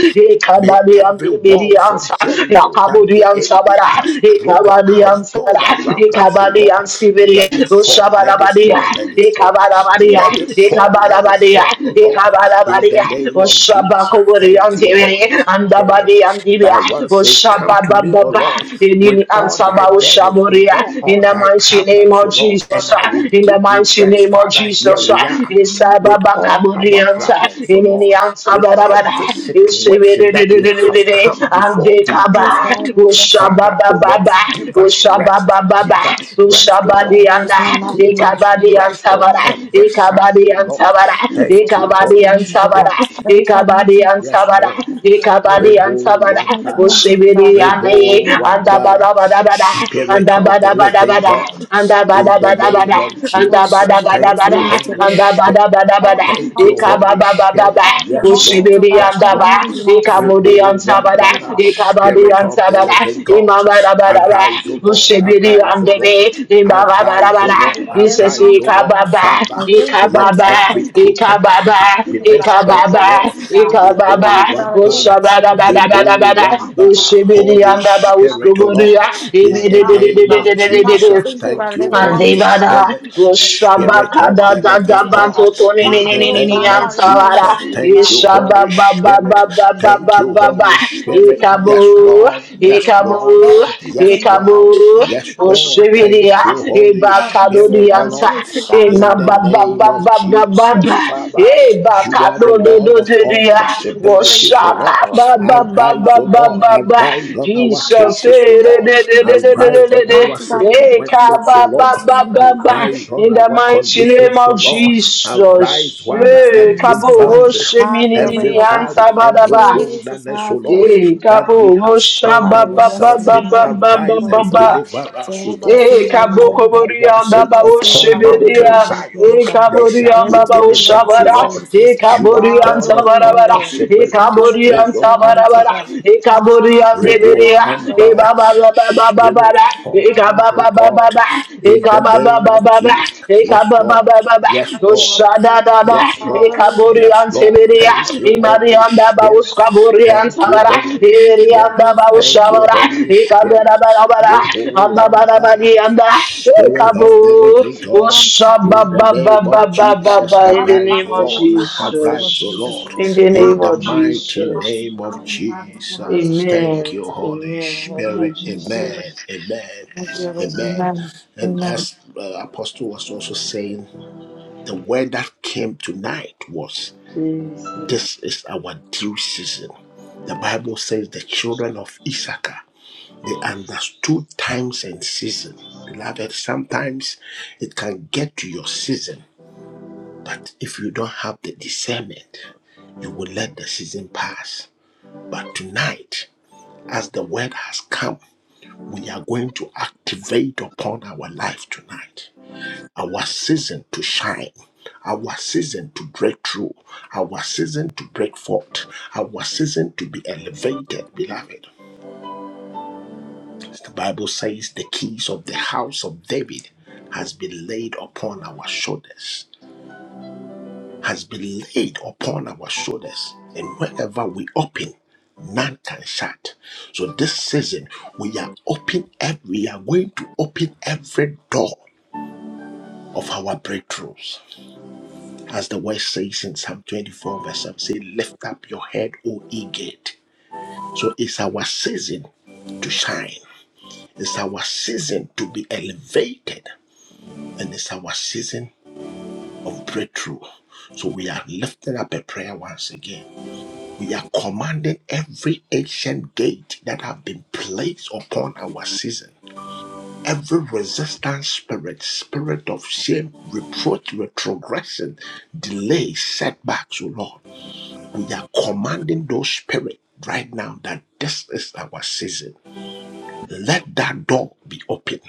Speaker 3: May
Speaker 6: Ekabadi and
Speaker 3: every walls
Speaker 6: Ibiriansa,
Speaker 3: of Jericho that
Speaker 6: Yakaburi
Speaker 3: the
Speaker 6: and
Speaker 3: enemy
Speaker 6: Sabara,
Speaker 3: has programmed,
Speaker 6: Ekabadi
Speaker 3: has
Speaker 6: and Sara,
Speaker 3: built around us, O
Speaker 6: Ekabadi
Speaker 3: Lord,
Speaker 6: and Sibiri,
Speaker 3: let it fall, let it
Speaker 6: Ushabarabadia,
Speaker 3: fall, let it fall,
Speaker 6: Ekabarabadia,
Speaker 3: let it fall, let it
Speaker 6: Ekabarabadia,
Speaker 3: fall, O Lord, in the
Speaker 6: Ekabarabadia,
Speaker 3: name of Jesus.
Speaker 6: Ushabakuri
Speaker 3: Thank
Speaker 6: and
Speaker 3: you, Holy
Speaker 6: Sibiri, and the
Speaker 3: Spirit.
Speaker 6: body and Dibia,
Speaker 3: Thy word says, Come to me, O
Speaker 6: Ushabababa,
Speaker 3: Lord, with
Speaker 6: Inini and
Speaker 3: all thy burdens, with all,
Speaker 6: Sabaushaburia, in
Speaker 3: all
Speaker 6: the
Speaker 3: thy
Speaker 6: mighty name
Speaker 3: problems, O
Speaker 6: of
Speaker 3: Lord, and
Speaker 6: Jesus
Speaker 3: I
Speaker 6: uh,
Speaker 3: will
Speaker 6: in the
Speaker 3: give you
Speaker 6: mighty
Speaker 3: rest.
Speaker 6: name of
Speaker 3: Father, here
Speaker 6: Jesus. uh,
Speaker 3: we
Speaker 8: the
Speaker 3: are with
Speaker 6: Isababa
Speaker 3: all
Speaker 8: kingdom.
Speaker 3: our
Speaker 6: kaburianta,
Speaker 8: Um,
Speaker 3: problems, O
Speaker 8: things that
Speaker 3: Lord
Speaker 6: ininianta
Speaker 8: we
Speaker 3: with
Speaker 8: don't
Speaker 6: barabara,
Speaker 3: every situation that we
Speaker 8: need.
Speaker 3: have
Speaker 6: isibididididididi,
Speaker 3: come
Speaker 8: May We
Speaker 3: before
Speaker 8: give you
Speaker 3: thee
Speaker 8: praise,
Speaker 6: andekaba,
Speaker 3: tonight.
Speaker 8: God. We bless
Speaker 3: Father,
Speaker 8: you.
Speaker 3: O Lord,
Speaker 6: ushababababa,
Speaker 3: give us rest.
Speaker 6: ushababababa,
Speaker 3: Give us rest,
Speaker 8: Mighty
Speaker 3: O
Speaker 8: God,
Speaker 3: Lord.
Speaker 8: there is
Speaker 6: ushabadianda,
Speaker 8: none like
Speaker 3: Give
Speaker 8: you.
Speaker 3: us rest
Speaker 6: ikabadianta
Speaker 8: Now
Speaker 3: on
Speaker 6: bara,
Speaker 8: we
Speaker 3: every
Speaker 8: thank you for
Speaker 3: side,
Speaker 8: the
Speaker 3: O
Speaker 8: living God
Speaker 6: ikabadianta
Speaker 3: Lord.
Speaker 8: and
Speaker 6: bara,
Speaker 8: the goodness of
Speaker 3: Thank you,
Speaker 8: God is
Speaker 3: Holy
Speaker 8: being
Speaker 6: ikabadianta
Speaker 8: with
Speaker 3: Spirit.
Speaker 6: bara,
Speaker 8: us. Every time mighty
Speaker 6: ikabadianta
Speaker 3: Yes,
Speaker 8: mountain,
Speaker 6: bara,
Speaker 8: we
Speaker 3: Lord.
Speaker 8: give you love.
Speaker 6: ikabadianta
Speaker 3: Rebo
Speaker 6: bara,
Speaker 8: Every mighty
Speaker 3: Wambara.
Speaker 8: mountain that our Father is
Speaker 6: usibidiande,
Speaker 3: Rebo
Speaker 8: having to live.
Speaker 3: Wambara.
Speaker 6: andabadabadabada,
Speaker 3: Spirit of the living God.
Speaker 6: andabadabadabada,
Speaker 8: Father,
Speaker 3: In
Speaker 6: bada
Speaker 8: every
Speaker 3: the
Speaker 6: bada bada,
Speaker 3: name
Speaker 8: mountain
Speaker 3: of
Speaker 6: anda
Speaker 8: for us,
Speaker 6: bada
Speaker 3: Jesus.
Speaker 6: bada
Speaker 8: Jehovah, is
Speaker 3: Thank
Speaker 6: bada,
Speaker 3: you,
Speaker 8: moved
Speaker 3: Holy
Speaker 6: anda
Speaker 8: today.
Speaker 6: bada
Speaker 3: Spirit.
Speaker 6: bada bada,
Speaker 8: Every
Speaker 3: Thank you,
Speaker 6: ika
Speaker 8: mountain,
Speaker 3: Holy
Speaker 6: baba baba ba,
Speaker 3: Spirit.
Speaker 8: Father, the
Speaker 3: Yes,
Speaker 8: mountains
Speaker 3: Lord.
Speaker 6: ushibidi
Speaker 8: of our
Speaker 3: Yes,
Speaker 6: anda
Speaker 8: Father,
Speaker 6: ba,
Speaker 8: we
Speaker 3: Lord.
Speaker 8: do not
Speaker 6: ika
Speaker 8: see, and
Speaker 6: budi
Speaker 8: I
Speaker 3: Rebo
Speaker 6: anta
Speaker 8: might
Speaker 6: bada,
Speaker 8: be,
Speaker 3: Wambara.
Speaker 8: Father,
Speaker 6: ika
Speaker 8: like
Speaker 6: badi
Speaker 3: Spirit of
Speaker 6: anta
Speaker 8: mountains.
Speaker 3: the
Speaker 6: bada,
Speaker 3: living
Speaker 6: ima
Speaker 3: God.
Speaker 6: bada bada ba,
Speaker 3: Arise, O Lord.
Speaker 6: ushibidi
Speaker 3: Arise, O
Speaker 6: ande
Speaker 3: Lord.
Speaker 6: be, ima bada bada
Speaker 3: Arise, O
Speaker 6: bada,
Speaker 8: We
Speaker 3: Lord,
Speaker 8: got every
Speaker 3: arise,
Speaker 6: isesi
Speaker 3: O
Speaker 8: mountain
Speaker 6: ika
Speaker 8: from
Speaker 3: Lord,
Speaker 8: you.
Speaker 6: baba,
Speaker 3: Father.
Speaker 8: I thank
Speaker 6: ika
Speaker 8: you,
Speaker 3: Let
Speaker 8: mighty
Speaker 6: baba,
Speaker 8: God,
Speaker 3: every
Speaker 8: that you have been
Speaker 6: ika
Speaker 3: crooked
Speaker 8: helping
Speaker 6: baba,
Speaker 8: me.
Speaker 3: path
Speaker 8: Thank
Speaker 3: be
Speaker 8: you,
Speaker 3: made
Speaker 6: ika
Speaker 8: Lord, my
Speaker 3: straight, O
Speaker 8: God,
Speaker 6: baba,
Speaker 8: to
Speaker 3: Lord.
Speaker 8: oh God.
Speaker 6: ika baba,
Speaker 3: Rebo
Speaker 8: Father God, I thank
Speaker 3: Wambara,
Speaker 8: you, Father,
Speaker 6: ushabada
Speaker 8: that
Speaker 6: bada
Speaker 8: you
Speaker 6: bada
Speaker 3: Rebo
Speaker 8: have
Speaker 6: bada,
Speaker 8: been mountain,
Speaker 3: Wambara,
Speaker 8: of
Speaker 6: ushibidi
Speaker 3: Holy
Speaker 6: anda ba,
Speaker 8: God.
Speaker 3: Spirit, O
Speaker 6: uskuburia,
Speaker 3: Lord. In
Speaker 6: ibidi
Speaker 8: Lord,
Speaker 3: the
Speaker 6: di di
Speaker 8: mountain, of
Speaker 3: name
Speaker 6: di
Speaker 3: of
Speaker 8: God.
Speaker 6: di di di
Speaker 8: Father, I
Speaker 6: di.
Speaker 3: Jesus,
Speaker 8: thank you,
Speaker 3: thank
Speaker 8: Lord, that
Speaker 3: you,
Speaker 8: every
Speaker 3: Holy
Speaker 8: mountain, oh
Speaker 6: Pandevada,
Speaker 3: Spirit,
Speaker 8: God. Father,
Speaker 3: Spirit
Speaker 6: Rushabaka,
Speaker 3: of
Speaker 6: da
Speaker 3: the
Speaker 6: da
Speaker 3: living
Speaker 6: da
Speaker 8: mountain, oh
Speaker 6: ba
Speaker 3: God.
Speaker 8: God.
Speaker 6: to to ni ni
Speaker 3: In
Speaker 6: ni
Speaker 3: the
Speaker 8: Father,
Speaker 6: ni ni
Speaker 8: oh
Speaker 6: ni
Speaker 3: name
Speaker 8: God,
Speaker 3: of
Speaker 8: pardon the
Speaker 6: Ansalara,
Speaker 8: ministry,
Speaker 3: Jesus,
Speaker 8: oh
Speaker 3: thank
Speaker 8: God.
Speaker 3: you,
Speaker 8: Father,
Speaker 6: Ishaba,
Speaker 3: Holy
Speaker 6: Baba,
Speaker 8: I thank
Speaker 3: Spirit.
Speaker 8: you,
Speaker 6: Baba,
Speaker 8: God.
Speaker 3: Thank
Speaker 6: Baba,
Speaker 3: you,
Speaker 6: Baba,
Speaker 3: Holy
Speaker 8: I'm just a
Speaker 3: Spirit.
Speaker 8: little
Speaker 3: Yes,
Speaker 6: Ikabu,
Speaker 3: Lord.
Speaker 8: bit
Speaker 3: Yes,
Speaker 8: different.
Speaker 3: Lord.
Speaker 6: Ikabu,
Speaker 8: There's
Speaker 3: Yes,
Speaker 8: something about you
Speaker 6: Ikabu,
Speaker 3: Lord.
Speaker 8: that
Speaker 3: Yes,
Speaker 8: I
Speaker 3: Lord.
Speaker 8: don't
Speaker 6: Oshividia,
Speaker 3: Thank you,
Speaker 8: understand.
Speaker 3: Holy
Speaker 8: But you
Speaker 6: Ibakado,
Speaker 8: see,
Speaker 6: di
Speaker 3: Spirit, O
Speaker 8: I'm
Speaker 6: ansa.
Speaker 3: Lord.
Speaker 8: just seeing out of the
Speaker 6: Ima,
Speaker 3: In
Speaker 8: corner
Speaker 3: the
Speaker 8: of
Speaker 6: Baba,
Speaker 8: my
Speaker 3: name of
Speaker 6: Baba, Baba,
Speaker 8: eye.
Speaker 3: Jesus, Father,
Speaker 8: What
Speaker 6: Eh,
Speaker 3: you
Speaker 6: baka
Speaker 3: are the
Speaker 6: do
Speaker 8: I'm
Speaker 6: do
Speaker 8: doing?
Speaker 6: do
Speaker 3: Lord of
Speaker 6: do
Speaker 3: all
Speaker 8: It's a race
Speaker 3: possibilities,
Speaker 8: to
Speaker 3: O
Speaker 8: get
Speaker 6: Woshaka
Speaker 3: Lord.
Speaker 8: across
Speaker 6: ba
Speaker 8: your
Speaker 6: ba
Speaker 8: mind.
Speaker 6: ba
Speaker 3: Arise,
Speaker 6: ba
Speaker 3: O
Speaker 8: I'm just
Speaker 6: ba
Speaker 3: Lord.
Speaker 6: ba
Speaker 8: trying to
Speaker 6: ba.
Speaker 3: Arise on our
Speaker 6: Jesus,
Speaker 8: get
Speaker 3: cases, O
Speaker 6: eh, de
Speaker 3: Lord.
Speaker 8: you
Speaker 6: de
Speaker 8: to
Speaker 6: de de de
Speaker 8: understand.
Speaker 6: de de
Speaker 3: Arise
Speaker 6: de
Speaker 3: on
Speaker 6: de.
Speaker 8: I'm
Speaker 3: our
Speaker 8: just trying to get you
Speaker 6: Eh,
Speaker 8: to
Speaker 3: situations,
Speaker 8: understand.
Speaker 3: O
Speaker 6: ba
Speaker 8: I'm
Speaker 6: ba
Speaker 3: Lord.
Speaker 8: just
Speaker 6: ba
Speaker 8: trying
Speaker 6: ba ba.
Speaker 3: Arise on
Speaker 6: In the
Speaker 3: our
Speaker 6: mighty name
Speaker 3: conditions, O
Speaker 6: of
Speaker 3: Lord. Arise,
Speaker 6: Jesus,
Speaker 3: while
Speaker 6: eh,
Speaker 3: every
Speaker 6: kabo woshe
Speaker 3: verdict.
Speaker 6: mi
Speaker 8: to get you
Speaker 6: ni ni
Speaker 8: to
Speaker 6: ni
Speaker 3: Every valley,
Speaker 8: understand.
Speaker 6: ansa ba da
Speaker 3: every
Speaker 6: ba.
Speaker 8: Jesus,
Speaker 3: wilderness, O
Speaker 8: have your
Speaker 3: Lord,
Speaker 8: way.
Speaker 6: Eh,
Speaker 3: that we
Speaker 6: kabo
Speaker 3: have
Speaker 6: wosha
Speaker 3: found
Speaker 8: Father, we
Speaker 6: ba ba
Speaker 8: bless you
Speaker 3: ourselves
Speaker 6: ba
Speaker 3: in,
Speaker 8: and
Speaker 6: ba
Speaker 8: Lord, give
Speaker 6: ba
Speaker 8: you
Speaker 6: ba
Speaker 3: arise
Speaker 6: ba
Speaker 8: praise,
Speaker 3: and
Speaker 8: oh God.
Speaker 6: ba.
Speaker 3: deliver us, O
Speaker 8: Jehovah,
Speaker 3: Lord.
Speaker 8: say
Speaker 6: E
Speaker 8: you are
Speaker 3: Because
Speaker 6: kaboko
Speaker 3: thy
Speaker 8: worthy.
Speaker 3: one
Speaker 6: borianda
Speaker 3: sake
Speaker 8: Jehovah,
Speaker 6: bawo
Speaker 8: say,
Speaker 3: upon
Speaker 8: God, there is
Speaker 3: Mountain
Speaker 8: none
Speaker 6: shibiria.
Speaker 8: like you,
Speaker 3: Zion,
Speaker 8: oh
Speaker 6: E
Speaker 8: God.
Speaker 3: there shall be
Speaker 8: There
Speaker 6: kaborianda
Speaker 8: is
Speaker 6: bawo
Speaker 8: none like
Speaker 3: deliverance,
Speaker 8: you,
Speaker 3: O
Speaker 6: shabara.
Speaker 3: Lord.
Speaker 6: E
Speaker 8: Jesus.
Speaker 3: You are God
Speaker 6: kaborianda
Speaker 3: of
Speaker 8: Hallelujah,
Speaker 3: all
Speaker 6: barabara.
Speaker 8: Lord.
Speaker 6: E
Speaker 3: possibilities. Raise up
Speaker 8: Hallelujah,
Speaker 6: kaborianda
Speaker 8: mighty
Speaker 6: barabara.
Speaker 3: Ambara,
Speaker 8: God.
Speaker 6: E
Speaker 8: Have
Speaker 6: kaborianda
Speaker 8: your way,
Speaker 3: Rebo
Speaker 6: beria.
Speaker 8: have your
Speaker 6: E
Speaker 8: way,
Speaker 3: Ambara,
Speaker 6: baba baba baba
Speaker 3: Spirit
Speaker 6: bara.
Speaker 3: of
Speaker 6: E
Speaker 3: the
Speaker 8: have.
Speaker 3: living
Speaker 6: kababa baba
Speaker 3: God,
Speaker 6: baba. E
Speaker 3: in the
Speaker 6: kababa
Speaker 3: name
Speaker 6: baba
Speaker 3: of
Speaker 6: baba.
Speaker 3: Jesus.
Speaker 6: E
Speaker 3: Yes,
Speaker 6: kababa
Speaker 3: Lord.
Speaker 6: baba
Speaker 3: Yes,
Speaker 6: baba.
Speaker 8: You are
Speaker 3: Lord.
Speaker 6: Da da
Speaker 8: good.
Speaker 6: da Adadada,
Speaker 3: Yes, Lord.
Speaker 8: Hallelujah.
Speaker 3: Yes,
Speaker 6: Ikaburian
Speaker 3: Lord.
Speaker 6: Sibiria,
Speaker 3: Thank you, Holy
Speaker 6: Imarianda
Speaker 3: Spirit.
Speaker 8: Yes.
Speaker 6: Bauskaburian
Speaker 3: Thank you,
Speaker 6: Sabara,
Speaker 3: Holy
Speaker 8: We can
Speaker 6: Irianda
Speaker 3: Spirit.
Speaker 8: praise
Speaker 6: ba
Speaker 3: Thank
Speaker 8: them.
Speaker 3: you, Holy Spirit.
Speaker 6: ba
Speaker 3: Rebo Wambara, Spirit of the living
Speaker 8: Every
Speaker 3: God.
Speaker 8: mountain of
Speaker 3: In the name
Speaker 6: ba
Speaker 3: of
Speaker 6: ba
Speaker 8: them.
Speaker 6: ba.
Speaker 3: Jesus,
Speaker 6: ba in the
Speaker 3: arise,
Speaker 6: name
Speaker 3: O
Speaker 6: of
Speaker 3: Lord.
Speaker 8: possible,
Speaker 3: Arise, O
Speaker 8: Jesus.
Speaker 6: Jesus.
Speaker 3: Lord.
Speaker 6: In the
Speaker 8: Allow
Speaker 6: name
Speaker 3: In the
Speaker 6: of
Speaker 8: them
Speaker 3: mighty
Speaker 6: Jesus.
Speaker 3: name
Speaker 8: possible. I
Speaker 3: of
Speaker 8: think God is for us.
Speaker 3: Jesus. Thank
Speaker 6: Amen.
Speaker 3: you, Holy
Speaker 6: Amen.
Speaker 8: We will be
Speaker 6: Thank
Speaker 3: Spirit.
Speaker 6: you,
Speaker 8: able to
Speaker 3: Amen.
Speaker 6: Jesus.
Speaker 3: Amen.
Speaker 8: be able
Speaker 3: Amen.
Speaker 8: remember.
Speaker 3: And
Speaker 8: Remember.
Speaker 3: as uh, Apostle was also saying, the word that came tonight was this
Speaker 6: Jesus.
Speaker 3: is our due season. The Bible says the children of Issachar, they understood times and season. Beloved, sometimes it can get to your season, but if you don't have the discernment, you will let the season pass. But tonight, as the word has come, we are going to activate upon our life tonight. our season to shine, our season to break through, our season to break forth, our season to be elevated, beloved. The Bible says the keys of the house of David has been laid upon our shoulders, has been laid upon our shoulders, and wherever we open, none can shut. So this season we are open every we are going to open every door of our breakthroughs As the word says in Psalm 24, verse 7, say, Lift up your head, O ye gate. So it's our season to shine. It's our season to be elevated. And it's our season of breakthrough. So we are lifting up a prayer once again. We are commanding every ancient gate that have been placed upon our season. Every resistance spirit, spirit of shame, reproach, retrogression, delay, setbacks, O Lord. We are commanding those spirits right now that this is our season. Let that door be open.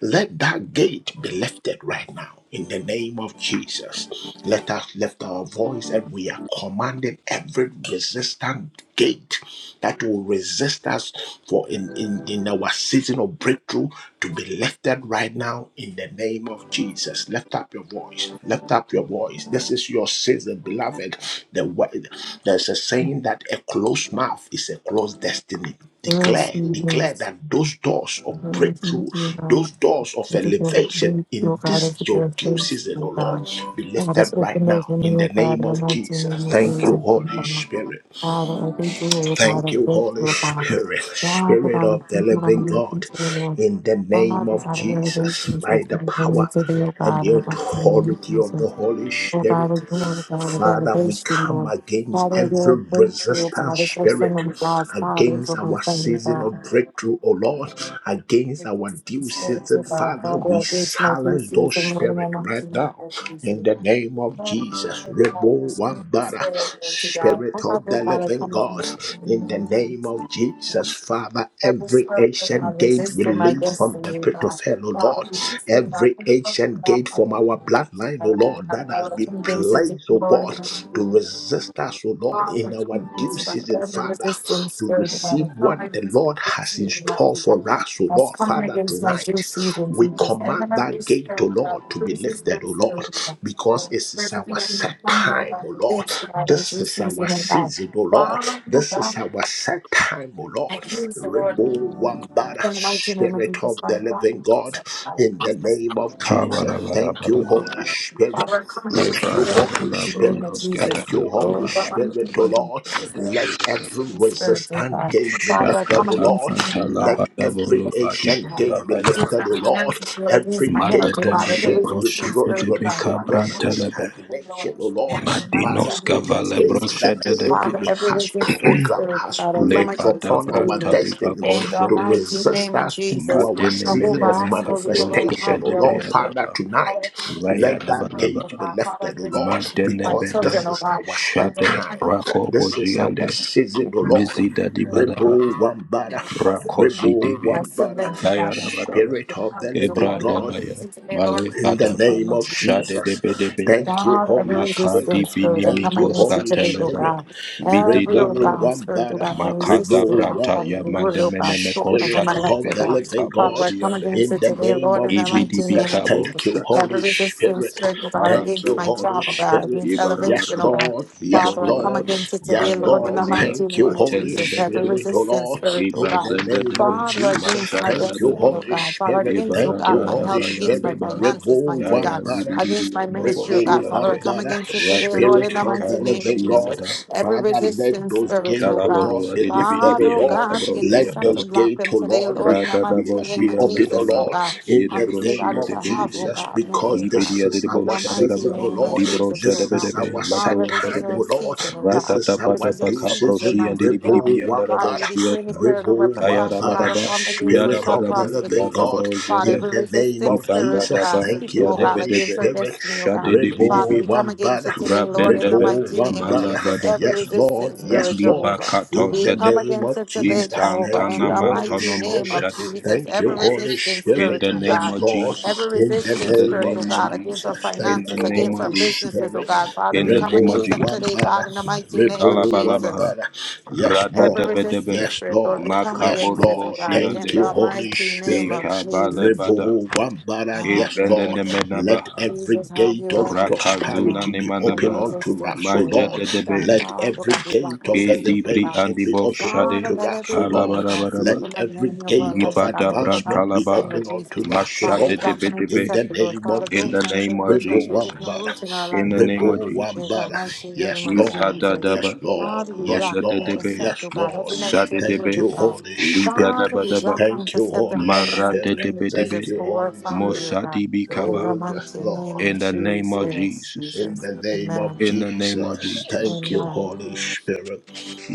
Speaker 3: Let that gate be lifted right now. In the name of Jesus, let us lift our voice and we are commanding every resistant gate that will resist us for in, in, in our season of breakthrough to be lifted right now in the name of Jesus. Lift up your voice. Lift up your your voice. This is your season, beloved. The word, there's a saying that a closed mouth is a closed destiny.
Speaker 8: Yes,
Speaker 3: Declare, declare
Speaker 8: yes.
Speaker 3: that those doors of
Speaker 8: And I'm to
Speaker 3: breakthrough,
Speaker 8: you, God.
Speaker 3: those doors of
Speaker 8: Thank you for the
Speaker 3: elevation
Speaker 8: grace, your
Speaker 3: in
Speaker 8: God, and
Speaker 3: this
Speaker 8: for
Speaker 3: your
Speaker 8: your
Speaker 3: due
Speaker 8: grace,
Speaker 3: season, O
Speaker 8: and
Speaker 3: Lord,
Speaker 8: God.
Speaker 3: be
Speaker 8: Father, just
Speaker 3: lifted
Speaker 8: open
Speaker 3: right
Speaker 8: those
Speaker 3: now
Speaker 8: women,
Speaker 3: in
Speaker 8: your
Speaker 3: the
Speaker 8: God,
Speaker 3: name
Speaker 8: and I'm
Speaker 3: of
Speaker 8: not seeing
Speaker 3: Jesus.
Speaker 8: your
Speaker 3: Thank
Speaker 8: face
Speaker 3: you,
Speaker 8: and think
Speaker 3: Holy
Speaker 8: them up.
Speaker 3: Spirit.
Speaker 8: Father, I thank you, Lord God,
Speaker 3: Thank
Speaker 8: and
Speaker 3: you,
Speaker 8: thank you,
Speaker 3: Holy
Speaker 8: Lord God.
Speaker 3: Spirit,
Speaker 8: Father,
Speaker 3: Spirit
Speaker 8: God, I
Speaker 3: of the
Speaker 8: thank you,
Speaker 3: living
Speaker 8: I'm your
Speaker 3: God,
Speaker 8: concern, Lord.
Speaker 3: in the name
Speaker 8: Father,
Speaker 3: of
Speaker 8: God, the
Speaker 3: Jesus,
Speaker 8: elevation is
Speaker 3: by the
Speaker 8: open, and
Speaker 3: power
Speaker 8: to be, oh
Speaker 3: and
Speaker 8: God,
Speaker 3: the
Speaker 8: and I'm not seeing
Speaker 3: authority
Speaker 8: your
Speaker 3: of
Speaker 8: face.
Speaker 3: the Holy
Speaker 8: Oh God, we're
Speaker 3: Spirit.
Speaker 8: going, God, with
Speaker 3: Father, we
Speaker 8: elevation,
Speaker 3: come
Speaker 8: Lord.
Speaker 3: against
Speaker 8: Father, your
Speaker 3: every
Speaker 8: breakthrough,
Speaker 3: resistant
Speaker 8: God, is
Speaker 3: spirit,
Speaker 8: open, God's Father, is
Speaker 3: against
Speaker 8: what I'm
Speaker 3: our
Speaker 8: saying,
Speaker 3: season
Speaker 8: God.
Speaker 3: of breakthrough, O Lord, against
Speaker 8: The
Speaker 3: our due
Speaker 8: distance towards the
Speaker 3: season.
Speaker 8: bound
Speaker 3: Father,
Speaker 8: body
Speaker 3: we
Speaker 8: against my
Speaker 3: silence
Speaker 8: feces
Speaker 3: those
Speaker 8: and when my
Speaker 3: spirits
Speaker 8: mom to
Speaker 3: right
Speaker 8: the
Speaker 3: now
Speaker 8: get
Speaker 3: in
Speaker 8: easy.
Speaker 3: the name of Jesus. Rebo Wambara,
Speaker 8: Spirit, Lord to God,
Speaker 3: Spirit of
Speaker 8: Father
Speaker 3: the
Speaker 8: God, I
Speaker 3: living
Speaker 8: come as my
Speaker 3: God,
Speaker 8: sister in the
Speaker 3: in the
Speaker 8: Lord.
Speaker 3: name of Jesus, Father,
Speaker 8: Every
Speaker 3: every
Speaker 8: spirit of
Speaker 3: ancient
Speaker 8: God
Speaker 3: gate
Speaker 8: resisting my
Speaker 3: released from the
Speaker 8: destiny,
Speaker 3: pit
Speaker 8: God.
Speaker 3: of hell, O
Speaker 8: God,
Speaker 3: Lord,
Speaker 8: resisting God,
Speaker 3: every
Speaker 8: wonderful
Speaker 3: ancient
Speaker 8: God,
Speaker 3: gate
Speaker 8: I
Speaker 3: from our bloodline, O
Speaker 8: love
Speaker 3: Lord,
Speaker 8: the
Speaker 3: that has
Speaker 8: Lord. I come
Speaker 3: been
Speaker 8: against this, if
Speaker 3: placed,
Speaker 8: the
Speaker 3: O God, to
Speaker 8: Lord,
Speaker 3: resist us, O Lord,
Speaker 8: Wow,
Speaker 3: in
Speaker 8: for
Speaker 3: our
Speaker 8: coming
Speaker 3: due
Speaker 8: against God,
Speaker 3: season,
Speaker 8: every
Speaker 3: Father,
Speaker 8: resistance
Speaker 3: to
Speaker 8: spirit of God,
Speaker 3: receive
Speaker 8: I come
Speaker 3: what the
Speaker 8: against my
Speaker 3: Lord
Speaker 8: good
Speaker 3: has in
Speaker 8: season, my
Speaker 3: store
Speaker 8: God.
Speaker 3: for us, O
Speaker 8: That's
Speaker 3: Lord,
Speaker 8: coming
Speaker 3: Father,
Speaker 8: against my due
Speaker 3: tonight.
Speaker 8: season,
Speaker 3: We
Speaker 8: Jesus. And
Speaker 3: command
Speaker 8: then every
Speaker 3: that gate, O
Speaker 8: spirit, of God,
Speaker 3: Lord, to
Speaker 8: every
Speaker 3: be
Speaker 8: resistance
Speaker 3: lifted, O Lord,
Speaker 8: spirit, of God,
Speaker 3: because it
Speaker 8: every
Speaker 3: is
Speaker 8: spirit of the
Speaker 3: our
Speaker 8: enemy,
Speaker 3: set set
Speaker 8: come now,
Speaker 3: time,
Speaker 8: God,
Speaker 3: O Lord.
Speaker 8: against God, my
Speaker 3: This
Speaker 8: due
Speaker 3: is our
Speaker 8: season, and God.
Speaker 3: season, O Lord.
Speaker 8: Wow,
Speaker 3: This is
Speaker 8: God,
Speaker 3: our set time, O
Speaker 8: I
Speaker 3: Lord.
Speaker 8: can't, Lord,
Speaker 3: Remove one banner,
Speaker 8: in the mighty name of
Speaker 3: Spirit
Speaker 8: Jesus,
Speaker 3: of the
Speaker 8: Father, God, we
Speaker 3: living
Speaker 8: just
Speaker 3: God,
Speaker 8: thank you, Father,
Speaker 3: in
Speaker 8: we
Speaker 3: the
Speaker 8: just bless
Speaker 3: name
Speaker 8: you,
Speaker 3: of
Speaker 8: Father,
Speaker 3: Jesus.
Speaker 8: we
Speaker 3: Thank
Speaker 8: thank
Speaker 3: you,
Speaker 8: you,
Speaker 9: Kabalabalabala.
Speaker 8: we
Speaker 3: Holy
Speaker 8: thank
Speaker 3: Spirit.
Speaker 8: Father, I come against the
Speaker 3: Thank you,
Speaker 8: blood of the
Speaker 3: Holy
Speaker 8: mighty name of
Speaker 3: Spirit. Thank
Speaker 8: Jesus.
Speaker 3: you, Holy
Speaker 8: Lord, but my
Speaker 9: Lebradabalabronauskabalabrobalabala.
Speaker 3: Spirit, O
Speaker 8: name of
Speaker 3: Lord.
Speaker 8: Jesus,
Speaker 3: Let
Speaker 8: every
Speaker 3: every
Speaker 9: Bedebelebelebe.
Speaker 8: sin spirit, oh
Speaker 3: resistance
Speaker 8: God.
Speaker 3: gate be
Speaker 8: Father, I
Speaker 3: lifted,
Speaker 8: come
Speaker 3: O
Speaker 8: against
Speaker 3: Lord.
Speaker 8: you, oh God,
Speaker 3: Let
Speaker 8: against my
Speaker 3: every
Speaker 8: husband, oh
Speaker 3: ancient
Speaker 8: God.
Speaker 3: gate be
Speaker 9: Shakatabrantalabalabolobalibulabaya.
Speaker 8: Against
Speaker 3: lifted,
Speaker 8: my
Speaker 3: O Lord.
Speaker 8: finances, Lord, against
Speaker 3: Every
Speaker 8: my health, oh
Speaker 3: gate of
Speaker 8: God, every
Speaker 3: shame,
Speaker 8: resistance
Speaker 3: reproach,
Speaker 8: spirit, oh God. Father, I come
Speaker 3: retrogression,
Speaker 8: against you,
Speaker 9: Madedebelebroshipedebekabrantelebe.
Speaker 8: oh Lord,
Speaker 3: stagnation, oh
Speaker 8: in
Speaker 3: Lord.
Speaker 8: the mighty
Speaker 3: Father,
Speaker 8: name
Speaker 3: any
Speaker 8: of
Speaker 3: gate that the
Speaker 8: Jesus.
Speaker 9: Madinoskavalebroshedelebe.
Speaker 8: Father,
Speaker 3: enemy
Speaker 8: every
Speaker 3: has
Speaker 8: resistance
Speaker 3: programmed,
Speaker 8: spirit, oh
Speaker 3: has
Speaker 8: God, I come
Speaker 3: placed
Speaker 8: against it
Speaker 3: upon
Speaker 8: today,
Speaker 3: our
Speaker 8: Lord.
Speaker 3: destiny
Speaker 8: In the
Speaker 3: to
Speaker 9: Lebadabrantadibakoshede.
Speaker 8: mighty
Speaker 3: resist
Speaker 8: name of
Speaker 3: us into
Speaker 8: Jesus,
Speaker 3: our season
Speaker 8: Jehovah,
Speaker 3: of
Speaker 8: I saw you, Lord,
Speaker 3: manifestation,
Speaker 8: have
Speaker 3: oh
Speaker 8: your
Speaker 3: Lord.
Speaker 8: way.
Speaker 9: Madenemenemekabroskepedebeyadaba.
Speaker 3: Father, tonight,
Speaker 8: Father, I believe this is
Speaker 3: let
Speaker 8: the
Speaker 3: that
Speaker 8: time,
Speaker 9: Vayadabalaba.
Speaker 8: oh
Speaker 3: gate be
Speaker 8: God. Father, I
Speaker 3: lifted, oh
Speaker 8: believe
Speaker 3: Lord,
Speaker 8: this is my
Speaker 3: because
Speaker 8: children,
Speaker 9: Madenebede
Speaker 3: this
Speaker 8: oh
Speaker 3: is
Speaker 8: God.
Speaker 3: our set
Speaker 8: Over
Speaker 9: Shade
Speaker 8: my
Speaker 3: time.
Speaker 8: needs, oh
Speaker 9: Rako
Speaker 3: This
Speaker 8: God.
Speaker 3: is
Speaker 9: Bojiande
Speaker 3: our
Speaker 8: The
Speaker 3: season, oh
Speaker 8: burdens of
Speaker 3: Lord.
Speaker 9: Mizida
Speaker 8: the Lord, oh God.
Speaker 9: Dibadaba
Speaker 3: Rebo one
Speaker 8: And my
Speaker 3: Rebo
Speaker 8: husband, oh God.
Speaker 9: Rakoshi
Speaker 3: rebel
Speaker 8: My
Speaker 9: Dibe
Speaker 8: siblings, oh God, my
Speaker 9: Dayadabadaba
Speaker 8: spouses,
Speaker 3: spirit
Speaker 8: my
Speaker 3: of the
Speaker 8: husbands, oh
Speaker 3: living
Speaker 9: Ebra
Speaker 8: God,
Speaker 3: God.
Speaker 8: come
Speaker 9: Dabaya
Speaker 8: to today, Lord, in
Speaker 9: Male
Speaker 8: the
Speaker 3: In the
Speaker 8: mighty
Speaker 9: Kadaba
Speaker 8: name
Speaker 3: name
Speaker 8: of
Speaker 3: of
Speaker 9: Shade
Speaker 8: Jesus.
Speaker 3: Jesus.
Speaker 9: Debedebea
Speaker 3: Thank you,
Speaker 8: God, every
Speaker 3: Holy
Speaker 9: Makadi
Speaker 3: Spirit.
Speaker 8: resistance, Lord,
Speaker 9: Bini
Speaker 8: I
Speaker 3: Thank
Speaker 8: come
Speaker 3: you,
Speaker 8: against
Speaker 9: mikoska
Speaker 8: each
Speaker 3: Holy
Speaker 8: of it, oh
Speaker 9: Katelebe
Speaker 3: Spirit.
Speaker 8: God.
Speaker 9: Vidi
Speaker 8: Every, oh
Speaker 3: Rebo
Speaker 9: Labro
Speaker 8: God, spirit, oh
Speaker 3: Wambara,
Speaker 8: God, we resist,
Speaker 9: Makata
Speaker 8: oh
Speaker 3: Rebo
Speaker 8: God,
Speaker 9: Brata
Speaker 8: Father, your
Speaker 3: Wambara,
Speaker 8: word,
Speaker 9: Yamande
Speaker 8: oh God,
Speaker 9: Menemeko
Speaker 8: spoken over
Speaker 3: Spirit
Speaker 8: my
Speaker 9: Shade
Speaker 8: life,
Speaker 3: of
Speaker 8: oh
Speaker 3: the
Speaker 8: God.
Speaker 9: Debedebe
Speaker 3: living
Speaker 9: Kabro
Speaker 8: Father, I
Speaker 3: God.
Speaker 8: come
Speaker 9: Siande
Speaker 8: against
Speaker 3: In
Speaker 8: it
Speaker 3: the
Speaker 8: today,
Speaker 3: name
Speaker 8: Lord, in
Speaker 3: of
Speaker 8: the
Speaker 9: Ibidi
Speaker 8: mighty name
Speaker 3: Jesus.
Speaker 8: of
Speaker 9: Bikabo
Speaker 3: Thank you,
Speaker 8: Jesus. Every
Speaker 3: Holy
Speaker 8: resistance,
Speaker 3: Spirit.
Speaker 8: spirit, oh God,
Speaker 3: Thank
Speaker 8: against
Speaker 3: you,
Speaker 9: Karabaraba,
Speaker 8: my
Speaker 3: Holy
Speaker 8: job, oh God,
Speaker 3: Spirit.
Speaker 8: against
Speaker 3: Yes,
Speaker 8: elevation, oh
Speaker 9: Ibarabaraba,
Speaker 8: God.
Speaker 3: Lord. Yes,
Speaker 8: Father, I come
Speaker 3: Lord.
Speaker 9: Iborubaraba,
Speaker 8: against it
Speaker 3: Yes,
Speaker 8: today, Lord, in the
Speaker 3: Lord.
Speaker 9: Kayabrandia,
Speaker 8: mighty
Speaker 3: Thank you,
Speaker 8: name of
Speaker 3: Holy
Speaker 9: Matenda
Speaker 8: Jesus. Every
Speaker 9: Bedebe,
Speaker 3: Spirit, oh
Speaker 8: resistance,
Speaker 3: Lord.
Speaker 8: spirit, oh
Speaker 3: In
Speaker 8: God.
Speaker 3: the
Speaker 9: Ibazenda
Speaker 3: name
Speaker 9: Debe,
Speaker 3: of
Speaker 8: Father,
Speaker 3: Jesus.
Speaker 8: against my
Speaker 9: Mashada
Speaker 3: Thank you,
Speaker 8: destiny,
Speaker 9: Debedeba,
Speaker 8: oh
Speaker 3: Holy
Speaker 8: God. Father,
Speaker 3: Spirit.
Speaker 8: against, oh
Speaker 3: Thank
Speaker 8: God,
Speaker 3: you,
Speaker 8: my
Speaker 9: Ibarabrada
Speaker 3: Holy
Speaker 8: health, against my
Speaker 3: Spirit.
Speaker 9: Bayandaba,
Speaker 8: finances,
Speaker 3: Rebo
Speaker 8: mighty God
Speaker 9: Yaya
Speaker 3: Wambara.
Speaker 8: against my
Speaker 9: Libiribio Nobo
Speaker 8: ministry, oh God.
Speaker 3: Remove
Speaker 8: Father, I
Speaker 3: one
Speaker 9: Shiade,
Speaker 8: come
Speaker 3: banner,
Speaker 8: against it today,
Speaker 9: Rabbe
Speaker 8: Lord, in
Speaker 3: Spirit
Speaker 8: the
Speaker 9: de
Speaker 3: of
Speaker 8: mighty
Speaker 3: the
Speaker 9: Cabro
Speaker 8: name of
Speaker 3: Living God.
Speaker 9: Shiada,
Speaker 8: Jesus. Every
Speaker 3: Father, let
Speaker 8: resistance
Speaker 3: those
Speaker 8: spirit,
Speaker 3: gates,
Speaker 8: oh
Speaker 3: O
Speaker 8: God.
Speaker 9: Calaboro
Speaker 3: Lord, be lifted,
Speaker 8: Father,
Speaker 3: O
Speaker 9: Adibiribio
Speaker 8: oh
Speaker 3: Lord.
Speaker 8: God, we
Speaker 3: Let
Speaker 8: intercept
Speaker 3: those
Speaker 8: and
Speaker 9: Nabro
Speaker 8: block
Speaker 3: gates,
Speaker 8: them
Speaker 3: O
Speaker 8: today,
Speaker 3: Lord,
Speaker 8: Lord,
Speaker 3: be,
Speaker 8: in the
Speaker 9: Rada da
Speaker 3: be,
Speaker 8: mighty name
Speaker 3: be
Speaker 8: of
Speaker 9: boshia na
Speaker 3: open, O
Speaker 8: Jesus, oh
Speaker 9: balaba.
Speaker 3: Lord,
Speaker 8: God.
Speaker 3: in
Speaker 9: Yede
Speaker 8: And
Speaker 3: the
Speaker 8: we say
Speaker 3: name
Speaker 8: that it
Speaker 9: broshia
Speaker 3: of
Speaker 9: de
Speaker 8: shall have, oh
Speaker 9: bedebe.
Speaker 3: Jesus,
Speaker 8: God, no
Speaker 3: because
Speaker 8: way, God.
Speaker 3: this
Speaker 9: Libedia de
Speaker 3: is
Speaker 8: In
Speaker 3: our
Speaker 8: the
Speaker 9: bosha da
Speaker 8: mighty
Speaker 3: season,
Speaker 9: ba.
Speaker 3: O
Speaker 8: name of
Speaker 3: Lord.
Speaker 9: Di
Speaker 8: Jesus,
Speaker 9: brosha
Speaker 8: oh
Speaker 9: de
Speaker 3: This
Speaker 8: God.
Speaker 3: is our
Speaker 9: bedebe. La
Speaker 8: Father,
Speaker 3: set
Speaker 8: this
Speaker 9: broanda de
Speaker 8: is
Speaker 3: time,
Speaker 8: our
Speaker 9: be.
Speaker 3: O Lord.
Speaker 8: season, oh
Speaker 3: This
Speaker 8: God.
Speaker 9: Rada da
Speaker 3: is
Speaker 8: This
Speaker 3: our
Speaker 9: bada
Speaker 8: is our
Speaker 3: due
Speaker 9: baka
Speaker 8: season,
Speaker 3: season.
Speaker 9: broshia de
Speaker 8: mighty God.
Speaker 3: Remove
Speaker 9: bidibia na
Speaker 3: one
Speaker 8: Father,
Speaker 3: banner,
Speaker 8: we
Speaker 9: raboshia.
Speaker 8: decree and declare no
Speaker 3: remove
Speaker 8: weapon
Speaker 9: Kaya
Speaker 3: one
Speaker 9: da
Speaker 8: fashioned
Speaker 3: banner,
Speaker 8: out of
Speaker 9: baraba.
Speaker 8: form against us
Speaker 9: Yada
Speaker 3: Spirit
Speaker 8: shall
Speaker 3: of the
Speaker 9: baraba.
Speaker 8: prosper,
Speaker 3: Living
Speaker 9: Yada
Speaker 8: Jesus.
Speaker 3: God,
Speaker 9: broshia
Speaker 8: Father,
Speaker 3: in
Speaker 9: de.
Speaker 8: every
Speaker 3: the name
Speaker 8: resistant
Speaker 3: of
Speaker 8: spirit,
Speaker 9: Ibaga
Speaker 8: oh
Speaker 9: da
Speaker 3: Jesus.
Speaker 8: God,
Speaker 9: ba.
Speaker 3: Thank
Speaker 8: speaking,
Speaker 3: you,
Speaker 8: oh
Speaker 9: Yade
Speaker 8: God,
Speaker 3: Holy
Speaker 8: against
Speaker 9: bedebe.
Speaker 8: our
Speaker 3: Spirit.
Speaker 8: destiny, oh God.
Speaker 9: Shade de
Speaker 8: Father,
Speaker 3: Rebo
Speaker 9: bidibi.
Speaker 8: we come against
Speaker 3: Wambada,
Speaker 8: it today, Lord, in the
Speaker 9: Rabendebe.
Speaker 3: Rebo
Speaker 8: mighty name of
Speaker 3: Wambada.
Speaker 8: Jesus.
Speaker 9: Malagadaba.
Speaker 8: Every
Speaker 3: Yes, Lord,
Speaker 8: resistant
Speaker 3: yes,
Speaker 8: spirit,
Speaker 3: Lord.
Speaker 8: Jehovah.
Speaker 3: In
Speaker 8: We
Speaker 3: the
Speaker 8: come
Speaker 9: Ilibakato
Speaker 3: name
Speaker 8: against
Speaker 3: of
Speaker 8: it today,
Speaker 9: in
Speaker 3: Jesus.
Speaker 9: the
Speaker 8: Jehovah,
Speaker 3: Thank
Speaker 8: in
Speaker 3: you,
Speaker 8: the
Speaker 3: Holy
Speaker 9: name
Speaker 8: mighty
Speaker 9: of
Speaker 8: name
Speaker 3: Spirit.
Speaker 8: of
Speaker 9: Jesus.
Speaker 8: Jesus.
Speaker 3: Thank you,
Speaker 8: Every
Speaker 3: Holy
Speaker 8: resistant
Speaker 9: In
Speaker 3: Spirit.
Speaker 8: spirit,
Speaker 9: the
Speaker 8: oh
Speaker 9: name
Speaker 3: Yes,
Speaker 8: God.
Speaker 9: of
Speaker 3: Lord.
Speaker 9: Jesus.
Speaker 8: Every
Speaker 3: In the
Speaker 9: In
Speaker 8: resistance
Speaker 9: the
Speaker 3: name
Speaker 8: spirit,
Speaker 3: of
Speaker 8: oh
Speaker 9: name of
Speaker 8: God, against our
Speaker 3: Jesus.
Speaker 9: Jesus. In
Speaker 3: Thank
Speaker 8: finances,
Speaker 3: you,
Speaker 8: against our
Speaker 3: Holy
Speaker 8: businesses, oh
Speaker 3: Spirit.
Speaker 8: God. Father, we
Speaker 9: the
Speaker 8: come
Speaker 9: name of
Speaker 8: against
Speaker 3: Rebo
Speaker 8: them
Speaker 9: Jesus.
Speaker 8: today,
Speaker 3: Wambada,
Speaker 8: God, in the mighty name of
Speaker 3: Rebo
Speaker 8: Jesus.
Speaker 9: Kalabalabaha.
Speaker 3: Wambada. Yes,
Speaker 9: Rada
Speaker 8: Every
Speaker 3: Lord.
Speaker 9: debe debe.
Speaker 8: resistance
Speaker 3: Yes,
Speaker 8: spirit, Lord, we
Speaker 3: Lord.
Speaker 8: come
Speaker 3: Yes,
Speaker 8: against it,
Speaker 9: Makaborobo
Speaker 8: oh
Speaker 3: Lord.
Speaker 8: God, in
Speaker 3: Thank you,
Speaker 9: shiande.
Speaker 8: the
Speaker 3: Holy
Speaker 8: mighty name
Speaker 3: Spirit.
Speaker 8: of Jesus.
Speaker 9: Ikabalebada.
Speaker 3: Rebo Wambara, yes, Lord.
Speaker 9: Ibendene
Speaker 8: Hallelujah.
Speaker 3: Let
Speaker 9: menabaha.
Speaker 3: every
Speaker 8: Jesus, have
Speaker 3: gate
Speaker 8: your
Speaker 3: of
Speaker 8: every open
Speaker 9: Rakazuna
Speaker 8: God.
Speaker 3: prosperity be
Speaker 8: Every
Speaker 3: open
Speaker 9: nimanabaha.
Speaker 3: unto
Speaker 8: resistance,
Speaker 3: us, O
Speaker 8: very
Speaker 3: Lord.
Speaker 9: Majede
Speaker 8: burn for God.
Speaker 9: debe.
Speaker 3: Let
Speaker 8: Father,
Speaker 3: every
Speaker 8: God, we block
Speaker 3: gate
Speaker 8: him and
Speaker 3: of
Speaker 8: just live for
Speaker 9: Idibri
Speaker 8: God.
Speaker 3: elevation be
Speaker 9: andibo
Speaker 3: open
Speaker 9: shade.
Speaker 8: Father,
Speaker 3: unto
Speaker 8: let
Speaker 3: us,
Speaker 8: every
Speaker 3: O
Speaker 8: word, oh
Speaker 3: Lord.
Speaker 8: God,
Speaker 3: Let
Speaker 9: Kalabarabaraba.
Speaker 8: spoken by the
Speaker 3: every
Speaker 8: enemy of our
Speaker 3: gate
Speaker 8: lives,
Speaker 3: of
Speaker 8: oh God,
Speaker 9: Libada
Speaker 8: let it go back to
Speaker 3: advancement
Speaker 8: the
Speaker 3: be
Speaker 9: Brantalaba,
Speaker 8: sender,
Speaker 3: open
Speaker 8: Jesus.
Speaker 3: unto us, O
Speaker 8: Father, we
Speaker 9: Mashate
Speaker 3: Lord.
Speaker 8: block and
Speaker 9: Debedebe,
Speaker 3: In
Speaker 8: intercept
Speaker 3: the
Speaker 8: the Lord.
Speaker 3: name
Speaker 8: Father,
Speaker 3: of
Speaker 9: in the
Speaker 8: those
Speaker 3: Jesus.
Speaker 8: negative
Speaker 9: name of
Speaker 8: words that
Speaker 3: Rebo
Speaker 8: shall put no
Speaker 9: Jesus,
Speaker 3: Wambara.
Speaker 8: root in our
Speaker 9: in
Speaker 8: life,
Speaker 9: the
Speaker 8: oh
Speaker 9: name
Speaker 8: God.
Speaker 9: of
Speaker 3: Rebo
Speaker 8: In the
Speaker 9: Jesus,
Speaker 3: Wambara.
Speaker 8: mighty name
Speaker 3: Yes,
Speaker 8: of
Speaker 3: Lord.
Speaker 9: Izada
Speaker 8: Jesus.
Speaker 3: Yes,
Speaker 9: Daba,
Speaker 3: Lord.
Speaker 8: Father, we
Speaker 3: Yes,
Speaker 8: block,
Speaker 9: Osate
Speaker 8: we
Speaker 3: Lord.
Speaker 9: Debe,
Speaker 8: intercept,
Speaker 3: Yes,
Speaker 8: oh God,
Speaker 3: Lord.
Speaker 8: every negative
Speaker 9: Sade
Speaker 3: Thank
Speaker 8: word,
Speaker 9: Debe,
Speaker 8: oh
Speaker 3: you,
Speaker 8: God.
Speaker 3: Holy Spirit.
Speaker 8: Father,
Speaker 9: Ligadaba
Speaker 8: we
Speaker 9: Daba,
Speaker 8: block and
Speaker 3: Thank you,
Speaker 8: intercept them,
Speaker 3: Holy
Speaker 8: Lord, in the mighty
Speaker 9: Marade
Speaker 3: Spirit.
Speaker 8: name of
Speaker 9: Debe
Speaker 3: Thank
Speaker 8: Jesus,
Speaker 9: Debe,
Speaker 3: you,
Speaker 8: over our
Speaker 3: Holy
Speaker 8: family,
Speaker 3: Spirit.
Speaker 8: oh God.
Speaker 9: Mosadi
Speaker 8: In the
Speaker 9: Bikaba,
Speaker 3: Oh, yes,
Speaker 8: mighty
Speaker 3: Lord.
Speaker 8: name of
Speaker 9: in the
Speaker 3: Yes,
Speaker 9: name of
Speaker 3: Lord.
Speaker 8: Jesus,
Speaker 9: Jesus,
Speaker 3: In
Speaker 8: Jesus.
Speaker 3: the name of
Speaker 8: Amen.
Speaker 9: in the name of
Speaker 3: Jesus.
Speaker 9: Jesus,
Speaker 3: Thank you,
Speaker 8: Amen.
Speaker 3: Holy Spirit.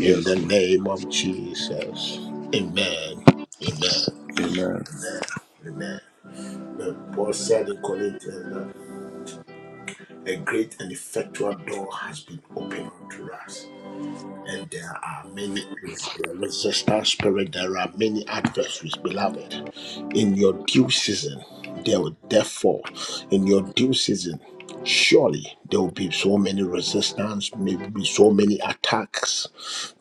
Speaker 3: In the
Speaker 9: Lord.
Speaker 3: name of Jesus. Amen. Amen.
Speaker 9: Amen.
Speaker 3: Amen. Amen. And Paul said in Corinthians that a great and effectual door has been opened unto us. and there are many res- uh, resistance spirit. There are many adversaries, beloved. In your due season, there will therefore, in your due season, surely there will be so many resistance, maybe so many attacks.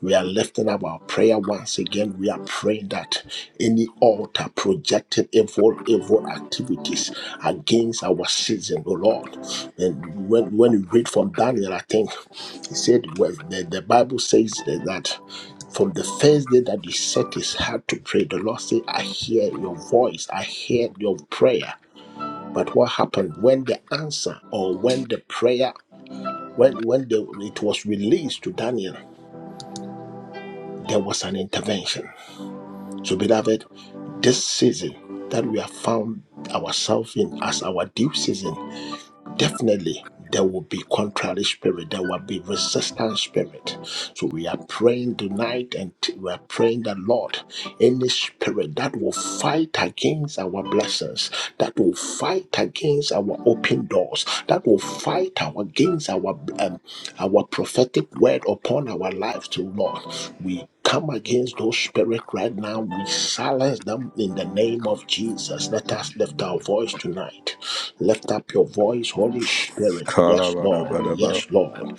Speaker 3: We are lifting up our prayer once again. We are praying that any altar projected evil, evil activities against our season, oh Lord. And when when you read from Daniel, I think. He said, well, the, the Bible says that, that from the first day that he set his heart to pray, the Lord said, I hear your voice, I hear your prayer. But what happened when the answer or when the prayer, when, when the, it was released to Daniel, there was an intervention. So, beloved, this season that we have found ourselves in as our due season definitely there will be contrary spirit there will be resistant spirit so we are praying tonight and t- we are praying the lord any spirit that will fight against our blessings that will fight against our open doors that will fight our- against our um, our prophetic word upon our lives to lord come against those spirits right now. We silence them in the name of Jesus. Let us lift our voice tonight. Lift up your voice, Holy Spirit. Yes, Lord.
Speaker 9: Kalabadabadaba.
Speaker 3: Yes, Lord.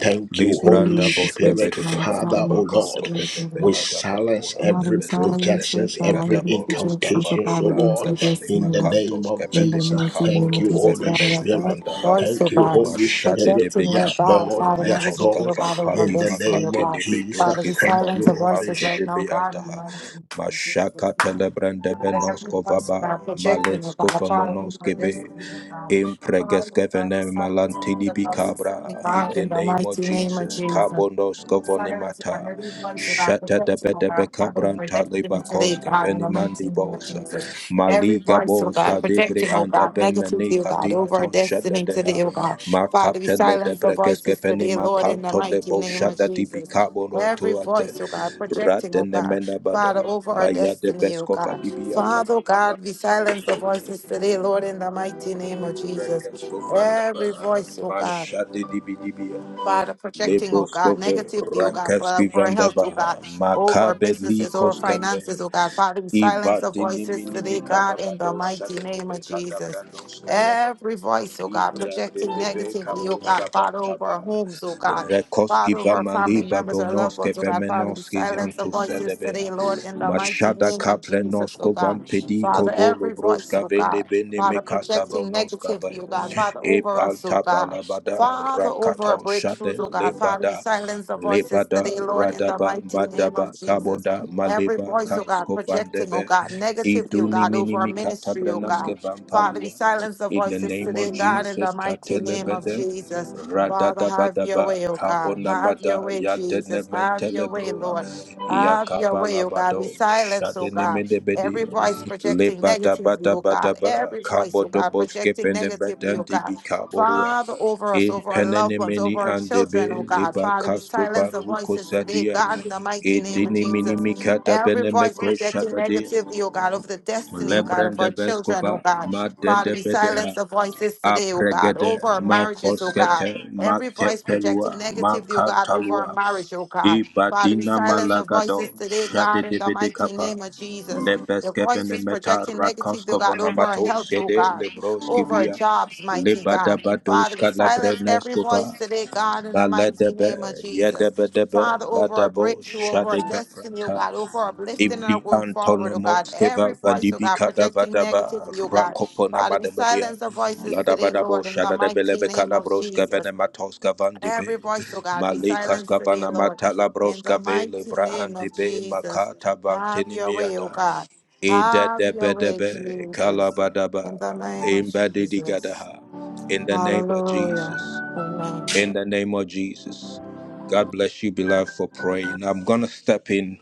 Speaker 3: Thank you, Holy
Speaker 9: Libranda
Speaker 8: Jesus,
Speaker 9: bosque
Speaker 8: this
Speaker 3: Spirit,
Speaker 9: vede
Speaker 8: one,
Speaker 9: becata
Speaker 3: Father,
Speaker 8: Father,
Speaker 3: O
Speaker 8: the
Speaker 3: Lord.
Speaker 9: bacasco
Speaker 8: Spirit,
Speaker 9: vende
Speaker 3: We
Speaker 8: Lord.
Speaker 3: we
Speaker 9: belada baro
Speaker 3: silence
Speaker 9: and the
Speaker 8: Mother,
Speaker 3: every
Speaker 8: the
Speaker 9: besco vende
Speaker 8: silence of
Speaker 3: projections,
Speaker 8: God,
Speaker 3: every
Speaker 9: belicata
Speaker 8: every
Speaker 9: boros
Speaker 8: rejection of
Speaker 3: incantation,
Speaker 9: cavale
Speaker 3: so
Speaker 8: God against
Speaker 9: branda
Speaker 8: the
Speaker 3: Lord,
Speaker 9: bani
Speaker 3: in
Speaker 8: destiny,
Speaker 3: the
Speaker 8: Lord.
Speaker 3: name
Speaker 9: macatos
Speaker 3: of
Speaker 8: In the
Speaker 9: cavete
Speaker 3: Jesus.
Speaker 8: mighty name
Speaker 3: Thank
Speaker 8: of
Speaker 3: you,
Speaker 9: bicabolos
Speaker 8: Jesus,
Speaker 3: Holy
Speaker 8: God, I
Speaker 9: cavemendi
Speaker 8: thank
Speaker 3: Spirit.
Speaker 8: you,
Speaker 9: andaha
Speaker 8: voice
Speaker 3: Thank
Speaker 8: of
Speaker 3: you,
Speaker 8: God,
Speaker 3: Holy
Speaker 9: machade de
Speaker 3: Spirit.
Speaker 8: projecting
Speaker 9: beca
Speaker 8: your
Speaker 3: Yes,
Speaker 8: God,
Speaker 3: Lord.
Speaker 8: Father,
Speaker 9: pareme
Speaker 3: Yes,
Speaker 8: mothers and
Speaker 9: cosca
Speaker 8: feel
Speaker 3: Lord.
Speaker 8: oh God over our
Speaker 3: In
Speaker 9: vampadi
Speaker 3: the
Speaker 8: destiny, oh
Speaker 3: name
Speaker 9: macate
Speaker 3: of
Speaker 8: God. Father,
Speaker 9: libidosque
Speaker 8: we
Speaker 3: Jesus. Thank you,
Speaker 8: silence the
Speaker 9: vabando
Speaker 3: Holy
Speaker 8: voices
Speaker 9: ante
Speaker 8: right
Speaker 9: de
Speaker 3: Spirit.
Speaker 8: now, God, in the
Speaker 9: beandaha
Speaker 8: mighty name of
Speaker 9: machaka
Speaker 8: Jesus.
Speaker 9: telebrande
Speaker 8: Father, every
Speaker 9: benosco
Speaker 8: voice
Speaker 9: vaba
Speaker 8: about projection,
Speaker 9: malesco
Speaker 8: about problem, or
Speaker 9: vamonosque
Speaker 8: destiny, about
Speaker 9: in
Speaker 8: Father, I
Speaker 9: pregeskevene
Speaker 8: just have to talk
Speaker 9: malantidi
Speaker 8: about
Speaker 9: bikabra, in
Speaker 8: God
Speaker 9: the
Speaker 8: in the
Speaker 9: name of
Speaker 8: mighty name of
Speaker 9: Jesus,
Speaker 8: Jesus.
Speaker 9: kabondos
Speaker 8: Sirens and
Speaker 9: kavonimata,
Speaker 8: every voice of our
Speaker 9: shata de
Speaker 8: protection of
Speaker 9: bedebe
Speaker 8: our Father,
Speaker 9: kabranta
Speaker 8: protecting today,
Speaker 9: libakos
Speaker 8: God, in
Speaker 9: keveni
Speaker 8: the mighty name of
Speaker 9: mandibosa,
Speaker 8: Jesus. Every
Speaker 9: maliga
Speaker 8: voice, oh God,
Speaker 9: bosa debre
Speaker 8: protecting, oh
Speaker 9: anda
Speaker 8: God, negatively, oh
Speaker 9: bemenika
Speaker 8: God, over our
Speaker 9: diaton shada
Speaker 8: destiny
Speaker 9: dea,
Speaker 8: today, oh God.
Speaker 9: ma
Speaker 8: Father, we
Speaker 9: captain le de
Speaker 8: silence the voices
Speaker 9: pregeskeveni
Speaker 8: today,
Speaker 9: ma
Speaker 8: Lord, in the
Speaker 9: canto de
Speaker 8: mighty
Speaker 9: bo
Speaker 8: name of
Speaker 9: shada di
Speaker 8: Jesus.
Speaker 9: bikabono
Speaker 8: Every
Speaker 9: tuate,
Speaker 8: voice, oh God, protecting, oh
Speaker 9: ratene
Speaker 8: God, Father,
Speaker 9: menabada,
Speaker 8: over our
Speaker 9: maya de
Speaker 8: destiny, oh
Speaker 9: beskova
Speaker 8: God.
Speaker 9: dibiata,
Speaker 8: Father, oh
Speaker 9: balada,
Speaker 8: God, we silence the voices today, Lord, in the mighty name of Jesus. Every voice, oh God.
Speaker 9: Mashade dibidibia.
Speaker 8: Father, projecting, oh God,
Speaker 9: Leboskovo
Speaker 8: negatively, oh God, for
Speaker 9: Rakevski
Speaker 8: our health, oh
Speaker 9: Vandabaha
Speaker 8: God, over our
Speaker 9: Makabeli
Speaker 8: businesses, over our
Speaker 9: Koskeve
Speaker 8: finances, oh God. Father, we silence the
Speaker 9: Ibadini
Speaker 8: voices today,
Speaker 9: Minimi
Speaker 8: God, in the
Speaker 9: Kalabado
Speaker 8: mighty name of
Speaker 9: Shadebe
Speaker 8: Jesus.
Speaker 9: Kadabrando
Speaker 8: Every voice, oh God,
Speaker 9: Ibrande
Speaker 8: projecting
Speaker 9: de be
Speaker 8: negatively,
Speaker 9: kabo
Speaker 8: oh God, Father, over our
Speaker 9: shabantaba.
Speaker 8: homes, oh God.
Speaker 9: Rekoski
Speaker 8: Father, over our
Speaker 9: vamali
Speaker 8: family members, our loved
Speaker 9: babonoske
Speaker 8: ones, oh God, Father, we
Speaker 9: vemenoski
Speaker 8: silence the voices today,
Speaker 9: antusadebea.
Speaker 8: Lord, in the mighty
Speaker 9: Mashada
Speaker 8: name of Jesus, oh
Speaker 9: kaprenosko
Speaker 8: God.
Speaker 9: vampedi
Speaker 8: Father,
Speaker 9: kobolo
Speaker 8: every voice,
Speaker 9: broska
Speaker 8: oh
Speaker 9: vende
Speaker 8: God,
Speaker 9: bene
Speaker 8: Father,
Speaker 9: mekata
Speaker 8: projecting
Speaker 9: bonoska
Speaker 8: negatively,
Speaker 9: vaya.
Speaker 8: oh God, Father, over
Speaker 9: Epal
Speaker 8: us, oh God.
Speaker 9: tabalabada
Speaker 8: Father, over our
Speaker 9: rakata
Speaker 8: breakthroughs,
Speaker 9: shade
Speaker 8: oh God, Father, we
Speaker 9: lebada.
Speaker 8: silence the voices
Speaker 9: Lebada
Speaker 8: today, Lord, in the
Speaker 9: radaba
Speaker 8: mighty name of
Speaker 9: madaba
Speaker 8: Jesus.
Speaker 9: kabonda
Speaker 8: Every
Speaker 9: maleba
Speaker 8: voice, oh God,
Speaker 9: kasko
Speaker 8: projecting, oh
Speaker 9: vandebe.
Speaker 8: God, negatively, oh
Speaker 9: Iduni
Speaker 8: God, over our
Speaker 9: minimi
Speaker 8: ministry, oh God.
Speaker 9: katabrenoske
Speaker 8: Father, we
Speaker 9: vampalua.
Speaker 8: silence the
Speaker 9: In the
Speaker 8: voices
Speaker 9: name
Speaker 8: today,
Speaker 9: of
Speaker 8: God, in the
Speaker 9: Jesus,
Speaker 8: mighty name of
Speaker 9: Katelebede,
Speaker 8: Jesus. Father, have your
Speaker 9: Radadabadaba,
Speaker 8: way, oh God. Have your
Speaker 9: Kabonamada,
Speaker 8: way, Jesus. Have your way,
Speaker 9: Yadenementelebrua,
Speaker 8: Lord. Have your way, oh God.
Speaker 9: Yakabalabado,
Speaker 8: We silence, oh God. Every
Speaker 9: Shadenemedebede,
Speaker 8: voice projecting negatively, oh God.
Speaker 9: Lebadabadabadaba,
Speaker 8: Every voice, oh God, projecting
Speaker 9: Kabodoboskepe, and the
Speaker 8: negatively, oh
Speaker 9: Bedanti
Speaker 8: God.
Speaker 9: Bikaborua.
Speaker 8: Father, over us,
Speaker 9: In
Speaker 8: over our loved ones, over
Speaker 9: Penenemeni
Speaker 8: our
Speaker 9: and
Speaker 8: children, oh
Speaker 9: Debe,
Speaker 8: God.
Speaker 9: Liba
Speaker 8: Father, we silence
Speaker 9: Cascova,
Speaker 8: the
Speaker 9: Ruko
Speaker 8: voices today,
Speaker 9: Sadia,
Speaker 8: God, in the mighty name of
Speaker 9: Edini
Speaker 8: Jesus.
Speaker 9: Minimicata
Speaker 8: Every voice
Speaker 9: Benemeco
Speaker 8: projecting
Speaker 9: Shatadia,
Speaker 8: negativity, oh God, over the destiny, oh God, of our
Speaker 9: Lebrenda
Speaker 8: children, oh
Speaker 9: Bescova,
Speaker 8: God. Father, we silence
Speaker 9: Madde
Speaker 8: the voices today, oh God,
Speaker 9: apregede
Speaker 8: over our marriages, oh
Speaker 9: makoskete
Speaker 8: God. Every voice
Speaker 9: makepelua
Speaker 8: projecting negativity, oh God, over our
Speaker 9: makantalua
Speaker 8: marriage, oh God. Father, we
Speaker 9: ibadina
Speaker 8: silence the
Speaker 9: malagado
Speaker 8: voices today, God, in the
Speaker 9: shadedebede
Speaker 8: mighty
Speaker 9: kapa
Speaker 8: name of Jesus. The
Speaker 9: lebeskevene
Speaker 8: voices
Speaker 9: meta
Speaker 8: projecting negativity, oh God, over our
Speaker 9: rakoskovonamato
Speaker 8: health, oh
Speaker 9: sede
Speaker 8: God, over our
Speaker 9: lebroskivia
Speaker 8: jobs, mighty God Father, we
Speaker 9: lebadabadoshka
Speaker 8: silence every
Speaker 9: labrenneskova
Speaker 8: voice today, God, in the mighty
Speaker 9: maledebe
Speaker 8: name of Jesus.
Speaker 9: yedebedebe
Speaker 8: Father, over our
Speaker 9: ladabo
Speaker 8: breakthrough, over our destiny, oh
Speaker 9: shadekapranta
Speaker 8: God, over our lifting and our
Speaker 9: Ibli
Speaker 8: going forward, oh
Speaker 9: antonomo
Speaker 8: God.
Speaker 9: skeva
Speaker 8: Every voice, oh
Speaker 9: vandibi
Speaker 8: God,
Speaker 9: kada
Speaker 8: projecting
Speaker 9: badaba
Speaker 8: negatively, oh God.
Speaker 9: rakopona
Speaker 8: Father, we
Speaker 9: madabadia
Speaker 8: silence the voices today,
Speaker 9: ladabadabo
Speaker 8: Lord, in the mighty
Speaker 9: shadadebelebe
Speaker 8: name
Speaker 9: kada
Speaker 8: of
Speaker 9: broska vene
Speaker 8: Jesus.
Speaker 9: matoska vandibe
Speaker 8: Every voice, oh God, we
Speaker 9: malika
Speaker 8: silence today,
Speaker 9: skavana
Speaker 8: Lord,
Speaker 9: mata la
Speaker 8: in the
Speaker 9: broska ve
Speaker 8: mighty
Speaker 9: lebra
Speaker 8: name of
Speaker 9: andibe
Speaker 8: Jesus.
Speaker 9: makata
Speaker 8: Have
Speaker 9: vantini
Speaker 8: your way, oh
Speaker 9: miada
Speaker 8: God. Have your way,
Speaker 9: idedebedebe
Speaker 8: Jesus.
Speaker 9: kalabadaba
Speaker 8: In the name of Jesus.
Speaker 9: imbadidigadaha in the name of
Speaker 8: Hallelujah.
Speaker 9: Jesus
Speaker 8: Amen.
Speaker 9: in the name of Jesus God bless you beloved for praying I'm gonna step in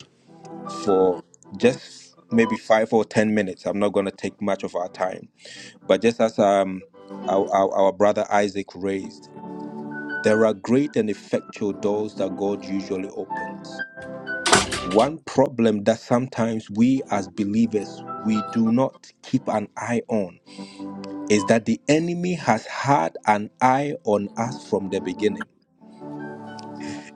Speaker 9: for just maybe five or ten minutes. I'm not going to take much of our time, but just as um, our, our, our brother Isaac raised, there are great and effectual doors that God usually opens. One problem that sometimes we as believers we do not keep an eye on is that the enemy has had an eye on us from the beginning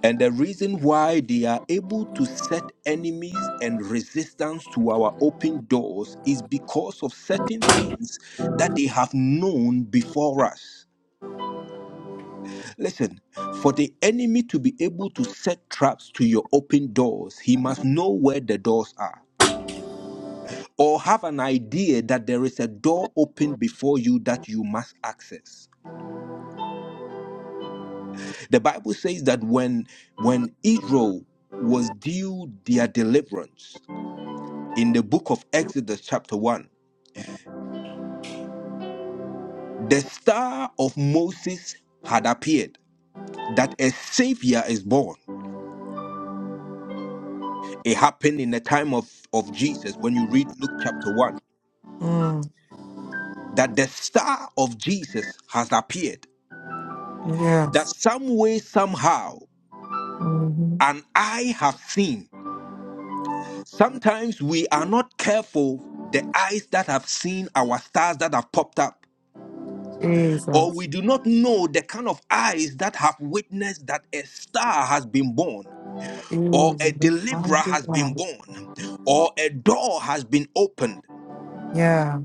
Speaker 9: And the reason why they are able to set enemies and resistance to our open doors is because of certain things that they have known before us. Listen, for the enemy to be able to set traps to your open doors, he must know where the doors are or have an idea that there is a door open before you that you must access. The Bible says that when when Israel was due their deliverance, in the book of Exodus, chapter 1, the star of Moses had appeared, that a savior is born. It happened in the time of, of Jesus when you read Luke chapter 1,
Speaker 8: Mm,
Speaker 9: that the star of Jesus has appeared, that
Speaker 8: yes.
Speaker 9: some way, somehow,
Speaker 8: hmm
Speaker 9: an eye have seen. Sometimes we are not careful the eyes that have seen our stars that have popped up or
Speaker 8: Jesus.
Speaker 9: we do not know the kind of eyes that have witnessed that a star has been born or a
Speaker 8: Jesus.
Speaker 9: deliverer
Speaker 8: Mighty
Speaker 9: has been
Speaker 8: God.
Speaker 9: born, or a door has been opened.
Speaker 8: Yeah.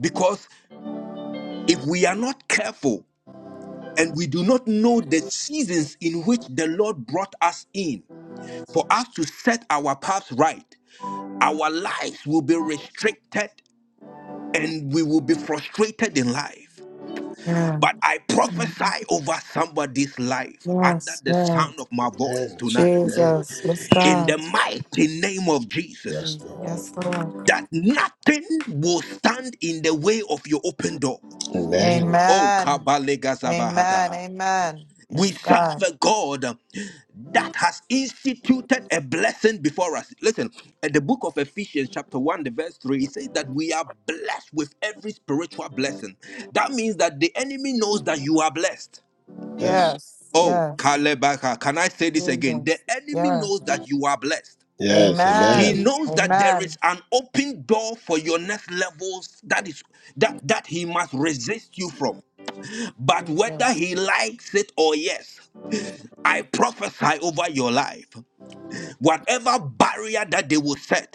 Speaker 9: Because if we are not careful and we do not know the seasons in which the Lord brought us in, for us to set our paths right, our lives will be restricted and we will be frustrated in life.
Speaker 8: Yeah.
Speaker 9: But I
Speaker 8: Mhm.
Speaker 9: prophesy over somebody's life under
Speaker 8: Yes.
Speaker 9: the
Speaker 8: Yes.
Speaker 9: sound of my voice
Speaker 3: Amen.
Speaker 9: tonight.
Speaker 3: Amen.
Speaker 8: Jesus. Yes,
Speaker 9: In the
Speaker 8: God.
Speaker 9: mighty name of Jesus,
Speaker 3: Yes, Lord.
Speaker 8: Yes, Lord.
Speaker 9: that nothing will stand in the way of your open door.
Speaker 3: Amen.
Speaker 9: Oh,
Speaker 8: Amen. Amen.
Speaker 9: Kabalegazabahadaha.
Speaker 8: Amen.
Speaker 9: we
Speaker 8: Yes,
Speaker 9: serve
Speaker 8: God.
Speaker 9: a God that has instituted a blessing before us. Listen, in the book of Ephesians, chapter 1, the verse 3, it says that we are blessed with every spiritual blessing. That means that the enemy knows that you are blessed.
Speaker 3: Yes.
Speaker 8: Yes.
Speaker 9: Oh,
Speaker 8: Yes.
Speaker 9: Kalebaka, can I say this again? The
Speaker 8: Jesus.
Speaker 9: enemy
Speaker 8: Yes.
Speaker 9: knows that you are blessed.
Speaker 3: Yes.
Speaker 9: He
Speaker 3: Amen.
Speaker 8: Amen.
Speaker 9: knows that there is
Speaker 8: Amen.
Speaker 9: an open door for your next levels that is that that he must resist you from. But whether
Speaker 8: Jesus.
Speaker 9: he likes it or yes, I prophesy over your life. Whatever barrier that they will set,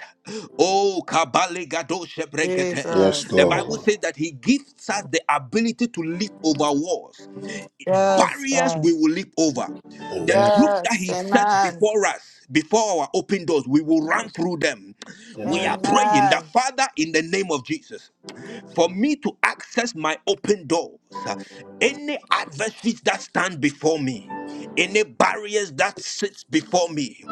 Speaker 9: oh, Kabale Gado Shebrekete.
Speaker 3: Yes,
Speaker 9: the
Speaker 8: Jesus.
Speaker 9: Bible
Speaker 3: Lord.
Speaker 9: says that He gives us the ability to leap over walls.
Speaker 8: Yes,
Speaker 9: Barriers
Speaker 8: God.
Speaker 9: we will leap over. The
Speaker 3: Amen.
Speaker 9: truth that
Speaker 8: Yes,
Speaker 9: He sets
Speaker 8: amen.
Speaker 9: before us, before our open doors, we will run through them. We are
Speaker 3: Amen.
Speaker 9: praying that,
Speaker 8: Amen.
Speaker 9: Father, in the name of Jesus, for me to access my open doors, uh, any adversaries that stand before me, any barriers that sits before me.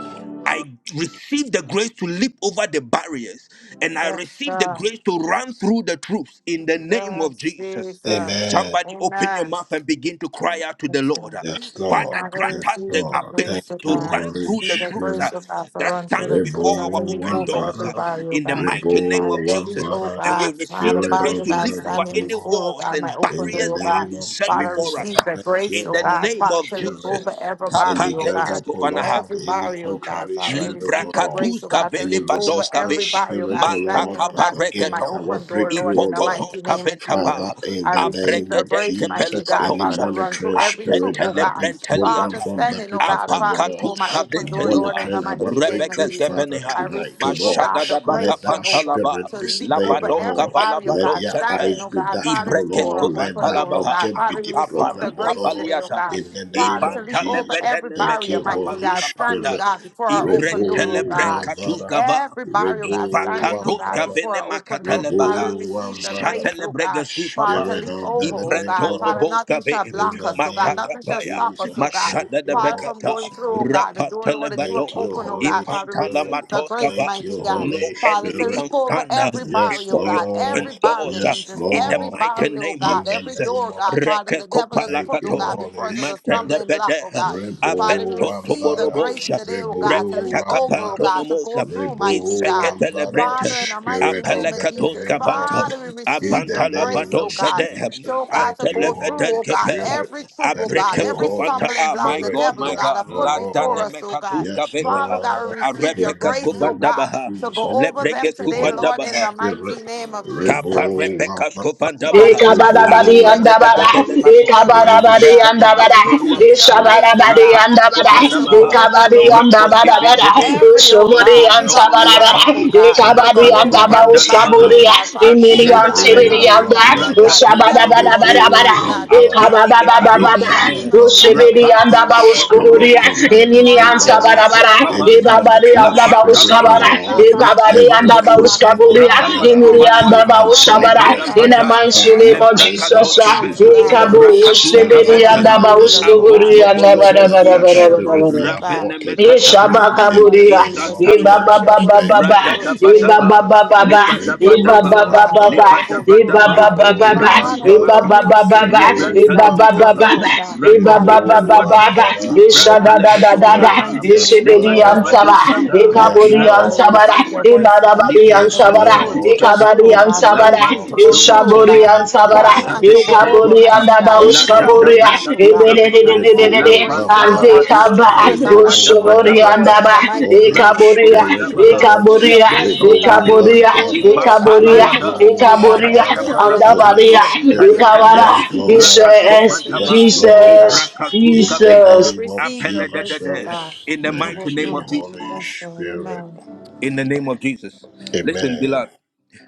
Speaker 9: I receive the grace to leap over the barriers and I
Speaker 8: Yes,
Speaker 9: receive the
Speaker 8: God.
Speaker 9: grace to run through the troops in the name of
Speaker 8: Yes,
Speaker 9: Jesus.
Speaker 8: Jesus.
Speaker 3: Amen.
Speaker 9: Somebody open your
Speaker 8: Amen.
Speaker 9: mouth and begin to cry out to the
Speaker 8: Yes, God.
Speaker 9: Lord.
Speaker 3: Yes,
Speaker 9: Father,
Speaker 3: Lord.
Speaker 8: Father,
Speaker 9: grant
Speaker 3: Yes,
Speaker 9: us
Speaker 8: receive
Speaker 9: the
Speaker 8: the
Speaker 3: Lord. Thank
Speaker 8: grace
Speaker 9: ability
Speaker 8: of
Speaker 9: to
Speaker 3: you,
Speaker 8: God.
Speaker 9: run
Speaker 3: Holy
Speaker 9: through
Speaker 8: Receive
Speaker 9: the
Speaker 8: the
Speaker 9: troops
Speaker 3: Spirit.
Speaker 8: grace
Speaker 9: uh,
Speaker 8: of God for
Speaker 9: that
Speaker 8: run for
Speaker 9: stands
Speaker 8: the
Speaker 3: Rebo
Speaker 8: troops
Speaker 9: before
Speaker 8: and to
Speaker 9: our
Speaker 8: leap
Speaker 9: open
Speaker 8: over
Speaker 9: doors
Speaker 3: Wambara,
Speaker 8: every
Speaker 9: uh,
Speaker 8: barrier, oh
Speaker 9: in the
Speaker 8: God.
Speaker 3: Rebo
Speaker 9: mighty name
Speaker 8: Father,
Speaker 9: of
Speaker 8: every, oh
Speaker 3: Wambara,
Speaker 9: Jesus. And we
Speaker 8: God, Father,
Speaker 9: receive the
Speaker 3: Spirit
Speaker 9: grace
Speaker 3: of
Speaker 8: barrier,
Speaker 9: to
Speaker 3: the
Speaker 8: God,
Speaker 9: leap over
Speaker 8: standing
Speaker 3: Living
Speaker 9: any
Speaker 3: God,
Speaker 8: before, oh
Speaker 9: walls
Speaker 8: God, my
Speaker 9: and
Speaker 3: in
Speaker 8: open
Speaker 3: the
Speaker 9: barriers
Speaker 8: door, oh
Speaker 9: that have
Speaker 8: God.
Speaker 3: name
Speaker 9: been
Speaker 3: of
Speaker 9: set
Speaker 8: Father,
Speaker 9: before us
Speaker 8: receive
Speaker 3: Jesus,
Speaker 9: uh,
Speaker 8: the
Speaker 3: thank
Speaker 8: grace,
Speaker 3: you,
Speaker 9: in
Speaker 8: oh
Speaker 9: the
Speaker 8: God.
Speaker 9: name
Speaker 3: Holy
Speaker 8: Father,
Speaker 9: of
Speaker 8: to leap
Speaker 3: Spirit
Speaker 8: over
Speaker 9: Jesus.
Speaker 8: every
Speaker 3: any
Speaker 8: barrier, oh
Speaker 3: gang
Speaker 8: God.
Speaker 9: Kapadekes
Speaker 3: up, O
Speaker 9: Kovanaha.
Speaker 3: Lord,
Speaker 8: Every
Speaker 3: any
Speaker 8: barrier, oh God.
Speaker 3: contrary
Speaker 8: Father, I
Speaker 3: spirit,
Speaker 8: receive
Speaker 3: O
Speaker 8: the
Speaker 3: Lord,
Speaker 8: grace,
Speaker 9: Librakatus
Speaker 8: oh God, to
Speaker 3: any
Speaker 9: vele
Speaker 8: leap over
Speaker 9: bados
Speaker 3: resistance
Speaker 8: every
Speaker 9: kave
Speaker 8: barrier, oh
Speaker 3: spirit, O
Speaker 8: God,
Speaker 3: Lord,
Speaker 8: standing,
Speaker 9: mantaka
Speaker 8: oh
Speaker 3: but
Speaker 8: God, before my
Speaker 3: against
Speaker 9: pareketo
Speaker 3: our
Speaker 8: open door, Lord,
Speaker 3: breakthrough, O
Speaker 8: in the
Speaker 3: Lord.
Speaker 9: ipokotos
Speaker 8: mighty name of
Speaker 9: kaventaba
Speaker 8: Jesus.
Speaker 3: Father, in
Speaker 8: I
Speaker 3: the
Speaker 8: receive
Speaker 3: name
Speaker 8: the
Speaker 3: of
Speaker 9: abrekedet
Speaker 8: grace, mighty
Speaker 3: Jesus,
Speaker 8: God,
Speaker 3: any
Speaker 9: kepelikatos
Speaker 8: Father, to run through
Speaker 3: monitoring
Speaker 8: every troop,
Speaker 3: spirit
Speaker 8: oh
Speaker 3: that
Speaker 9: atentele
Speaker 3: have
Speaker 8: God.
Speaker 3: been
Speaker 8: Father,
Speaker 3: programmed
Speaker 9: brenteliata
Speaker 3: from the
Speaker 8: standing, oh
Speaker 3: pit of
Speaker 8: God,
Speaker 3: hell, O
Speaker 8: Father,
Speaker 3: Lord,
Speaker 8: before
Speaker 9: apakatus
Speaker 8: my open
Speaker 3: to
Speaker 8: door, Lord,
Speaker 9: kaventeliwa
Speaker 8: in the
Speaker 3: monitoring our
Speaker 8: mighty name of
Speaker 9: rebeges
Speaker 3: breakthroughs,
Speaker 8: Jesus.
Speaker 3: Father,
Speaker 8: I
Speaker 9: keveneha
Speaker 3: tonight, O
Speaker 8: receive, oh
Speaker 3: Lord,
Speaker 8: God,
Speaker 9: mashada
Speaker 8: the
Speaker 9: dabaka
Speaker 3: let
Speaker 8: grace,
Speaker 3: that
Speaker 8: Jehovah,
Speaker 9: pantalaba
Speaker 3: spirit
Speaker 8: to
Speaker 3: be
Speaker 8: leap
Speaker 3: slayed, O
Speaker 8: over
Speaker 9: labados
Speaker 8: every
Speaker 3: Lord,
Speaker 8: barrier, oh
Speaker 3: let
Speaker 9: kavalabados
Speaker 8: God,
Speaker 3: their
Speaker 9: sente
Speaker 8: standing,
Speaker 3: eyes
Speaker 8: oh
Speaker 3: be
Speaker 8: God,
Speaker 3: darkened,
Speaker 8: Father,
Speaker 3: O
Speaker 9: ibrekes
Speaker 8: before
Speaker 3: Lord,
Speaker 8: our
Speaker 3: let
Speaker 8: open
Speaker 3: that
Speaker 9: kovantalaba
Speaker 8: door, oh God.
Speaker 3: object be
Speaker 8: Father, we receive the
Speaker 3: deprogrammed, O
Speaker 9: aparuka
Speaker 8: grace
Speaker 3: Lord,
Speaker 8: today, oh
Speaker 9: paliata
Speaker 8: God.
Speaker 3: in the
Speaker 8: Father,
Speaker 3: name
Speaker 8: to
Speaker 3: of
Speaker 8: leap
Speaker 9: Ibanta
Speaker 8: over
Speaker 3: Jesus.
Speaker 8: every
Speaker 9: lebedene
Speaker 3: Thank
Speaker 8: barrier,
Speaker 3: you,
Speaker 9: mekota
Speaker 8: mighty
Speaker 3: Holy
Speaker 8: God,
Speaker 9: paruka
Speaker 8: standing,
Speaker 9: panda.
Speaker 3: Spirit.
Speaker 8: God, before our open door,
Speaker 9: Ibrente
Speaker 8: oh
Speaker 3: Rebo
Speaker 8: God.
Speaker 9: lebrenka
Speaker 3: Wambara.
Speaker 8: Every barrier, oh God,
Speaker 3: Rebo
Speaker 8: standing, oh God,
Speaker 9: Ipakadoska
Speaker 3: Wambara.
Speaker 8: before
Speaker 9: vene
Speaker 8: our open door. Father,
Speaker 9: makatelebaha.
Speaker 8: we
Speaker 3: Rebo
Speaker 8: receive the
Speaker 3: Wambara.
Speaker 8: grace, oh
Speaker 9: Shatelebrege
Speaker 8: God. Father, to
Speaker 9: papa.
Speaker 3: Spirit
Speaker 8: leap
Speaker 3: of the
Speaker 8: over, oh
Speaker 3: living
Speaker 8: God.
Speaker 9: Ibrento
Speaker 8: Father,
Speaker 3: God.
Speaker 8: nothing
Speaker 9: loboska
Speaker 8: shall
Speaker 3: In
Speaker 8: block
Speaker 3: the
Speaker 8: us, oh God.
Speaker 3: name of
Speaker 8: Nothing shall
Speaker 9: Matakapaya.
Speaker 8: stop us,
Speaker 3: Jesus.
Speaker 8: oh God.
Speaker 3: Thank
Speaker 9: Mashada de
Speaker 3: you,
Speaker 8: Father, from
Speaker 3: Holy
Speaker 9: bekata.
Speaker 8: going through, oh
Speaker 3: Spirit.
Speaker 8: God, the door, Lord, that you have
Speaker 3: Thank
Speaker 9: Rapatelebadoa.
Speaker 3: you,
Speaker 8: opened, oh God.
Speaker 3: Holy
Speaker 8: Father,
Speaker 9: Impantala
Speaker 3: Spirit.
Speaker 8: receive the grace,
Speaker 9: matoskava.
Speaker 3: Thank
Speaker 8: mighty
Speaker 3: you,
Speaker 8: God.
Speaker 9: No
Speaker 3: Holy
Speaker 8: Father, to
Speaker 9: enemy
Speaker 3: Spirit.
Speaker 8: leap
Speaker 9: can
Speaker 8: over
Speaker 9: stand uh,
Speaker 8: every
Speaker 3: Yes,
Speaker 8: barrier, oh
Speaker 9: before your
Speaker 8: God,
Speaker 9: open
Speaker 3: Lord.
Speaker 8: every barrier,
Speaker 9: doors uh,
Speaker 3: Yes,
Speaker 8: Jesus,
Speaker 9: in the
Speaker 8: every
Speaker 3: Lord.
Speaker 9: mighty
Speaker 8: barrier, oh
Speaker 9: name of name of
Speaker 3: In
Speaker 8: God,
Speaker 3: the
Speaker 8: every
Speaker 9: Jesus.
Speaker 3: name
Speaker 8: door,
Speaker 3: of
Speaker 8: God,
Speaker 3: Jesus.
Speaker 8: Father,
Speaker 9: Reke
Speaker 8: the devil has
Speaker 3: Thank
Speaker 8: put, oh
Speaker 3: you,
Speaker 8: God,
Speaker 9: kopalakato.
Speaker 8: before
Speaker 3: Holy
Speaker 8: us as a
Speaker 3: Spirit.
Speaker 9: Matende
Speaker 8: stumbling block, oh
Speaker 9: bede.
Speaker 8: God.
Speaker 3: Rebo
Speaker 8: Father, we
Speaker 9: Abento
Speaker 8: receive the
Speaker 3: Wambara,
Speaker 8: grace
Speaker 9: toborobosha.
Speaker 8: today, oh
Speaker 3: Rebo
Speaker 8: God, to leap over, oh
Speaker 9: Repetakapanto
Speaker 3: Wambara,
Speaker 8: God, to go
Speaker 9: nomosa.
Speaker 8: through,
Speaker 3: Rebo
Speaker 8: mighty God.
Speaker 3: Wambara,
Speaker 9: Iseketelebrente.
Speaker 8: Father, in the mighty
Speaker 3: Spirit
Speaker 8: name
Speaker 3: of
Speaker 8: of
Speaker 3: the
Speaker 9: Apelekatos
Speaker 8: Jesus,
Speaker 3: Living
Speaker 9: kavanta.
Speaker 3: God,
Speaker 8: Father, we receive
Speaker 3: in the
Speaker 8: your
Speaker 9: Abanta
Speaker 8: grace,
Speaker 3: name
Speaker 9: lavado
Speaker 8: oh
Speaker 3: of
Speaker 8: God.
Speaker 9: shade.
Speaker 3: Jesus.
Speaker 8: So, oh God,
Speaker 3: Thank
Speaker 8: to
Speaker 3: you,
Speaker 8: go through,
Speaker 9: Atelebeden
Speaker 3: Holy
Speaker 8: oh God,
Speaker 9: kepe.
Speaker 3: Spirit.
Speaker 8: every troop, oh
Speaker 3: Thank
Speaker 8: God,
Speaker 3: you,
Speaker 9: Abrekes
Speaker 8: every
Speaker 3: Holy
Speaker 9: kovanta.
Speaker 8: stumbling
Speaker 9: Ah,
Speaker 8: block,
Speaker 9: my
Speaker 8: the
Speaker 3: Spirit.
Speaker 9: God,
Speaker 8: devil, oh
Speaker 9: my
Speaker 3: Yes,
Speaker 8: God, has
Speaker 9: God.
Speaker 8: put
Speaker 9: La
Speaker 8: before
Speaker 9: dane
Speaker 3: Lord.
Speaker 8: us, oh God.
Speaker 9: mekatus
Speaker 3: Yes,
Speaker 9: kaventa.
Speaker 8: Father God, we
Speaker 3: Lord.
Speaker 8: receive your
Speaker 3: In
Speaker 9: Arepekas
Speaker 3: the
Speaker 8: grace, oh
Speaker 3: name
Speaker 8: God,
Speaker 9: kovandabaha.
Speaker 3: of
Speaker 8: to
Speaker 3: Jesus,
Speaker 8: go over them
Speaker 9: Leprekes
Speaker 3: the
Speaker 8: today,
Speaker 3: Holy
Speaker 8: Lord, in
Speaker 9: kufandabaha.
Speaker 8: the
Speaker 3: Spirit.
Speaker 8: mighty name of
Speaker 9: Kappa
Speaker 8: Jesus.
Speaker 3: Rebo
Speaker 9: Rebecca
Speaker 3: Wambara,
Speaker 8: Father,
Speaker 9: Scofandabaha,
Speaker 8: we receive the
Speaker 6: Ikabadabadi
Speaker 3: Rebo
Speaker 6: and
Speaker 8: grace,
Speaker 9: Asheta
Speaker 8: oh
Speaker 9: de
Speaker 3: Wambara,
Speaker 8: God. We
Speaker 6: Dabada,
Speaker 8: receive
Speaker 9: Bedemako,
Speaker 8: your grace,
Speaker 3: Holy
Speaker 8: oh
Speaker 6: Ikabadabadi
Speaker 8: God.
Speaker 6: and
Speaker 9: Rebecca
Speaker 3: Spirit.
Speaker 8: We
Speaker 6: Dabada,
Speaker 3: Yes,
Speaker 8: receive your
Speaker 9: Toluapa,
Speaker 8: grace,
Speaker 3: Lord.
Speaker 8: oh
Speaker 6: Ishabadabadi
Speaker 8: God.
Speaker 6: and
Speaker 9: Rabaka
Speaker 8: Father,
Speaker 3: Yes,
Speaker 6: Dabada,
Speaker 8: to go
Speaker 9: Scofandabaha,
Speaker 8: over,
Speaker 3: Lord.
Speaker 6: Ikabadi
Speaker 8: Lord.
Speaker 6: and
Speaker 3: Yes,
Speaker 9: Rakoske
Speaker 8: Father,
Speaker 6: Dabada,
Speaker 9: Ventebe,
Speaker 3: Lord.
Speaker 8: every, oh
Speaker 6: Usubudi
Speaker 8: God,
Speaker 9: Ibon
Speaker 6: and
Speaker 3: Yes,
Speaker 8: stumbling
Speaker 6: Sabada,
Speaker 8: block,
Speaker 3: Lord.
Speaker 8: oh
Speaker 9: Tomoluapa,
Speaker 8: God, to
Speaker 3: Thank
Speaker 6: Ikabadi
Speaker 8: go
Speaker 3: you,
Speaker 6: and
Speaker 8: over
Speaker 9: Rakasko
Speaker 8: every
Speaker 3: Holy
Speaker 8: barrier, oh
Speaker 9: Pandalabaha,
Speaker 6: Dabauskaburia,
Speaker 3: Spirit.
Speaker 8: God. Father, you,
Speaker 6: Imini
Speaker 8: oh
Speaker 9: Asheta
Speaker 6: and
Speaker 9: de
Speaker 8: God, have
Speaker 6: Sibidi
Speaker 3: Rebo
Speaker 9: Beha,
Speaker 8: put, oh
Speaker 6: and
Speaker 8: God,
Speaker 6: that,
Speaker 3: Wambara.
Speaker 8: that the
Speaker 6: Usabada,
Speaker 8: devil, oh Lord, has put,
Speaker 9: Rakapendunomosiata,
Speaker 3: Rebo
Speaker 8: oh God, before
Speaker 3: Wambara.
Speaker 8: us,
Speaker 9: Apindi
Speaker 8: oh God,
Speaker 6: Ikabada,
Speaker 9: Becadon
Speaker 8: blocking
Speaker 3: Rebo
Speaker 9: Shade,
Speaker 6: baba
Speaker 8: us, oh God, from
Speaker 3: Wambara.
Speaker 6: ushibidi
Speaker 8: entering, oh
Speaker 6: anda ba
Speaker 8: God, our
Speaker 9: Rabantonomokotom
Speaker 8: door, oh
Speaker 3: Spirit
Speaker 6: uskuburia
Speaker 3: of
Speaker 8: God.
Speaker 9: Romosia,
Speaker 3: the
Speaker 6: enini
Speaker 3: living
Speaker 6: ansa
Speaker 8: Father, oh
Speaker 3: God.
Speaker 6: bara
Speaker 8: God, a
Speaker 9: Indeniaton
Speaker 6: bara
Speaker 8: door of
Speaker 3: Any
Speaker 6: e
Speaker 9: Scavanta,
Speaker 6: baba
Speaker 8: opportunity, oh
Speaker 6: de
Speaker 3: monitoring
Speaker 8: God, a
Speaker 6: anda ba
Speaker 8: door
Speaker 9: Labanta
Speaker 8: of
Speaker 3: spirit, O
Speaker 6: uskabara
Speaker 8: breakthrough, oh
Speaker 9: Labaha,
Speaker 8: God.
Speaker 3: Lord,
Speaker 6: e
Speaker 8: Father,
Speaker 6: baba
Speaker 8: every
Speaker 3: every
Speaker 6: anda ba
Speaker 8: stumbling
Speaker 9: Rakasotolua.
Speaker 8: block
Speaker 3: program, O
Speaker 8: before it
Speaker 6: uskaburia
Speaker 3: Lord,
Speaker 8: today,
Speaker 3: that
Speaker 8: oh
Speaker 3: have
Speaker 9: Rapakasko
Speaker 8: God.
Speaker 6: emini
Speaker 3: been
Speaker 6: anda
Speaker 9: banuata
Speaker 6: ba
Speaker 3: programmed to
Speaker 8: Father,
Speaker 6: uskabara
Speaker 8: we, oh
Speaker 9: Rapakaskovanuata,
Speaker 3: arrest
Speaker 8: God,
Speaker 6: in the
Speaker 3: our
Speaker 8: receive
Speaker 9: bada
Speaker 8: your
Speaker 6: mighty
Speaker 3: star,
Speaker 8: grace,
Speaker 6: name
Speaker 8: oh
Speaker 6: of
Speaker 8: God, to
Speaker 3: arrest
Speaker 8: go
Speaker 6: Jesus
Speaker 3: our
Speaker 8: through
Speaker 9: Leprakatoskebe,
Speaker 8: it, oh
Speaker 3: season, O
Speaker 6: e
Speaker 8: God, in
Speaker 6: kabo
Speaker 3: Lord.
Speaker 8: the mighty
Speaker 9: rakatuska
Speaker 8: name
Speaker 3: Father,
Speaker 6: ushibidi
Speaker 8: of
Speaker 3: in
Speaker 6: anda
Speaker 9: Venteha,
Speaker 3: the
Speaker 6: ba
Speaker 8: Jesus,
Speaker 3: name
Speaker 8: oh
Speaker 3: of
Speaker 8: God.
Speaker 9: abonto Rakatuskaventeha,
Speaker 6: uskuburia anda
Speaker 8: We
Speaker 3: Jesus,
Speaker 6: bara
Speaker 3: let
Speaker 6: bara
Speaker 8: receive
Speaker 3: that
Speaker 6: bara
Speaker 8: your
Speaker 9: Abontobolobostiate,
Speaker 6: bara
Speaker 3: spirit
Speaker 8: grace,
Speaker 3: be
Speaker 6: bara
Speaker 8: oh God.
Speaker 3: aborted, O Lord
Speaker 8: In the
Speaker 9: Rabenemekatabranto,
Speaker 8: name
Speaker 3: in
Speaker 8: of
Speaker 3: the
Speaker 6: Ishabakaburia,
Speaker 3: name
Speaker 8: Jesus, we
Speaker 3: of
Speaker 8: receive
Speaker 6: Ibaba
Speaker 9: Izantaluate,
Speaker 8: your
Speaker 3: Jesus,
Speaker 6: Baba
Speaker 8: grace to
Speaker 3: thank you,
Speaker 8: go
Speaker 6: Baba,
Speaker 8: through
Speaker 9: Radada
Speaker 8: it
Speaker 3: Holy
Speaker 8: today, oh
Speaker 6: Ibaba
Speaker 8: God.
Speaker 9: badaba
Speaker 3: Spirit.
Speaker 6: Baba
Speaker 8: We
Speaker 6: Baba,
Speaker 9: libada
Speaker 8: receive your grace,
Speaker 3: Rebo
Speaker 6: Ibaba
Speaker 8: oh
Speaker 9: badaba
Speaker 8: God,
Speaker 6: Baba Baba,
Speaker 3: Wambada,
Speaker 8: to go through, oh
Speaker 9: Libadabadaba,
Speaker 6: Ibaba
Speaker 9: Libadabadaba,
Speaker 8: God.
Speaker 6: Baba
Speaker 3: Rebo
Speaker 6: Baba,
Speaker 8: Father,
Speaker 3: Wambada,
Speaker 6: Ibaba
Speaker 8: family,
Speaker 9: Rapatemako,
Speaker 6: Baba
Speaker 8: receive
Speaker 6: Baba,
Speaker 8: your grace,
Speaker 3: Rebo
Speaker 8: God,
Speaker 6: Ibaba
Speaker 8: to go
Speaker 6: Baba
Speaker 9: Librantalebekata,
Speaker 3: Wambada,
Speaker 8: through, oh
Speaker 6: Baba,
Speaker 8: God. Father,
Speaker 9: Rakoske
Speaker 6: Ibaba
Speaker 8: every
Speaker 3: Rebo
Speaker 6: Baba
Speaker 9: Venduata,
Speaker 8: stumbling
Speaker 6: Baba,
Speaker 8: block,
Speaker 3: Wambada,
Speaker 8: mighty
Speaker 9: Libranta
Speaker 6: Ishada
Speaker 8: God.
Speaker 3: Holy
Speaker 6: da da
Speaker 8: In
Speaker 6: da
Speaker 8: the
Speaker 6: da,
Speaker 3: Spirit.
Speaker 9: Lebedosata,
Speaker 8: mighty
Speaker 3: Yes,
Speaker 8: name of
Speaker 6: Ishibidi
Speaker 8: Jesus,
Speaker 3: Lord.
Speaker 8: every
Speaker 6: Antaba,
Speaker 8: stumbling
Speaker 9: Libadabadosata,
Speaker 8: block, oh
Speaker 3: Yes,
Speaker 6: Ikabudi
Speaker 8: God, Father, we
Speaker 6: Antabara,
Speaker 3: Lord.
Speaker 8: receive your
Speaker 9: Rakaskopanuata,
Speaker 8: grace, oh
Speaker 6: Ibada
Speaker 8: God,
Speaker 6: Babi
Speaker 8: to
Speaker 3: Yes,
Speaker 9: Libranta
Speaker 8: go
Speaker 6: Antabara,
Speaker 8: through, to
Speaker 3: Lord,
Speaker 8: go
Speaker 9: Labadusate,
Speaker 8: through,
Speaker 6: Ikabadi
Speaker 8: oh
Speaker 3: in the
Speaker 8: God, to
Speaker 6: and
Speaker 8: go
Speaker 3: name
Speaker 8: through,
Speaker 3: of
Speaker 8: to
Speaker 9: Labanto
Speaker 8: go through, oh
Speaker 3: Jesus,
Speaker 6: Ishaburi
Speaker 9: Nomosave,
Speaker 8: God.
Speaker 6: and
Speaker 3: thank you,
Speaker 6: Sabara,
Speaker 8: Father, and
Speaker 3: Holy
Speaker 8: to
Speaker 9: Shatete
Speaker 8: go over,
Speaker 3: Spirit.
Speaker 6: Ikaburi
Speaker 9: Petuata,
Speaker 6: and
Speaker 8: mighty God, every
Speaker 9: La
Speaker 3: Thank you,
Speaker 9: Danda
Speaker 8: stumbling
Speaker 6: Abauskaburia,
Speaker 3: Holy
Speaker 8: block,
Speaker 9: Brata
Speaker 8: oh God.
Speaker 9: Dosave,
Speaker 3: Spirit.
Speaker 8: We receive your
Speaker 3: Rebo
Speaker 6: Ibididididididi,
Speaker 8: grace
Speaker 9: Labanta
Speaker 8: today,
Speaker 6: and
Speaker 8: O
Speaker 3: Wambala,
Speaker 8: God, to
Speaker 9: Labadu.
Speaker 8: go
Speaker 6: Ikaba,
Speaker 8: through, O God, unto
Speaker 3: Rebo
Speaker 8: Jehovah,
Speaker 6: Ushuri and
Speaker 8: Lord,
Speaker 3: Wambala.
Speaker 8: in
Speaker 6: Aba,
Speaker 8: the
Speaker 9: Lebadabadabakapa,
Speaker 8: mighty
Speaker 3: Holy
Speaker 8: name of
Speaker 6: Ikaburia,
Speaker 8: Jesus.
Speaker 3: Spirit, O
Speaker 8: We
Speaker 9: Rakaskopandabaha,
Speaker 3: Lord,
Speaker 8: receive your
Speaker 6: Ikaburia,
Speaker 8: grace, O God,
Speaker 3: Rebo
Speaker 9: Iventoskaveta,
Speaker 8: to
Speaker 6: Ikaburia,
Speaker 8: go
Speaker 3: Wambala,
Speaker 8: through, O God,
Speaker 6: Ikaburia,
Speaker 8: unto Jehovah,
Speaker 9: Ibampalabada,
Speaker 8: O
Speaker 3: Rebo
Speaker 8: God,
Speaker 6: Ikaburia,
Speaker 8: every
Speaker 3: Wambala.
Speaker 6: and
Speaker 8: stumbling
Speaker 9: Shatekaparakata,
Speaker 8: block,
Speaker 3: Holy
Speaker 6: Abaria,
Speaker 8: Lord,
Speaker 3: Spirit,
Speaker 8: in the
Speaker 9: Ipaledede,
Speaker 3: yes,
Speaker 8: mighty
Speaker 6: Ikawara,
Speaker 8: name of
Speaker 3: Lord,
Speaker 8: Jesus.
Speaker 6: Jesus,
Speaker 8: We
Speaker 3: yes,
Speaker 9: Rakaskopantaba,
Speaker 8: receive, O
Speaker 3: Lord,
Speaker 8: God,
Speaker 6: Jesus.
Speaker 3: in the
Speaker 9: Ibrakatuskaveta,
Speaker 6: Jesus,
Speaker 8: we
Speaker 3: name of
Speaker 8: receive your grace, O
Speaker 9: Apeledede.
Speaker 8: God,
Speaker 3: Jesus.
Speaker 9: In the
Speaker 8: to
Speaker 9: mighty
Speaker 8: go
Speaker 3: Thank
Speaker 9: name
Speaker 3: you,
Speaker 9: of
Speaker 8: through.
Speaker 9: Jesus.
Speaker 3: Holy
Speaker 8: Yes, Lord,
Speaker 3: Spirit.
Speaker 8: amen.
Speaker 9: In the name of Jesus. Listen,
Speaker 3: Amen.
Speaker 9: beloved,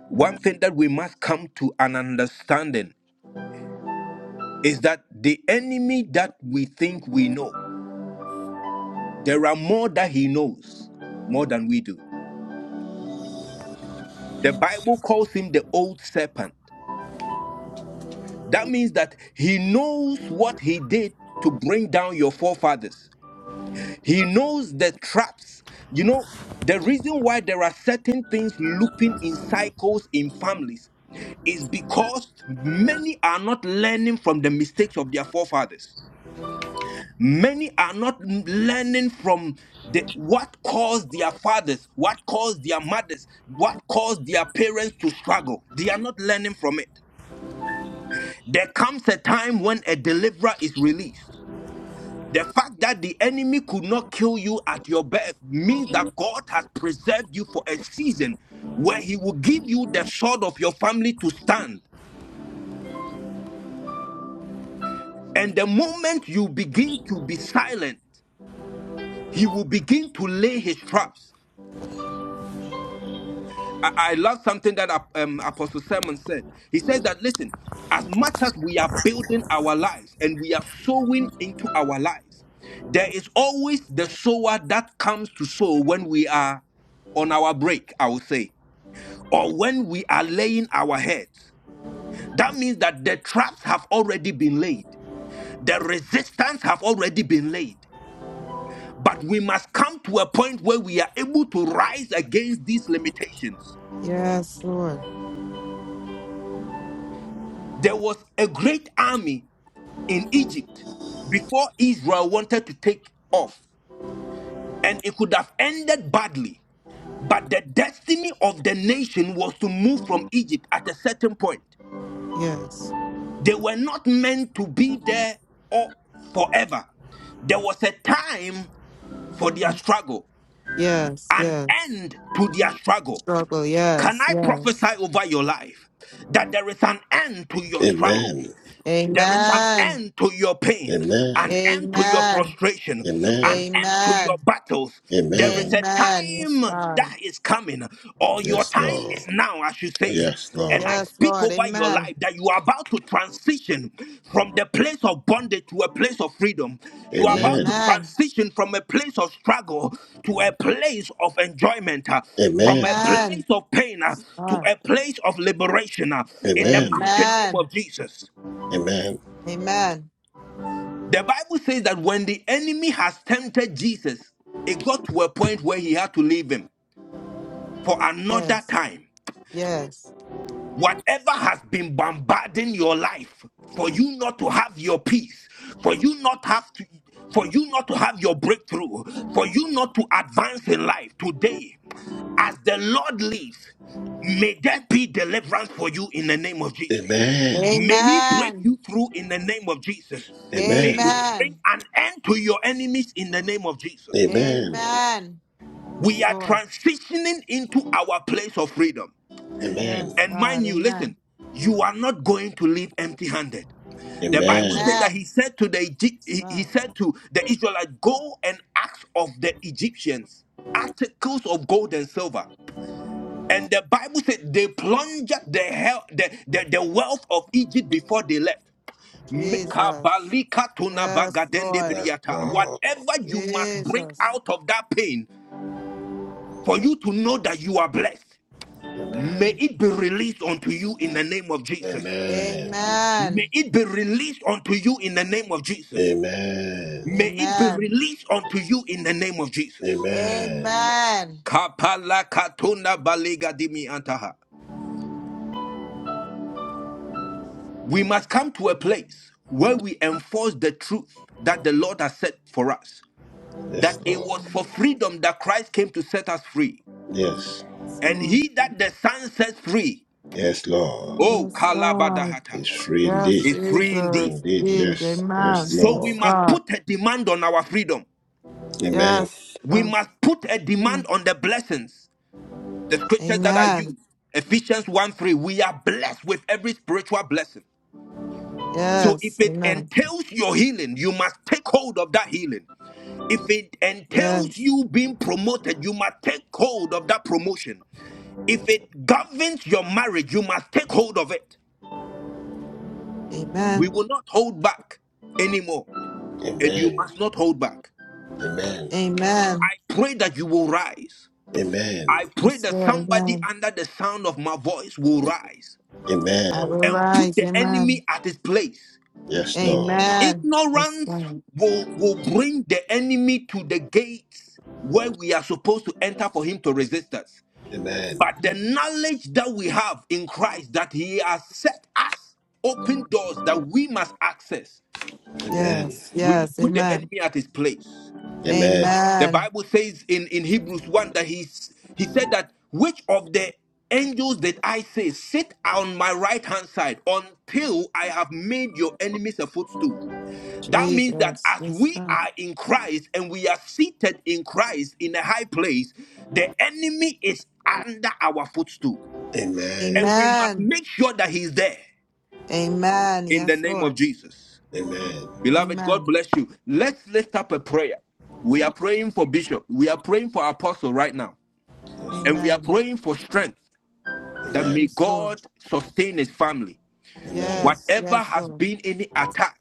Speaker 9: one thing that we must come to an understanding is that the enemy that we think we know, there are more that he knows more than we do. The Bible calls him the old serpent. That means that he knows what he did to bring down your forefathers. He knows the traps. You know, the reason why there are certain things looping in cycles in families is because many are not learning from the mistakes of their forefathers. Many are not m- learning from the, what caused their fathers, what caused their mothers, what caused their parents to struggle. They are not learning from it. There comes a time when a deliverer is released. The fact that the enemy could not kill you at your birth means that God has preserved you for a season where He will give you the sword of your family to stand. And the moment you begin to be silent, He will begin to lay His traps. I, I love something that Ap- um, Apostle Simon said. He says that, listen, as much as we are building our lives and we are sowing into our lives, there is always the sower that comes to sow when we are on our break, I would say, or when we are laying our heads. That means that the traps have already been laid, the resistance have already been laid. But we must come to a point where we are able to rise against these limitations.
Speaker 8: Yes, Lord,
Speaker 9: There was a great army in Egypt before Israel wanted to take off. And it could have ended badly. But the destiny of the nation was to move from Egypt at a certain point.
Speaker 8: yes.
Speaker 9: They were not meant to be there or forever. There was a time for their
Speaker 8: Mhm.
Speaker 9: struggle,
Speaker 8: Yes,
Speaker 9: an
Speaker 8: yes.
Speaker 9: end to their struggle.
Speaker 8: Struggle,
Speaker 9: Can
Speaker 8: yes,
Speaker 9: I
Speaker 8: yes.
Speaker 9: prophesy over your life that there is an end to your struggle?
Speaker 3: Amen.
Speaker 9: There is an
Speaker 8: Amen.
Speaker 9: end to your pain, an
Speaker 3: Amen.
Speaker 9: end to your
Speaker 8: Amen.
Speaker 9: frustration, an
Speaker 3: Amen.
Speaker 9: end to your
Speaker 8: Amen.
Speaker 9: battles. There is
Speaker 3: Amen.
Speaker 9: a
Speaker 8: Amen. Yes,
Speaker 9: time
Speaker 8: God.
Speaker 9: that is coming, or your
Speaker 3: Yes,
Speaker 9: time
Speaker 3: Lord.
Speaker 9: is now, I should say.
Speaker 3: Yes,
Speaker 9: And I
Speaker 3: Lord.
Speaker 8: Yes,
Speaker 9: speak
Speaker 8: Lord.
Speaker 9: over your
Speaker 8: Amen.
Speaker 9: life that you are about to transition from the place of bondage to a place of freedom. You are about to
Speaker 3: Amen.
Speaker 8: Amen.
Speaker 9: transition from a place of struggle to a place of enjoyment, uh, from a
Speaker 3: Amen.
Speaker 9: place
Speaker 8: Amen.
Speaker 9: of pain uh, to
Speaker 8: God.
Speaker 9: a place of liberation. uh, In the
Speaker 3: Amen.
Speaker 9: mighty name
Speaker 8: Amen.
Speaker 9: of Jesus.
Speaker 3: Amen.
Speaker 8: Amen.
Speaker 9: The Bible says that when the enemy has tempted Jesus, it got to a point where he had to leave him for another
Speaker 8: Yes.
Speaker 9: time.
Speaker 8: Yes.
Speaker 9: Whatever has been bombarding your life for you not to have your peace, for you not have to for you not to have your breakthrough, for you not to advance in life today, as the Lord lives, may there be deliverance for you in the name of Jesus.
Speaker 3: Amen.
Speaker 9: May he break
Speaker 8: Amen.
Speaker 9: you through in the name of Jesus. May he
Speaker 3: Amen.
Speaker 9: bring
Speaker 8: Amen.
Speaker 9: an end to your enemies in the name of Jesus.
Speaker 3: Amen.
Speaker 8: Amen. Yes,
Speaker 9: We are
Speaker 8: Lord.
Speaker 9: transitioning into our place of freedom.
Speaker 3: Amen.
Speaker 8: Yes,
Speaker 9: And
Speaker 8: God.
Speaker 9: mind you,
Speaker 8: Amen.
Speaker 9: listen, you are not going to leave empty-handed. The Bible said
Speaker 3: Amen.
Speaker 9: that
Speaker 8: Amen.
Speaker 9: he
Speaker 8: Yes,
Speaker 9: said to the Egy- he he
Speaker 8: God.
Speaker 9: said to the Israelites, "Go and ask of the Egyptians articles of gold and silver." And the Bible said they plunged the hell the, the, the wealth of Egypt before they left.
Speaker 8: Jesus.
Speaker 9: Mekabalika
Speaker 8: Yes, Lord.
Speaker 3: Yes, Lord.
Speaker 9: Whatever you must bring
Speaker 8: Jesus.
Speaker 9: out of that pain for you to know that you are blessed, may
Speaker 3: Amen.
Speaker 9: it be released unto you in the name of Jesus.
Speaker 3: Amen.
Speaker 8: Amen.
Speaker 9: May it be released unto you in the name of Jesus.
Speaker 3: Amen.
Speaker 9: May it be
Speaker 8: Amen.
Speaker 9: released unto you in the name of Jesus.
Speaker 3: Amen.
Speaker 8: Amen.
Speaker 9: Kapala katunda balega dimi antaha. We must come to a place where we enforce the truth that the Lord has set for us.
Speaker 3: Yes,
Speaker 9: That it was
Speaker 3: Lord.
Speaker 9: for freedom that Christ came to set us free.
Speaker 3: Yes.
Speaker 9: And
Speaker 8: Lord.
Speaker 9: he that the Son sets free,
Speaker 3: Yes, Lord.
Speaker 9: oh
Speaker 8: Yes, God.
Speaker 9: Kalabadahata,
Speaker 3: It's free
Speaker 8: Yes,
Speaker 3: indeed.
Speaker 9: is free
Speaker 3: Free
Speaker 9: indeed.
Speaker 8: Jesus.
Speaker 3: indeed.
Speaker 8: Indeed.
Speaker 3: Yes. Yes,
Speaker 8: Amen.
Speaker 9: So we
Speaker 8: Yes,
Speaker 3: Lord.
Speaker 9: must
Speaker 8: God.
Speaker 9: put a demand on our freedom.
Speaker 8: Yes.
Speaker 9: We
Speaker 8: Yes.
Speaker 9: must put a demand
Speaker 8: Amen.
Speaker 9: on the blessings The scriptures that I
Speaker 8: Amen.
Speaker 9: use, Ephesians 1 3, we are blessed with every spiritual blessing. So
Speaker 8: Yes.
Speaker 9: if it
Speaker 8: Amen.
Speaker 9: entails your healing, you must take hold of that healing. If it entails
Speaker 8: Yes.
Speaker 9: you being promoted, you must take hold of that promotion. If it governs your marriage, you must take hold of it. We
Speaker 8: Amen.
Speaker 9: will not hold back anymore, and you
Speaker 3: Amen.
Speaker 9: must not hold back.
Speaker 3: Amen.
Speaker 8: Amen.
Speaker 9: I pray that you will rise. I
Speaker 3: Amen.
Speaker 9: pray
Speaker 8: Yes,
Speaker 9: that
Speaker 8: Lord.
Speaker 9: somebody
Speaker 8: Amen.
Speaker 9: under the sound of my voice will rise
Speaker 8: I
Speaker 3: Amen.
Speaker 8: will
Speaker 9: and put
Speaker 8: rise.
Speaker 9: the
Speaker 8: Amen.
Speaker 9: enemy at his place
Speaker 3: Yes, Lord.
Speaker 8: Amen. Yes,
Speaker 9: Ignorance
Speaker 8: Lord.
Speaker 9: will, will bring the enemy to the gates where we are supposed to enter for him to resist us.
Speaker 3: Amen.
Speaker 9: But the knowledge that we have in Christ that he has set us open doors that we must access,
Speaker 3: Amen.
Speaker 8: Yes.
Speaker 9: we will
Speaker 8: Yes.
Speaker 9: put the
Speaker 8: Amen.
Speaker 9: enemy at his place.
Speaker 3: Amen.
Speaker 9: The
Speaker 8: Amen.
Speaker 9: Bible says in, in Hebrews 1 that he's, he said that which of the angels did I say, sit on my right hand side until I have made your enemies a footstool? That means that
Speaker 8: Jesus.
Speaker 9: as
Speaker 8: Yes,
Speaker 9: we
Speaker 8: God.
Speaker 9: are in Christ and we are seated in Christ in a high place, the enemy is under our footstool. And
Speaker 3: Amen.
Speaker 9: we must
Speaker 8: Amen.
Speaker 9: make sure that he's there
Speaker 8: Amen.
Speaker 9: in the
Speaker 8: Yes,
Speaker 9: name of
Speaker 8: Lord.
Speaker 9: Jesus.
Speaker 3: Amen.
Speaker 9: Beloved, God
Speaker 8: Amen.
Speaker 9: bless you. Let's lift up a prayer. We are praying for Bishop. We are praying for Apostle right now.
Speaker 3: Yes,
Speaker 9: And
Speaker 3: Lord.
Speaker 9: we are
Speaker 8: Amen.
Speaker 9: praying for strength that
Speaker 3: Amen.
Speaker 9: may
Speaker 8: Yes, Lord.
Speaker 9: God sustain his family.
Speaker 3: Amen.
Speaker 8: Yes,
Speaker 9: Whatever
Speaker 8: yes,
Speaker 9: has
Speaker 8: Lord.
Speaker 9: been any attack,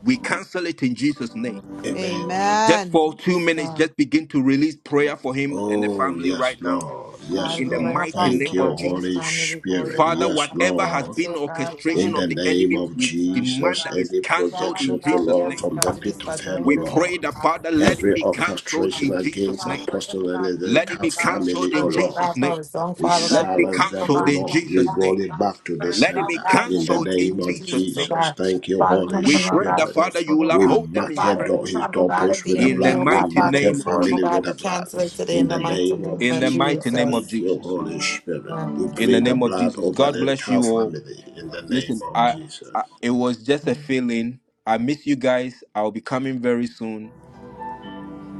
Speaker 9: we cancel it in Jesus' name.
Speaker 3: Amen.
Speaker 9: Just for
Speaker 8: Amen.
Speaker 9: two
Speaker 8: Yes,
Speaker 9: minutes,
Speaker 8: God.
Speaker 9: just begin to release prayer for him and the
Speaker 3: Oh,
Speaker 9: family
Speaker 3: yes,
Speaker 9: right now
Speaker 3: Lord. Yes,
Speaker 8: God,
Speaker 9: in
Speaker 8: we
Speaker 9: the
Speaker 8: bring
Speaker 3: Lord.
Speaker 9: mighty
Speaker 3: Thank
Speaker 9: name
Speaker 8: Apostle
Speaker 3: you,
Speaker 9: of
Speaker 8: God and his
Speaker 3: Holy
Speaker 9: Jesus.
Speaker 8: family before
Speaker 3: Spirit.
Speaker 8: you, God.
Speaker 9: Father,
Speaker 3: Yes,
Speaker 9: whatever has
Speaker 8: God,
Speaker 3: Lord.
Speaker 9: been
Speaker 8: oh God.
Speaker 3: In
Speaker 9: orchestration
Speaker 8: God,
Speaker 9: of
Speaker 3: the
Speaker 9: the
Speaker 8: we
Speaker 3: name
Speaker 9: enemy,
Speaker 3: of
Speaker 8: bring
Speaker 9: we
Speaker 8: Son,
Speaker 3: Jesus,
Speaker 9: demand that
Speaker 8: God.
Speaker 9: is
Speaker 3: any
Speaker 9: cancelled
Speaker 8: Father
Speaker 9: in
Speaker 3: projection to
Speaker 8: God, we
Speaker 9: Jesus'
Speaker 3: Lord
Speaker 9: name.
Speaker 8: ask
Speaker 3: from
Speaker 8: God
Speaker 3: the
Speaker 8: to
Speaker 3: pit of
Speaker 8: dispatch your
Speaker 3: hell, O
Speaker 9: We
Speaker 8: angels, mighty
Speaker 9: pray
Speaker 3: Lord.
Speaker 9: that,
Speaker 8: God.
Speaker 9: Father, let it
Speaker 3: Every
Speaker 9: be cancelled
Speaker 3: orchestration
Speaker 9: in Jesus'
Speaker 3: against
Speaker 8: Father,
Speaker 9: name.
Speaker 8: whatever
Speaker 3: Apostle and
Speaker 8: God
Speaker 3: his
Speaker 8: you
Speaker 9: Let
Speaker 8: need,
Speaker 9: it
Speaker 3: entire
Speaker 9: be
Speaker 8: God,
Speaker 3: family,
Speaker 9: cancelled
Speaker 3: O
Speaker 9: in
Speaker 8: and oh
Speaker 3: Lord.
Speaker 8: God,
Speaker 9: Jesus' name.
Speaker 8: for his song,
Speaker 3: We
Speaker 8: Father
Speaker 9: Let
Speaker 8: God,
Speaker 9: it
Speaker 8: for
Speaker 9: be
Speaker 8: his
Speaker 3: silence
Speaker 8: people,
Speaker 3: them, O
Speaker 9: cancelled
Speaker 8: God,
Speaker 9: in
Speaker 8: God,
Speaker 3: Lord.
Speaker 8: and
Speaker 3: We
Speaker 9: Jesus'
Speaker 8: yes,
Speaker 3: roll
Speaker 9: name.
Speaker 3: it
Speaker 8: God,
Speaker 3: back to the
Speaker 8: for the
Speaker 9: Let it
Speaker 8: love,
Speaker 9: be
Speaker 3: sender.
Speaker 8: God, in the
Speaker 3: In the
Speaker 9: cancelled
Speaker 8: mighty
Speaker 9: in
Speaker 3: name
Speaker 8: name
Speaker 3: of
Speaker 8: of
Speaker 9: Jesus'
Speaker 8: Jesus, oh
Speaker 9: name.
Speaker 3: Jesus.
Speaker 8: God.
Speaker 3: Thank you,
Speaker 8: Father, come
Speaker 3: Holy
Speaker 8: in
Speaker 9: We
Speaker 8: the love,
Speaker 9: pray
Speaker 8: God,
Speaker 9: that,
Speaker 3: Spirit.
Speaker 8: for
Speaker 9: Father,
Speaker 8: his
Speaker 9: you
Speaker 8: people,
Speaker 9: will
Speaker 8: oh God.
Speaker 3: We
Speaker 9: uphold them
Speaker 3: mark
Speaker 9: in
Speaker 3: her
Speaker 8: God,
Speaker 9: strength
Speaker 8: every
Speaker 3: door, his
Speaker 8: trouble, God, of
Speaker 3: doorpost
Speaker 8: the
Speaker 3: with the
Speaker 9: in
Speaker 8: enemy,
Speaker 9: the
Speaker 8: oh
Speaker 3: blood. We
Speaker 8: God,
Speaker 9: mighty
Speaker 8: Father,
Speaker 3: mark her
Speaker 9: name of
Speaker 8: before, him, oh
Speaker 3: family
Speaker 8: God,
Speaker 3: with
Speaker 8: we
Speaker 3: the
Speaker 9: Jesus.
Speaker 3: blood.
Speaker 8: cancel it today in
Speaker 3: In
Speaker 8: the
Speaker 3: the
Speaker 8: mighty
Speaker 3: name
Speaker 8: name
Speaker 3: of
Speaker 9: in
Speaker 8: of
Speaker 9: the
Speaker 3: Jesus.
Speaker 9: mighty name of
Speaker 8: Jesus.
Speaker 3: Thank you,
Speaker 9: Jesus.
Speaker 3: Holy Spirit.
Speaker 8: Amen.
Speaker 3: We
Speaker 8: Yes,
Speaker 9: In the
Speaker 3: plead the
Speaker 8: God.
Speaker 9: name of
Speaker 3: blood
Speaker 9: Jesus.
Speaker 3: over
Speaker 9: God
Speaker 3: the
Speaker 9: bless
Speaker 3: entire
Speaker 9: you all.
Speaker 3: family. In the name
Speaker 8: Yes,
Speaker 9: Listen,
Speaker 3: of
Speaker 9: I,
Speaker 8: God.
Speaker 3: Jesus.
Speaker 9: I it was just a
Speaker 8: Mm.
Speaker 9: feeling. I miss you guys. I'll be coming very soon,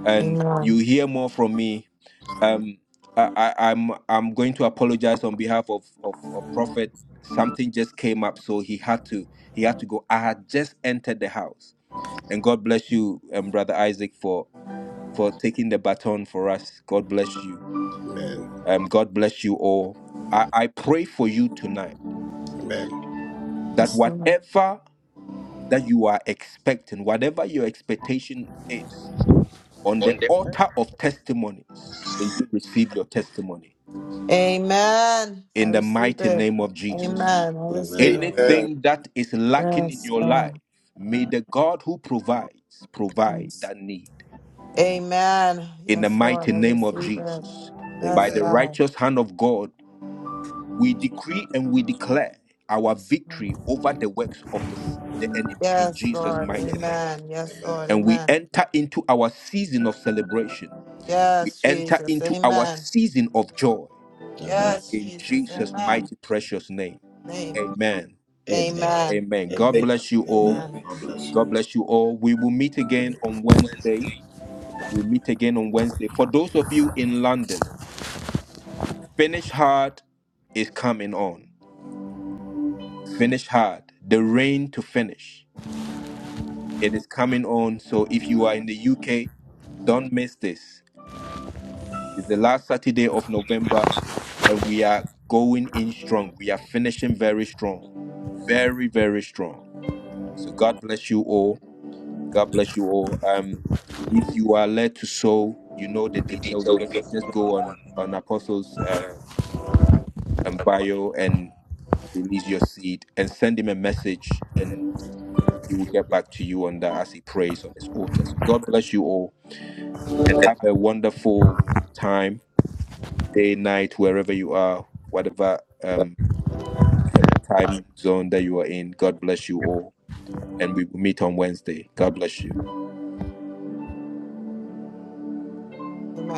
Speaker 9: and you
Speaker 8: Amen.
Speaker 9: hear more from me. Um, I, I, I'm I'm going to apologize on behalf of, of of Prophet. Something just came up, so he had to he had to go. I had just entered the house, and God bless you, um, brother Isaac, for for taking the baton for us. God bless you
Speaker 3: Amen.
Speaker 9: Um, God bless you all. I, I pray for you tonight
Speaker 3: Amen.
Speaker 9: that
Speaker 8: Yes, Lord.
Speaker 9: whatever that you are expecting, whatever your expectation is, on the
Speaker 10: on the all
Speaker 9: altar of testimonies, may you receive your testimony
Speaker 8: Amen. I
Speaker 9: in the
Speaker 8: receive
Speaker 9: mighty
Speaker 8: it.
Speaker 9: name of Jesus.
Speaker 8: Amen. I receive it.
Speaker 3: Amen.
Speaker 1: Amen.
Speaker 9: Anything that is lacking in
Speaker 8: Yes,
Speaker 9: your life,
Speaker 8: God.
Speaker 9: may the God who provides provide
Speaker 8: Yes.
Speaker 9: that need
Speaker 8: Amen.
Speaker 9: in the
Speaker 8: Yes, Lord.
Speaker 9: mighty
Speaker 8: I
Speaker 9: name of
Speaker 8: receive it.
Speaker 9: Jesus. By
Speaker 8: Yes,
Speaker 9: the
Speaker 3: Amen. Amen.
Speaker 8: God.
Speaker 9: righteous hand of God, We decree and we declare our
Speaker 8: Yes, Lord.
Speaker 9: victory over the works of this, the enemy in
Speaker 8: Yes,
Speaker 9: Jesus'
Speaker 8: Lord.
Speaker 9: mighty name.
Speaker 8: Amen. Yes, Lord.
Speaker 3: Amen.
Speaker 9: And we
Speaker 8: Amen.
Speaker 9: enter into our season of celebration. We
Speaker 8: Yes,
Speaker 9: enter
Speaker 8: Jesus.
Speaker 9: into our
Speaker 8: Amen.
Speaker 9: season of joy
Speaker 3: Amen.
Speaker 8: Yes,
Speaker 9: in
Speaker 8: Jesus.
Speaker 9: Jesus'
Speaker 8: Amen.
Speaker 9: mighty precious name.
Speaker 8: Amen.
Speaker 9: Amen.
Speaker 3: Amen.
Speaker 8: Amen.
Speaker 9: Amen. God
Speaker 3: Amen.
Speaker 9: bless you all.
Speaker 3: Amen.
Speaker 8: Amen.
Speaker 3: God bless
Speaker 9: God
Speaker 3: you.
Speaker 9: bless you all. We will meet again on Wednesday. We'll meet again on Wednesday. For those of you in London, finish hard is coming on. Finish hard. The rain to finish. It is coming on. So if you are in the UK, don't miss this. It's the last Saturday of November, and we are going in strong. We are finishing very strong. Very, very strong. So God bless you all. God bless you all. Um, if you are led to sow, you know the
Speaker 10: the
Speaker 9: details.
Speaker 10: details
Speaker 9: Just
Speaker 10: just
Speaker 9: just
Speaker 10: go
Speaker 9: go
Speaker 10: on.
Speaker 9: on on Apostles um, and bio and release your seed and send him a message, and
Speaker 10: We'll get back
Speaker 9: he will get back to
Speaker 10: to
Speaker 9: you on
Speaker 10: you
Speaker 9: that as he prays on his altar. So God bless you all and
Speaker 10: and
Speaker 9: have a
Speaker 10: have
Speaker 9: wonderful
Speaker 10: a
Speaker 9: time, day, night,
Speaker 10: wonderful
Speaker 9: wherever you are, whatever
Speaker 10: uh,
Speaker 9: um,
Speaker 10: time.
Speaker 9: time zone that you are in. God bless you all. And we will meet on Wednesday. God bless you.
Speaker 8: Amen.